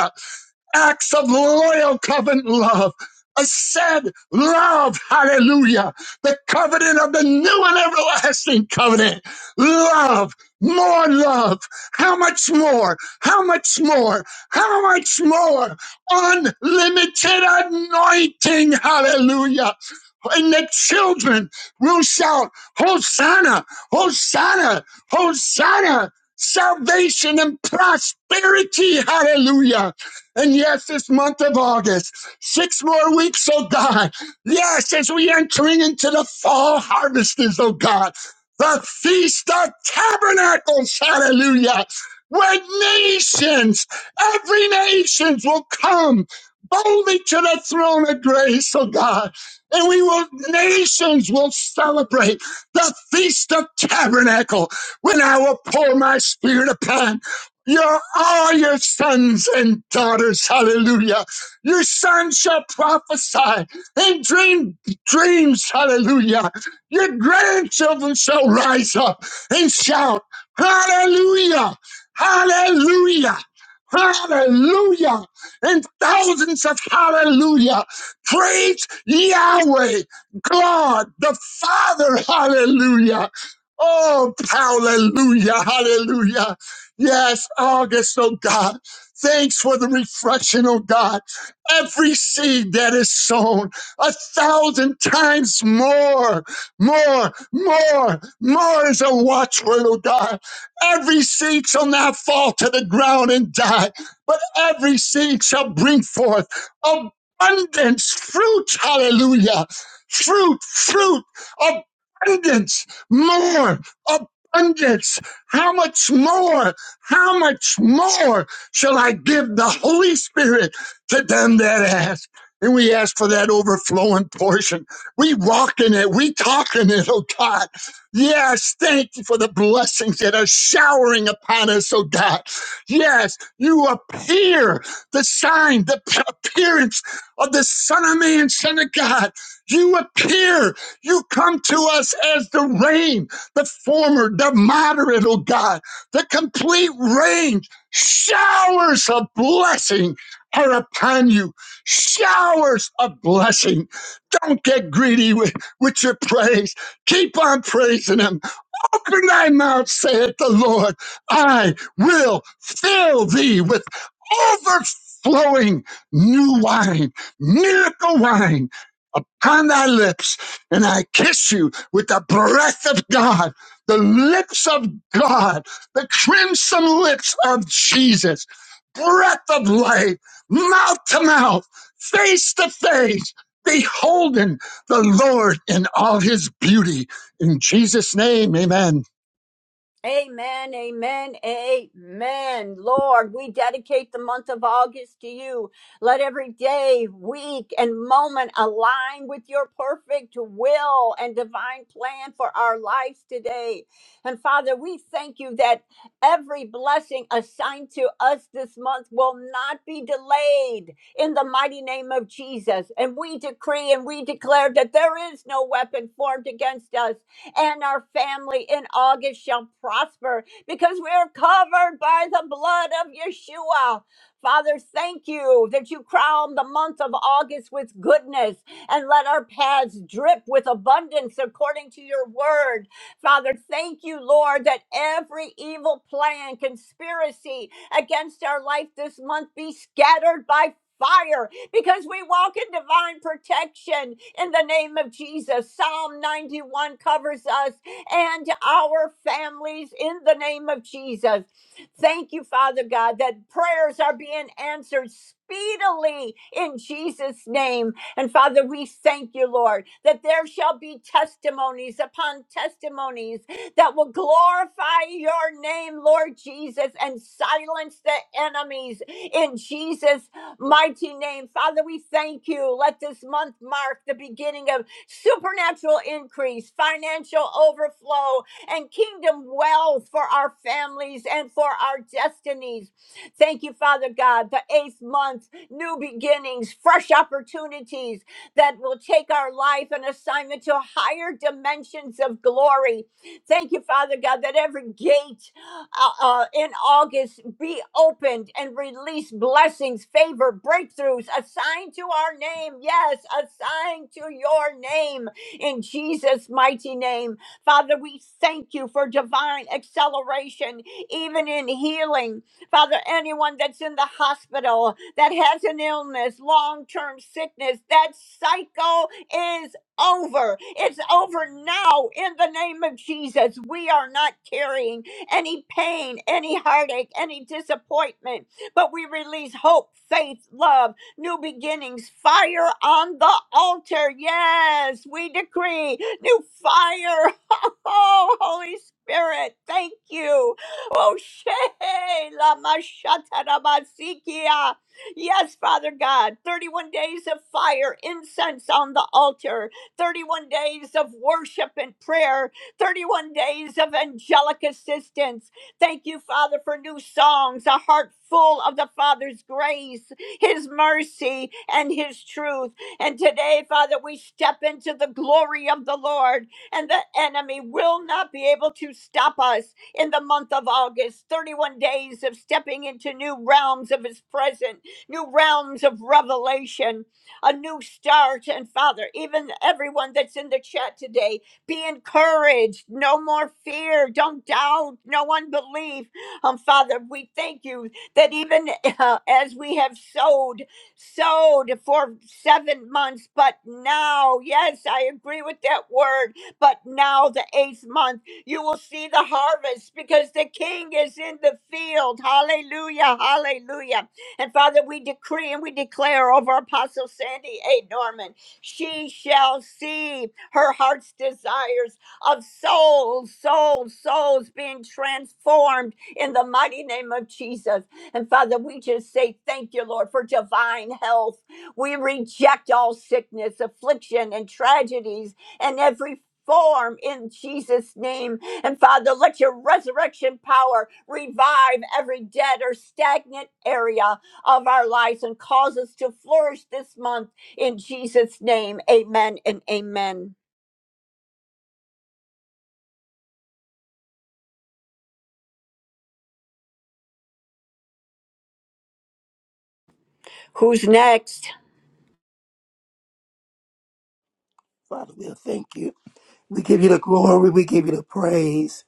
[SPEAKER 4] acts of loyal covenant love. I said love, hallelujah. The covenant of the new and everlasting covenant. Love, more love. How much more? How much more? How much more? Unlimited anointing, hallelujah. And the children will shout, Hosanna, Hosanna, Hosanna. Salvation and prosperity, hallelujah and yes, this month of August, six more weeks, oh God. Yes, as we entering into the fall harvests, oh God. The Feast of Tabernacles, hallelujah. Where nations, every nations will come boldly to the throne of grace, oh God. And we will, nations will celebrate the Feast of Tabernacle when I will pour my spirit upon. Your all your sons and daughters, hallelujah. Your sons shall prophesy and dream dreams, hallelujah. Your grandchildren shall rise up and shout, hallelujah, hallelujah, hallelujah, and thousands of hallelujah. Praise Yahweh, God, the Father, hallelujah. Oh, hallelujah, hallelujah. Yes, August, oh God. Thanks for the refreshing, oh God. Every seed that is sown a thousand times more, more, more, more is a watchword, oh God. Every seed shall not fall to the ground and die, but every seed shall bring forth abundance, fruit, hallelujah. Fruit, fruit, abundance, more, abundance. How much more? How much more shall I give the Holy Spirit to them that ask? And we ask for that overflowing portion. We walk in it. We talk in it, oh God. Yes, thank you for the blessings that are showering upon us, oh God. Yes, you appear, the sign, the p- appearance of the Son of Man, Son of God. You appear. You come to us as the rain, the former, the moderate, oh God. The complete range, showers of blessing are upon you. Showers of blessing. Don't get greedy with, with your praise. Keep on praising Him Open thy mouth, saith the Lord. I will fill thee with overflowing new wine, miracle wine upon thy lips. And I kiss you with the breath of God, the lips of God, the crimson lips of Jesus, breath of life, mouth to mouth, face to face, beholding the Lord in all his beauty in Jesus' name, amen.
[SPEAKER 2] Amen, amen, amen. Lord, we dedicate the month of August to you. Let every day, week, and moment align with your perfect will and divine plan for our lives today. And Father, we thank you that every blessing assigned to us this month will not be delayed in the mighty name of Jesus. And we decree and we declare that there is no weapon formed against us and our family in August shall prosper because we are covered by the blood of Yeshua. Father, thank you that you crown the month of August with goodness and let our paths drip with abundance according to your word. Father, thank you, Lord, that every evil plan, conspiracy against our life this month be scattered by fire because we walk in divine protection in the name of Jesus. Psalm 91 covers us and our families in the name of Jesus. Thank you, Father God, that prayers are being answered speedily in Jesus' name. And Father, we thank you, Lord, that there shall be testimonies upon testimonies that will glorify your name, Lord Jesus, and silence the enemies in Jesus' mighty name. Father, we thank you. Let this month mark the beginning of supernatural increase, financial overflow, and kingdom wealth for our families and for our destinies. Thank you, Father God. The eighth month, new beginnings, fresh opportunities that will take our life and assignment to higher dimensions of glory. Thank you, Father God, that every gate uh, uh, in August be opened and release blessings, favor, breakthroughs assigned to our name. Yes, assigned to your name in Jesus' mighty name. Father, we thank you for divine acceleration, even in healing. Father, anyone that's in the hospital that has an illness, long term sickness, that cycle is over. It's over now in the name of Jesus. We are not carrying any pain, any heartache, any disappointment. But we release hope, faith, love, new beginnings, fire on the altar. Yes, we decree new fire. Oh, Holy Spirit, thank you. Oh, she- lama shatarabasikia. Yes, Father God, 31 days of fire, incense on the altar, 31 days of worship and prayer, 31 days of angelic assistance. Thank you, Father, for new songs, a heart full of the Father's grace, His mercy, and His truth. And today, Father, we step into the glory of the Lord, and the enemy will not be able to stop us in the month of August. 31 days of stepping into new realms of His presence, new realms of revelation, a new start. And Father, even everyone that's in the chat today, be encouraged. No more fear. Don't doubt. No unbelief. Um, Father, we thank you that even uh, as we have sowed, sowed for seven months, but now, yes, I agree with that word, but now the eighth month, you will see the harvest because the king is in the field. Hallelujah. Hallelujah. And Father, we decree and we declare over Apostle Sandy A. Norman, she shall see her heart's desires of souls, souls, souls being transformed in the mighty name of Jesus. And Father, we just say thank you, Lord, for divine health. We reject all sickness, affliction, and tragedies and every form in Jesus' name. And Father, let your resurrection power revive every dead or stagnant area of our lives and cause us to flourish this month in Jesus' name. Amen and amen. Who's next?
[SPEAKER 3] Father. We thank you. We give you the glory. We give you the praise.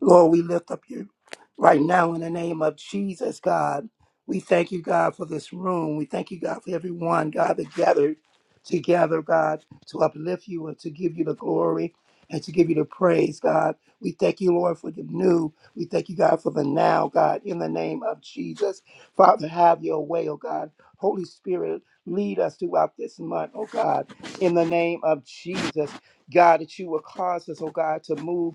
[SPEAKER 3] Lord, we lift up you right now in the name of Jesus, God. We thank you, God, for this room. We thank you, God, for everyone, God, that gathered together, God, to uplift you and to give you the glory and to give you the praise, God. We thank you, Lord, for the new. We thank you, God, for the now, God, in the name of Jesus. Father, have your way, oh God. Holy Spirit, lead us throughout this month, oh God, in the name of Jesus. God, that you will cause us, oh God, to move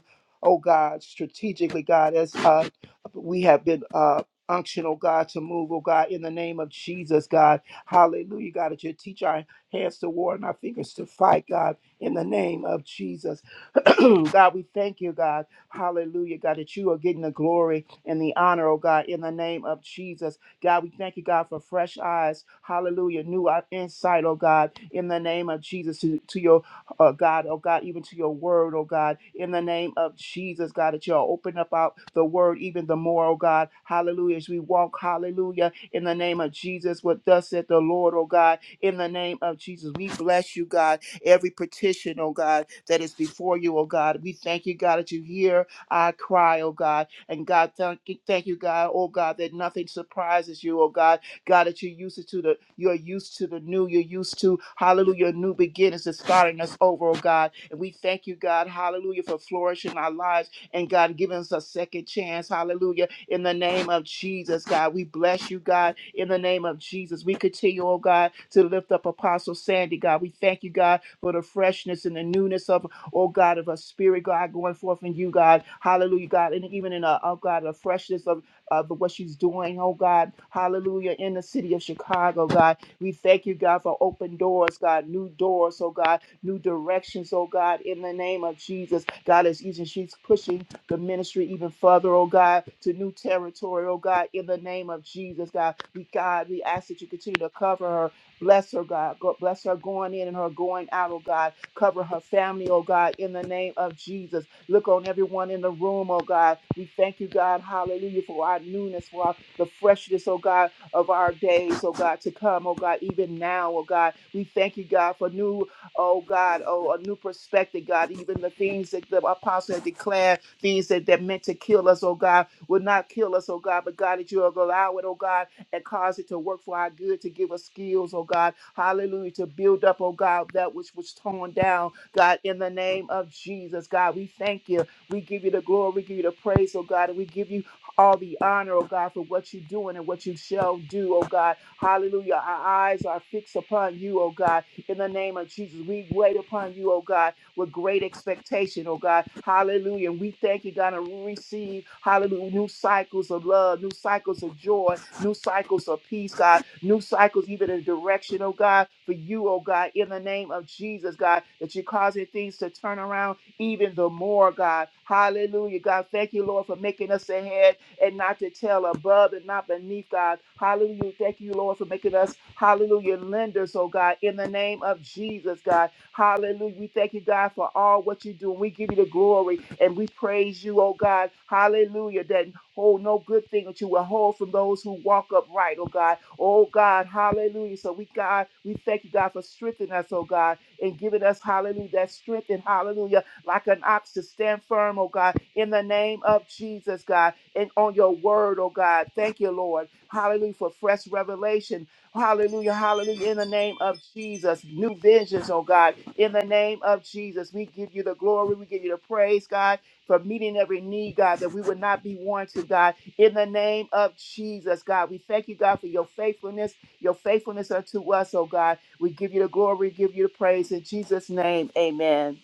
[SPEAKER 3] oh God, strategically, God, as uh, we have been uh, unctioned, oh God, to move, oh God, in the name of Jesus, God. Hallelujah, God, that you teach our hands to war and our fingers to fight, God, in the name of Jesus. God, we thank you, God. Hallelujah, God, that you are getting the glory and the honor, oh God, in the name of Jesus. God, we thank you, God, for fresh eyes. Hallelujah, new eye- insight, oh God, in the name of Jesus, to, to your oh God, oh God, even to your word, oh God, in the name of Jesus, God, that you'll open up out the word even the more, oh God, hallelujah, as we walk, hallelujah, in the name of Jesus, what thus said the Lord, oh God, in the name of Jesus, we bless you, God, every petition, oh God, that is before you, oh God, we thank you, God, that you hear our cry, oh God, and God, thank you, thank you, God, oh God, that nothing surprises you, oh God, God, that you're used to the you're used to the new, you're used to hallelujah, new beginnings is starting us over, oh God. And we thank you, God, hallelujah, for flourishing our lives and God giving us a second chance, hallelujah, in the name of Jesus, God. We bless you, God, in the name of Jesus. We continue, oh God, to lift up Apostle Sandy, God. We thank you, God, for the freshness and the newness of oh God, of a spirit, God, going forth in you, God. Hallelujah, God. And even in a, oh God, the freshness of uh, for what she's doing, oh God. Hallelujah. In the city of Chicago, God. We thank you, God, for open doors, God, new doors, oh God, new directions, oh God, in the name of Jesus. God, as even she's pushing the ministry even further, oh God, to new territory, oh God, in the name of Jesus, God. We, God, we ask that you continue to cover her Bless her, God. Go- Bless her going in and her going out, oh God. Cover her family, oh God, in the name of Jesus. Look on everyone in the room, oh God. We thank you, God, hallelujah, for our newness, for our, the freshness, oh God, of our days, oh God, to come, oh God, even now, oh God. We thank you, God, for new, oh God, oh, a new perspective, God. Even the things that the apostle had declared, things that, that meant to kill us, oh God, will not kill us, oh God, but God, that you will allow it, oh God, and cause it to work for our good, to give us skills, oh God. Hallelujah, to build up, oh God, that which was torn down, God, in the name of Jesus, God, we thank you. We give you the glory, we give you the praise, oh God, and we give you all the honor, oh God, for what you're doing and what you shall do, oh God. Hallelujah. Our eyes are fixed upon you, oh God. In the name of Jesus, we wait upon you, oh God, with great expectation, oh God. Hallelujah. And we thank you, God, and we receive, hallelujah, new cycles of love, new cycles of joy, new cycles of peace, God new cycles, even in direction, oh God, for you, oh God, in the name of Jesus, God, that you're causing things to turn around even the more, God. Hallelujah, God. Thank you, Lord, for making us the head and not the tail, above and not beneath, God. Hallelujah. Thank you, Lord, for making us, hallelujah, lenders, oh God, in the name of Jesus, God. Hallelujah. We thank you, God, for all what you do. we give you the glory and we praise you, oh God. Hallelujah. That Hold no good thing that you will hold from those who walk upright, oh God. Oh God, hallelujah. So we, God, we thank you, God, for strengthening us, oh God, and giving us, hallelujah, that strength and hallelujah, like an ox to stand firm, oh God, in the name of Jesus, God, and on your word, oh God. Thank you, Lord. Hallelujah, for fresh revelation. Hallelujah, hallelujah, in the name of Jesus. New visions, oh God, in the name of Jesus. We give you the glory, we give you the praise, God for meeting every need, God, that we would not be warranted, God, in the name of Jesus, God. We thank you, God, for your faithfulness, your faithfulness unto us, oh God. We give you the glory, we give you the praise in Jesus' name. Amen.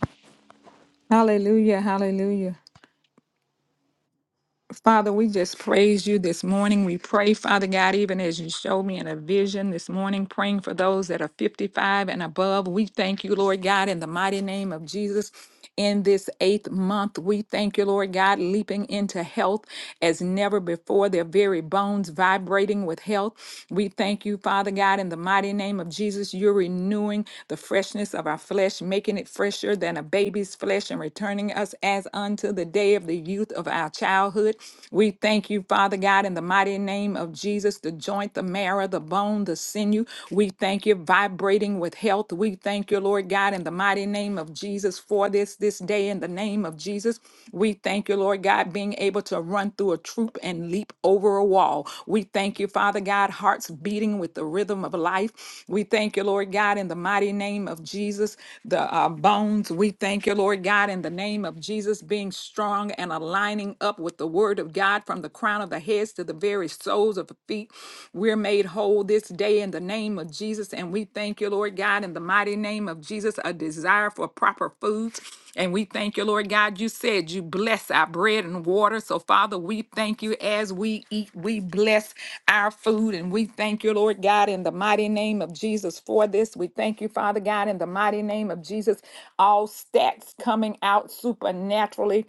[SPEAKER 5] Hallelujah. Hallelujah. Father, we just praise you this morning. We pray, Father God, even as you showed me in a vision this morning, praying for those that are 55 and above. We thank you, Lord God, in the mighty name of Jesus. In this eighth month, we thank you, Lord God, leaping into health as never before, their very bones vibrating with health. We thank you, Father God, in the mighty name of Jesus. You're renewing the freshness of our flesh, making it fresher than a baby's flesh, and returning us as unto the day of the youth of our our childhood. We thank you, Father God, in the mighty name of Jesus, the joint, the marrow, the bone, the sinew. We thank you, vibrating with health. We thank you, Lord God, in the mighty name of Jesus for this this day in the name of Jesus. We thank you, Lord God, being able to run through a troop and leap over a wall. We thank you, Father God, hearts beating with the rhythm of life. We thank you, Lord God, in the mighty name of Jesus, the uh, bones. We thank you, Lord God, in the name of Jesus, being strong and and aligning up with the word of God from the crown of the heads to the very soles of the feet. We're made whole this day in the name of Jesus. And we thank you, Lord God, in the mighty name of Jesus, a desire for proper foods. And we thank you, Lord God. You said you bless our bread and water. So, Father, we thank you as we eat, we bless our food. And we thank you, Lord God, in the mighty name of Jesus for this. We thank you, Father God, in the mighty name of Jesus. All stats coming out supernaturally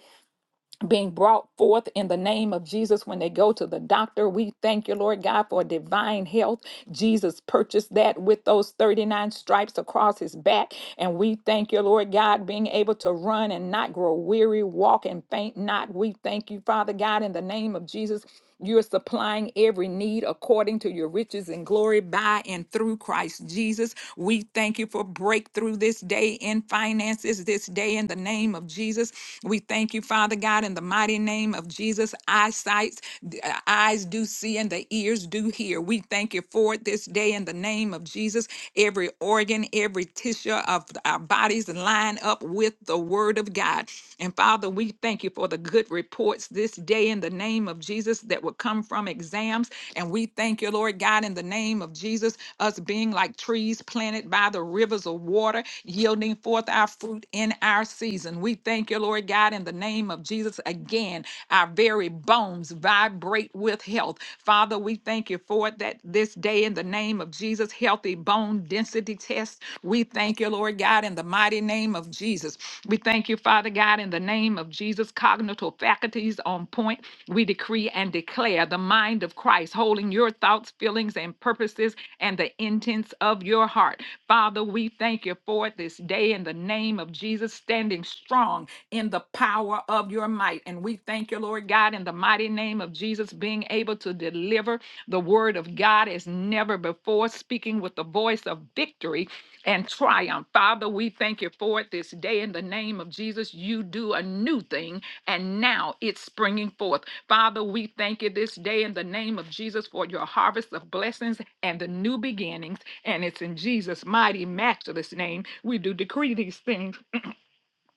[SPEAKER 5] being brought forth in the name of Jesus when they go to the doctor. We thank you, Lord God, for divine health. Jesus purchased that with those 39 stripes across his back. And we thank you, Lord God, being able to run and not grow weary, walk and faint not. We thank you, Father God, in the name of Jesus. You're supplying every need according to your riches and glory by and through Christ Jesus. We thank you for breakthrough this day in finances, this day in the name of Jesus. We thank you, Father God, in the mighty name of Jesus. Eyesight, uh, eyes do see and the ears do hear. We thank you for it this day in the name of Jesus. Every organ, every tissue of our bodies line up with the word of God. And Father, we thank you for the good reports this day in the name of Jesus that will come from exams. And we thank you, Lord God, in the name of Jesus, us being like trees planted by the rivers of water, yielding forth our fruit in our season. We thank you, Lord God, in the name of Jesus. Again, our very bones vibrate with health. Father, we thank you for it that this day in the name of Jesus, healthy bone density tests we thank you, Lord God, in the mighty name of Jesus. We thank you, Father God, in the name of Jesus. Cognitive faculties on point. We decree and declare the mind of Christ, holding your thoughts, feelings, and purposes and the intents of your heart. Father, we thank you for it this day in the name of Jesus, standing strong in the power of your might. And we thank you, Lord God, in the mighty name of Jesus, being able to deliver the word of God as never before, speaking with the voice of victory and triumph. Father, we thank you for it this day in the name of Jesus. You do a new thing, and now it's springing forth. Father, we thank you this day in the name of Jesus for your harvest of blessings and the new beginnings. And it's in Jesus' mighty, matchless name we do decree these things.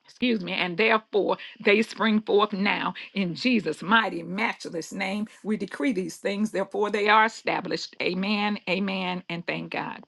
[SPEAKER 5] Excuse me, and therefore they spring forth now in Jesus' mighty, matchless name. We decree these things, therefore they are established. Amen, amen, and thank God.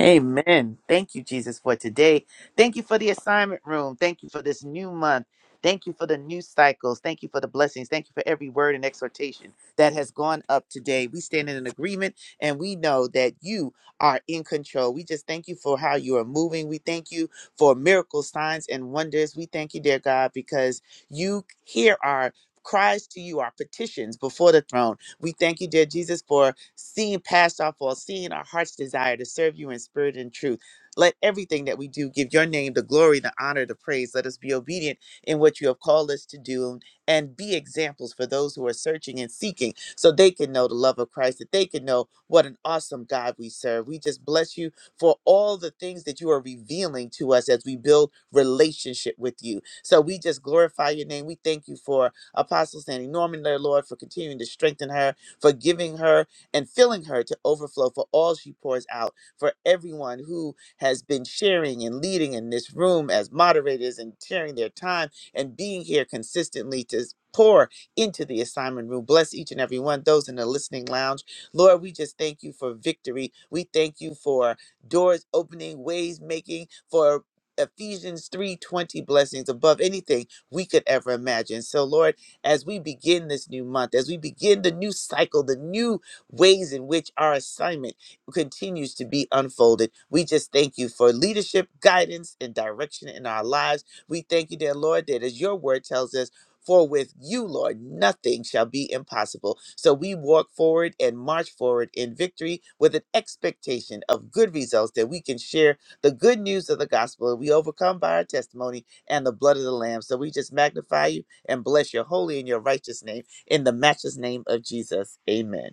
[SPEAKER 11] Amen. Thank you, Jesus, for today. Thank you for the assignment room. Thank you for this new month. Thank you for the new cycles. Thank you for the blessings. Thank you for every word and exhortation that has gone up today. We stand in an agreement and we know that you are in control. We just thank you for how you are moving. We thank you for miracles, signs, and wonders. We thank you, dear God, because you hear our cries to you, our petitions before the throne. We thank you, dear Jesus, for seeing past our faults, seeing our heart's desire to serve you in spirit and truth. Let everything that we do give your name the glory, the honor, the praise. Let us be obedient in what you have called us to do and be examples for those who are searching and seeking so they can know the love of Christ, that they can know what an awesome God we serve. We just bless you for all the things that you are revealing to us as we build relationship with you. So we just glorify your name. We thank you for Apostle Sandy Norman, their Lord, for continuing to strengthen her, for giving her and filling her to overflow for all she pours out for everyone who has been sharing and leading in this room as moderators and sharing their time and being here consistently to s- pour into the assignment room. Bless each and every one, those in the listening lounge. Lord, we just thank you for victory. We thank you for doors opening, ways making, for Ephesians 3:20 blessings above anything we could ever imagine. So Lord, as we begin this new month, as we begin the new cycle, the new ways in which our assignment continues to be unfolded. We just thank you for leadership, guidance, and direction in our lives. We thank you, dear Lord, that as your word tells us, for with you, Lord, nothing shall be impossible. So we walk forward and march forward in victory with an expectation of good results that we can share the good news of the gospel. We overcome by our testimony and the blood of the Lamb. So we just magnify you and bless your holy and your righteous name in the matchless name of Jesus. Amen.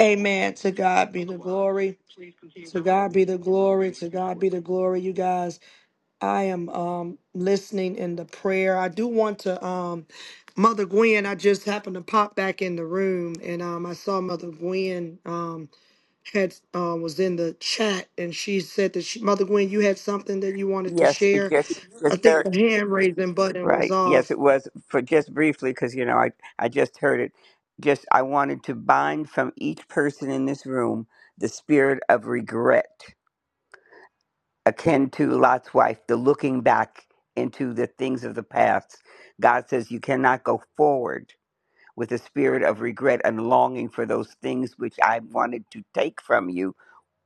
[SPEAKER 1] Amen. To God be the glory. To God be the glory. To God be the glory, you guys. I am um, listening in the prayer. I do want to, um, Mother Gwen. I just happened to pop back in the room, and um, I saw Mother Gwen um, had uh, was in the chat, and she said that she, Mother Gwen, you had something that you wanted to
[SPEAKER 12] Yes, it
[SPEAKER 1] share.
[SPEAKER 12] just
[SPEAKER 1] I
[SPEAKER 12] just
[SPEAKER 1] think
[SPEAKER 12] very
[SPEAKER 1] the hand raising button was
[SPEAKER 12] right. Yes,
[SPEAKER 1] off.
[SPEAKER 12] it was for just briefly because you know I I just heard it. Just I wanted to bind from each person in this room the spirit of regret, akin to Lot's wife, the looking back into the things of the past. God says you cannot go forward with a spirit of regret and longing for those things which I wanted to take from you,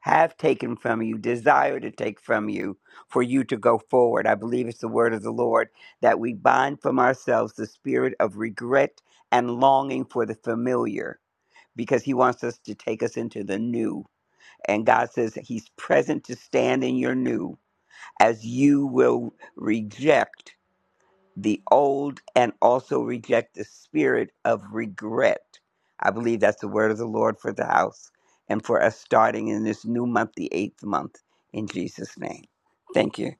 [SPEAKER 12] have taken from you, desire to take from you, for you to go forward. I believe it's the word of the Lord that we bind from ourselves the spirit of regret and longing for the familiar because he wants us to take us into the new. And God says he's present to stand in your new as you will reject the old and also reject the spirit of regret. I believe that's the word of the Lord for the house and for us starting in this new month, the eighth month, in Jesus' name. Thank you.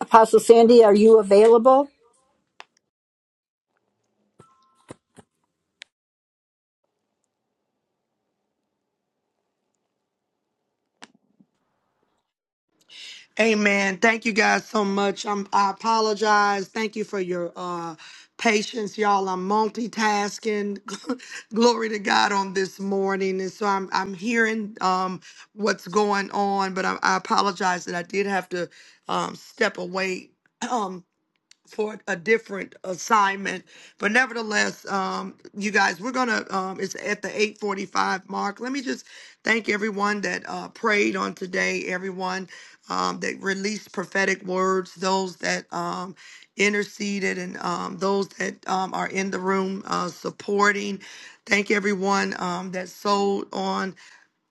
[SPEAKER 2] Apostle Sandy, are you available?
[SPEAKER 1] Amen. Thank you guys so much. i I apologize. Thank you for your uh, patience, y'all. I'm multitasking. Glory to God on this morning, and so I'm I'm hearing um, what's going on, but I, I apologize that I did have to um, step away. for a different assignment. But nevertheless, um, you guys, we're gonna. Um, it's at the eight forty five mark. Let me just thank everyone that uh, prayed on today. Everyone um, that released prophetic words. Those that um, interceded and um, those that um, are in the room uh, supporting. Thank everyone um, that sold on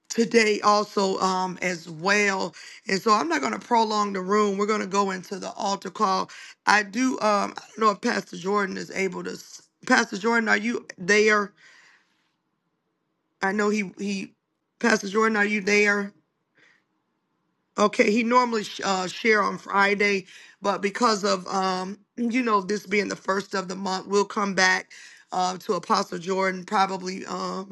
[SPEAKER 1] today also um as well and so i'm not going to prolong the room we're going to go into the altar call i do um i don't know if pastor jordan is able to s- pastor jordan are you there i know he he pastor jordan are you there okay he normally sh- uh share on friday but because of um you know this being the first of the month we'll come back uh, to apostle jordan probably Um,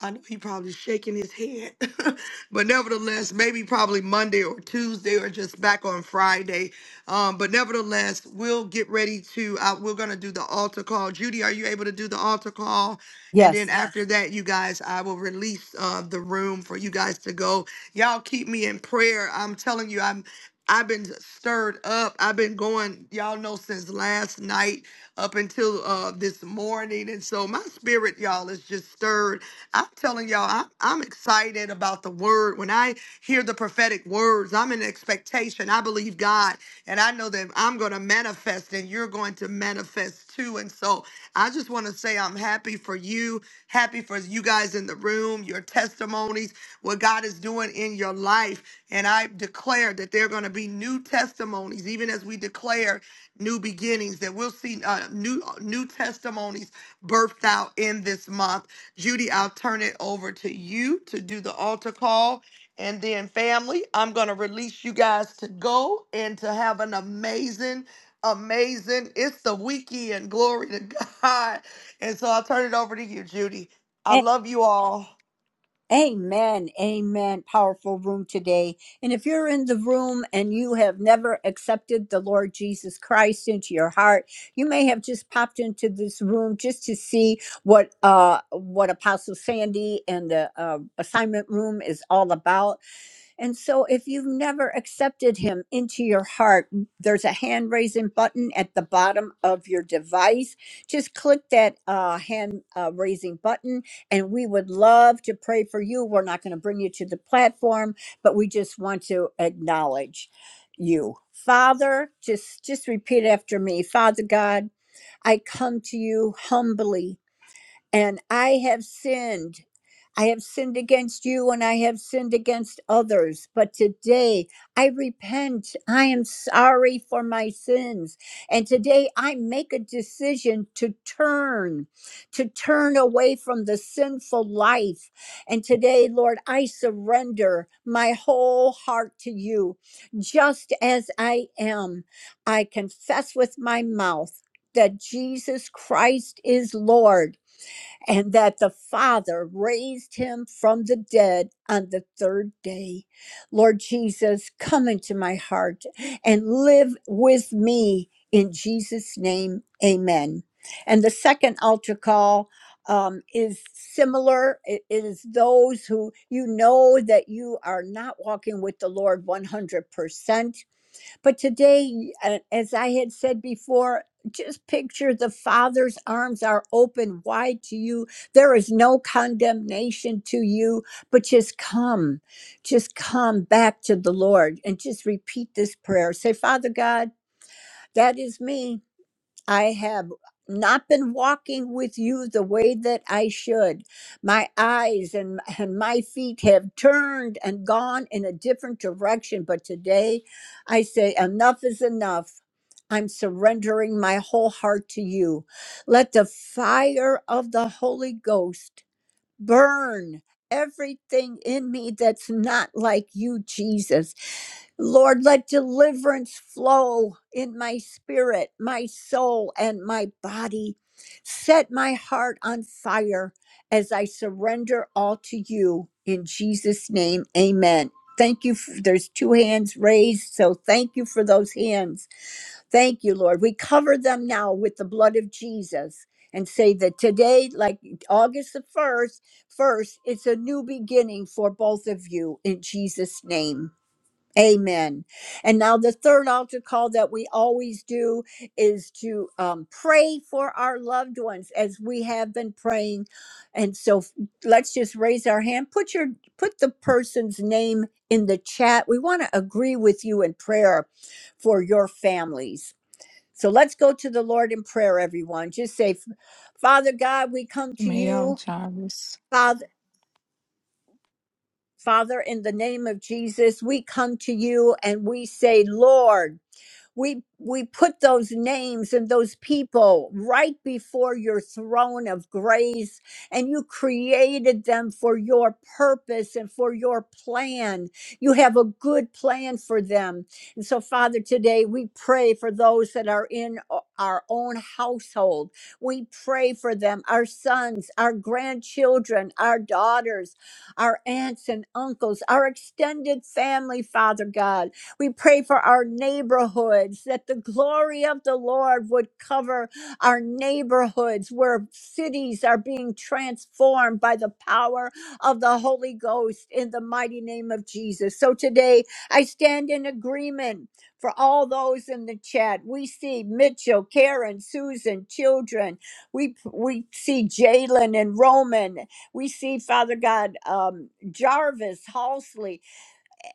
[SPEAKER 1] I know he probably shaking his head, but nevertheless, maybe probably Monday or Tuesday or just back on Friday. Um, but nevertheless, we'll get ready to. Uh, we're gonna do the altar call. Judy, are you able to do the altar call? And then
[SPEAKER 2] Yes.
[SPEAKER 1] Yes. after that, you guys, I will release uh, the room for you guys to go. Y'all keep me in prayer. I'm telling you, I'm. I've been stirred up. I've been going, y'all know, since last night up until uh, this morning. And so my spirit, y'all, is just stirred. I'm telling y'all, I'm, I'm excited about the word. When I hear the prophetic words, I'm in expectation. I believe God, and I know that I'm going to manifest and you're going to manifest too. And so I just want to say I'm happy for you, happy for you guys in the room, your testimonies, what God is doing in your life. And I declare that there are going to be new testimonies, even as we declare new beginnings that we'll see uh, new new testimonies birthed out in this month judy i'll turn it over to you to do the altar call and then family i'm going to release you guys to go and to have an amazing amazing it's the weekend glory to god and so i'll turn it over to you judy i
[SPEAKER 2] A-
[SPEAKER 1] love you all
[SPEAKER 2] Amen. Amen. Powerful room today. And if you're in the room and you have never accepted the Lord Jesus Christ into your heart, you may have just popped into this room just to see what uh what Apostle Sandy and the uh, assignment room is all about. And so, if you've never accepted him into your heart, there's a hand raising button at the bottom of your device. Just click that uh, hand uh, raising button, and we would love to pray for you. We're not going to bring you to the platform, but we just want to acknowledge you. Father, just just repeat after me. Father God, I come to you humbly and I have sinned. I have sinned against you and I have sinned against others. But today I repent. I am sorry for my sins. And today I make a decision to turn, to turn away from the sinful life. And today, Lord, I surrender my whole heart to you. Just as I am, I confess with my mouth that Jesus Christ is Lord and that the Father raised him from the dead on the third day. Lord Jesus, come into my heart and live with me in Jesus' name. Amen. And the second altar call um, is similar. It it is those who you know that you are not walking with the Lord 100%. But today, uh, as I had said before, just picture the Father's arms are open wide to you. There is no condemnation to you, but just come, just come back to the Lord and just repeat this prayer. Say, Father God, that is me. I have not been walking with you the way that I should. My eyes and, and my feet have turned and gone in a different direction. But today I say, enough is enough. I'm surrendering my whole heart to you. Let the fire of the Holy Ghost burn everything in me that's not like you, Jesus. Lord, let deliverance flow in my spirit, my soul, and my body. Set my heart on fire as I surrender all to you. In Jesus' name, amen. Thank you. f- There's two hands raised, so thank you for those hands. Thank you, Lord. We cover them now with the blood of Jesus and say that today, like August the 1st, first, it's a new beginning for both of you in Jesus' name. Amen. And now the third altar call that we always do is to um, pray for our loved ones as we have been praying. And so f- let's just raise our hand. Put your put the person's name in the chat. We want to agree with you in prayer for your families. So let's go to the Lord in prayer, everyone. Just say, Father God, we come to
[SPEAKER 5] Jamil
[SPEAKER 2] you.
[SPEAKER 5] Jarvis.
[SPEAKER 2] Father, Father, in the name of Jesus, we come to you and we say, Lord. we we put those names and those people right before your throne of grace and you created them for your purpose and for your plan you have a good plan for them and so father today we pray for those that are in o- our own household we pray for them our sons our grandchildren our daughters our aunts and uncles our extended family father god we pray for our neighborhoods, that the glory of the Lord would cover our neighborhoods where cities are being transformed by the power of the Holy Ghost in the mighty name of Jesus. So today I stand in agreement for all those in the chat. We see Mitchell, Karen, Susan, children. We we see Jalen and Roman. We see Father God um, Jarvis, Halsley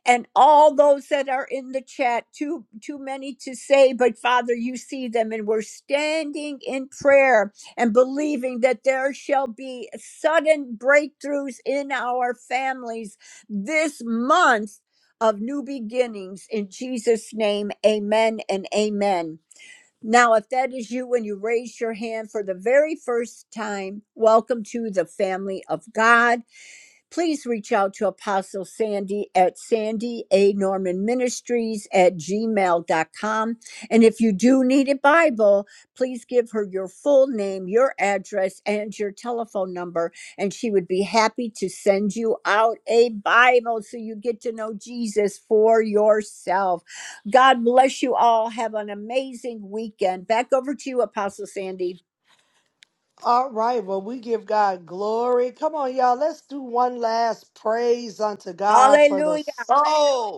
[SPEAKER 2] and all those that are in the chat too too many to say but father you see them and we're standing in prayer and believing that there shall be sudden breakthroughs in our families this month of new beginnings in Jesus name amen and amen now if that is you when you raise your hand for the very first time welcome to the family of God please reach out to Apostle Sandy at Sandy A. Norman Ministries at gmail dot com. And if you do need a Bible, please give her your full name, your address, and your telephone number. And she would be happy to send you out a Bible so you get to know Jesus for yourself. God bless you all. Have an amazing weekend. Back over to you, Apostle Sandy.
[SPEAKER 1] All right, well, we give God glory. Come on, y'all, let's do one last praise unto God for the oh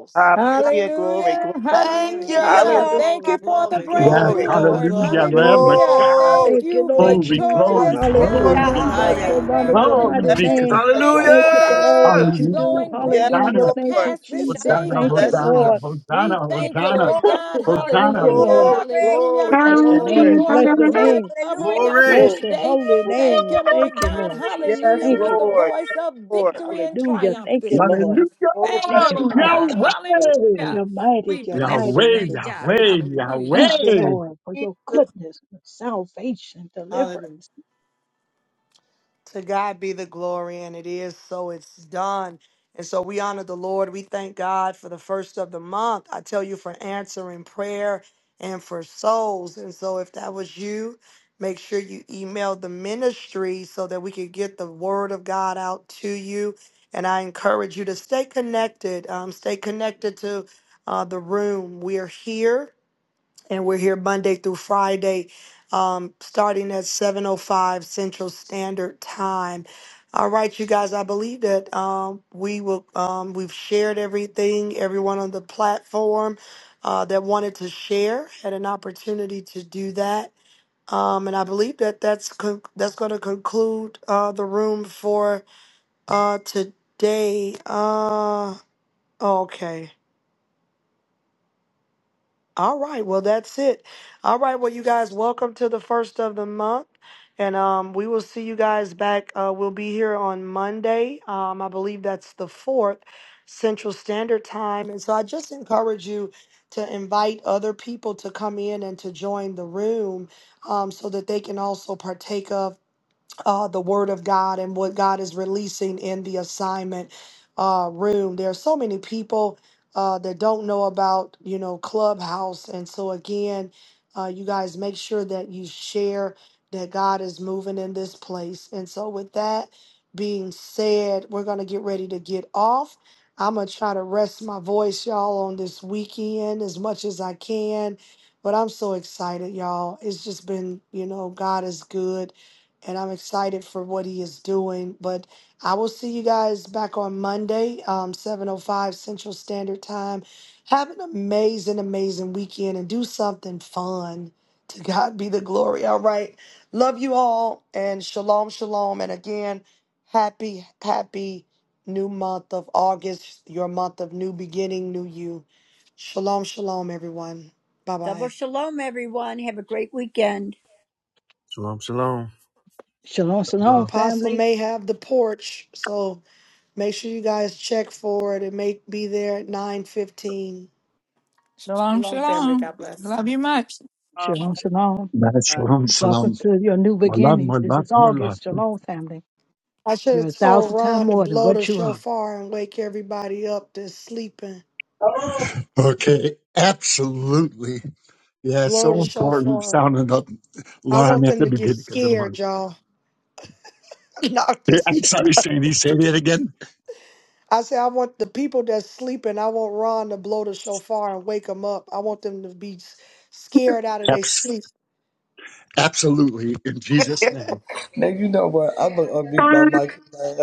[SPEAKER 1] souls.
[SPEAKER 3] Hallelujah,
[SPEAKER 2] Hallelujah.
[SPEAKER 3] glory,
[SPEAKER 5] Hallelujah.
[SPEAKER 3] glory,
[SPEAKER 1] Thank
[SPEAKER 2] Thank you,
[SPEAKER 1] you.
[SPEAKER 5] Hallelujah.
[SPEAKER 3] hallelujah,
[SPEAKER 2] Lord.
[SPEAKER 5] Thank you for the
[SPEAKER 13] Thank you,
[SPEAKER 4] Yes,
[SPEAKER 3] glory,
[SPEAKER 13] Father
[SPEAKER 5] breakthrough,
[SPEAKER 3] glory,
[SPEAKER 13] God.
[SPEAKER 5] Lord.
[SPEAKER 4] hallelujah, Lamb
[SPEAKER 13] Hallelujah.
[SPEAKER 4] of
[SPEAKER 5] Hallelujah.
[SPEAKER 4] God.
[SPEAKER 5] Thank
[SPEAKER 13] Thank you,
[SPEAKER 5] you,
[SPEAKER 13] Lord
[SPEAKER 4] Glory,
[SPEAKER 13] Jesus.
[SPEAKER 4] glory,
[SPEAKER 5] victorious
[SPEAKER 3] glory,
[SPEAKER 5] God.
[SPEAKER 4] glory
[SPEAKER 2] Hallelujah,
[SPEAKER 13] Hallelujah.
[SPEAKER 4] be,
[SPEAKER 3] God.
[SPEAKER 13] Bless your
[SPEAKER 5] Hallelujah.
[SPEAKER 2] hallelujah.
[SPEAKER 13] wonderful,
[SPEAKER 4] glory
[SPEAKER 13] mighty
[SPEAKER 3] Bless
[SPEAKER 4] be
[SPEAKER 5] Hallelujah.
[SPEAKER 3] the
[SPEAKER 4] to the
[SPEAKER 13] name.
[SPEAKER 3] name of
[SPEAKER 5] Thank you
[SPEAKER 4] Christ.
[SPEAKER 13] Thank
[SPEAKER 5] for
[SPEAKER 13] you
[SPEAKER 5] the
[SPEAKER 13] for
[SPEAKER 3] Jesus.
[SPEAKER 13] all
[SPEAKER 8] Hallelujah!
[SPEAKER 13] that
[SPEAKER 5] angels
[SPEAKER 13] you
[SPEAKER 4] Hallelujah.
[SPEAKER 13] do.
[SPEAKER 5] going,
[SPEAKER 3] Yes,
[SPEAKER 5] bringing it
[SPEAKER 13] Hallelujah.
[SPEAKER 4] Hosanna,
[SPEAKER 5] to
[SPEAKER 13] Thank
[SPEAKER 3] Lord.
[SPEAKER 13] you,
[SPEAKER 5] pass this
[SPEAKER 13] Jesus.
[SPEAKER 5] day.
[SPEAKER 4] Hosanna,
[SPEAKER 13] Thank you,
[SPEAKER 3] Bless Jesus.
[SPEAKER 2] Ra-sha-ta-ta.
[SPEAKER 4] Hosanna,
[SPEAKER 5] Hallelujah.
[SPEAKER 13] Lord.
[SPEAKER 5] We
[SPEAKER 2] Give
[SPEAKER 5] thank you,
[SPEAKER 2] you
[SPEAKER 4] Hosanna,
[SPEAKER 5] Lord
[SPEAKER 2] glory,
[SPEAKER 5] God.
[SPEAKER 2] Lord. We give
[SPEAKER 13] Thank you,
[SPEAKER 4] Hosanna,
[SPEAKER 2] you
[SPEAKER 5] Hallelujah.
[SPEAKER 13] Lord.
[SPEAKER 3] Glory,
[SPEAKER 2] glory.
[SPEAKER 5] Hallelujah.
[SPEAKER 3] glory,
[SPEAKER 13] Bless your
[SPEAKER 4] Hosanna.
[SPEAKER 5] Hallelujah
[SPEAKER 3] glory,
[SPEAKER 13] name.
[SPEAKER 5] for
[SPEAKER 13] Bless
[SPEAKER 5] your
[SPEAKER 13] your
[SPEAKER 2] Hallelujah,
[SPEAKER 5] blood
[SPEAKER 13] name.
[SPEAKER 5] covering
[SPEAKER 3] oh,
[SPEAKER 2] hallelujah.
[SPEAKER 5] us
[SPEAKER 8] Glory!
[SPEAKER 5] this
[SPEAKER 3] glory,
[SPEAKER 13] Bless your
[SPEAKER 5] day.
[SPEAKER 13] holy
[SPEAKER 3] glory.
[SPEAKER 5] Thank
[SPEAKER 13] name.
[SPEAKER 5] you, Lord
[SPEAKER 13] Thank you,
[SPEAKER 5] God.
[SPEAKER 13] Lord Jesus.
[SPEAKER 5] Hallelujah.
[SPEAKER 3] Yes,
[SPEAKER 13] Thank
[SPEAKER 5] With
[SPEAKER 13] you,
[SPEAKER 5] the
[SPEAKER 13] Lord.
[SPEAKER 3] Lord.
[SPEAKER 5] voice
[SPEAKER 3] Yes,
[SPEAKER 5] of
[SPEAKER 3] Lord.
[SPEAKER 5] victory and
[SPEAKER 13] Hallelujah.
[SPEAKER 5] triumph
[SPEAKER 13] Thank you,
[SPEAKER 5] this
[SPEAKER 13] Lord.
[SPEAKER 5] morning.
[SPEAKER 4] Hallelujah,
[SPEAKER 3] Oh,
[SPEAKER 5] Thank
[SPEAKER 3] bless
[SPEAKER 13] Thank
[SPEAKER 5] you,
[SPEAKER 13] you,
[SPEAKER 3] the
[SPEAKER 5] Lord
[SPEAKER 3] name of
[SPEAKER 13] Father
[SPEAKER 5] God.
[SPEAKER 13] God.
[SPEAKER 3] Jesus.
[SPEAKER 4] Yahweh.
[SPEAKER 5] Hallelujah.
[SPEAKER 13] You're mighty.
[SPEAKER 5] We
[SPEAKER 13] You're
[SPEAKER 5] bless
[SPEAKER 13] mighty
[SPEAKER 5] your
[SPEAKER 13] in
[SPEAKER 4] Yahweh,
[SPEAKER 5] name,
[SPEAKER 13] this
[SPEAKER 5] God.
[SPEAKER 4] Yahweh,
[SPEAKER 13] place.
[SPEAKER 5] Hallelujah.
[SPEAKER 3] Bless
[SPEAKER 13] Thank
[SPEAKER 3] the
[SPEAKER 13] you,
[SPEAKER 3] name
[SPEAKER 4] Yahweh.
[SPEAKER 5] Hallelujah.
[SPEAKER 13] Lord, for
[SPEAKER 3] of
[SPEAKER 13] your
[SPEAKER 3] Jesus.
[SPEAKER 13] goodness, your salvation, deliverance.
[SPEAKER 1] To God be the glory, and it is so it's done. And so we honor the Lord. We thank God for the first of the month. I tell you for answering prayer and for souls. And so if that was you, make sure you email the ministry so that we could get the word of God out to you. And I encourage you to stay connected. Um, stay connected to uh, the room. We are here and we're here Monday through Friday, um, starting at 7:05 Central Standard Time. All right, you guys. I believe that um, we will. Um, we've shared everything. Everyone on the platform uh, that wanted to share had an opportunity to do that. Um, and I believe that that's con- that's going to conclude uh, the room for uh, today. Uh, okay. All right, well that's it. All right, well you guys, welcome to the first of the month, and um, we will see you guys back. Uh, we'll be here on Monday. Um, I believe that's the fourth Central Standard Time, and so I just encourage you to invite other people to come in and to join the room, um, so that they can also partake of uh, the word of God and what God is releasing in the assignment uh, room. There are so many people uh, that don't know about, you know, Clubhouse. And so, again, uh, you guys make sure that you share that God is moving in this place. And so, with that being said, we're going to get ready to get off. I'm going to try to rest my voice, y'all, on this weekend as much as I can. But I'm so excited, y'all. It's just been, you know, God is good and I'm excited for what he is doing. But I will see you guys back on Monday, um, 7.05 Central Standard Time. Have an amazing, amazing weekend and do something fun. To God be the glory. All right. Love you all and shalom, shalom. And again, happy, happy new month of August, your month of new beginning, new you. Shalom, shalom, everyone. Bye
[SPEAKER 2] Double
[SPEAKER 1] bye.
[SPEAKER 2] shalom, everyone. Have a great weekend.
[SPEAKER 8] Shalom, shalom.
[SPEAKER 13] Shalom, shalom,
[SPEAKER 1] Apostle
[SPEAKER 13] family.
[SPEAKER 1] may have the porch, so. Make sure you guys check for it It may be there at nine fifteen.
[SPEAKER 5] Shalom, shalom. Love you much.
[SPEAKER 3] Oh,
[SPEAKER 13] Shalom, shalom.
[SPEAKER 4] Yes,
[SPEAKER 3] my.
[SPEAKER 4] Shalom, shalom.
[SPEAKER 13] Welcome to your new
[SPEAKER 4] My love, my
[SPEAKER 13] beginnings. This
[SPEAKER 4] love,
[SPEAKER 13] is
[SPEAKER 4] my love.
[SPEAKER 13] August. Shalom, family.
[SPEAKER 1] I should
[SPEAKER 13] You're a
[SPEAKER 1] have told
[SPEAKER 13] thousand times
[SPEAKER 1] Ron to
[SPEAKER 13] more than
[SPEAKER 1] blow the
[SPEAKER 13] what you are.
[SPEAKER 1] shofar and wake everybody up that's sleeping.
[SPEAKER 4] Okay, absolutely. Yeah, it's
[SPEAKER 1] Blow
[SPEAKER 4] so
[SPEAKER 1] the
[SPEAKER 4] important
[SPEAKER 1] shofar.
[SPEAKER 4] sounding that
[SPEAKER 1] I
[SPEAKER 4] line
[SPEAKER 1] want
[SPEAKER 4] at
[SPEAKER 1] them
[SPEAKER 4] the
[SPEAKER 1] to get
[SPEAKER 4] beginning of the
[SPEAKER 1] scared,
[SPEAKER 4] month.
[SPEAKER 1] y'all. no, I'm
[SPEAKER 4] Yeah, I'm
[SPEAKER 1] just,
[SPEAKER 4] sorry, Sandy, say that again.
[SPEAKER 1] I say I want the people that's sleeping. I want Ron to blow the shofar and wake them up. I want them to be s- scared out of their
[SPEAKER 4] Abs-
[SPEAKER 1] sleep.
[SPEAKER 4] absolutely, in Jesus' name.
[SPEAKER 14] Now you know what? I'm gonna unmute my mic. now.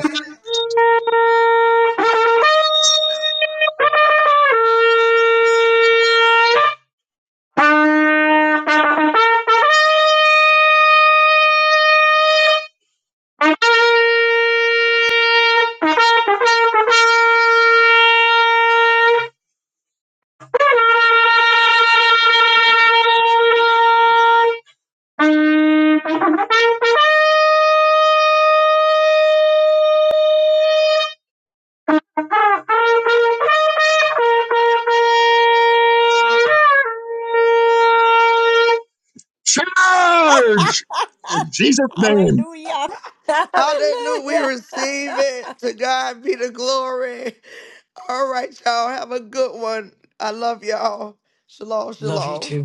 [SPEAKER 4] Charge! In Jesus' name.
[SPEAKER 2] hallelujah.
[SPEAKER 1] Hallelujah. We
[SPEAKER 5] Hallelujah.
[SPEAKER 1] receive it. To God be the glory. All right, y'all. Have a good one. I love y'all. Shalom, shalom.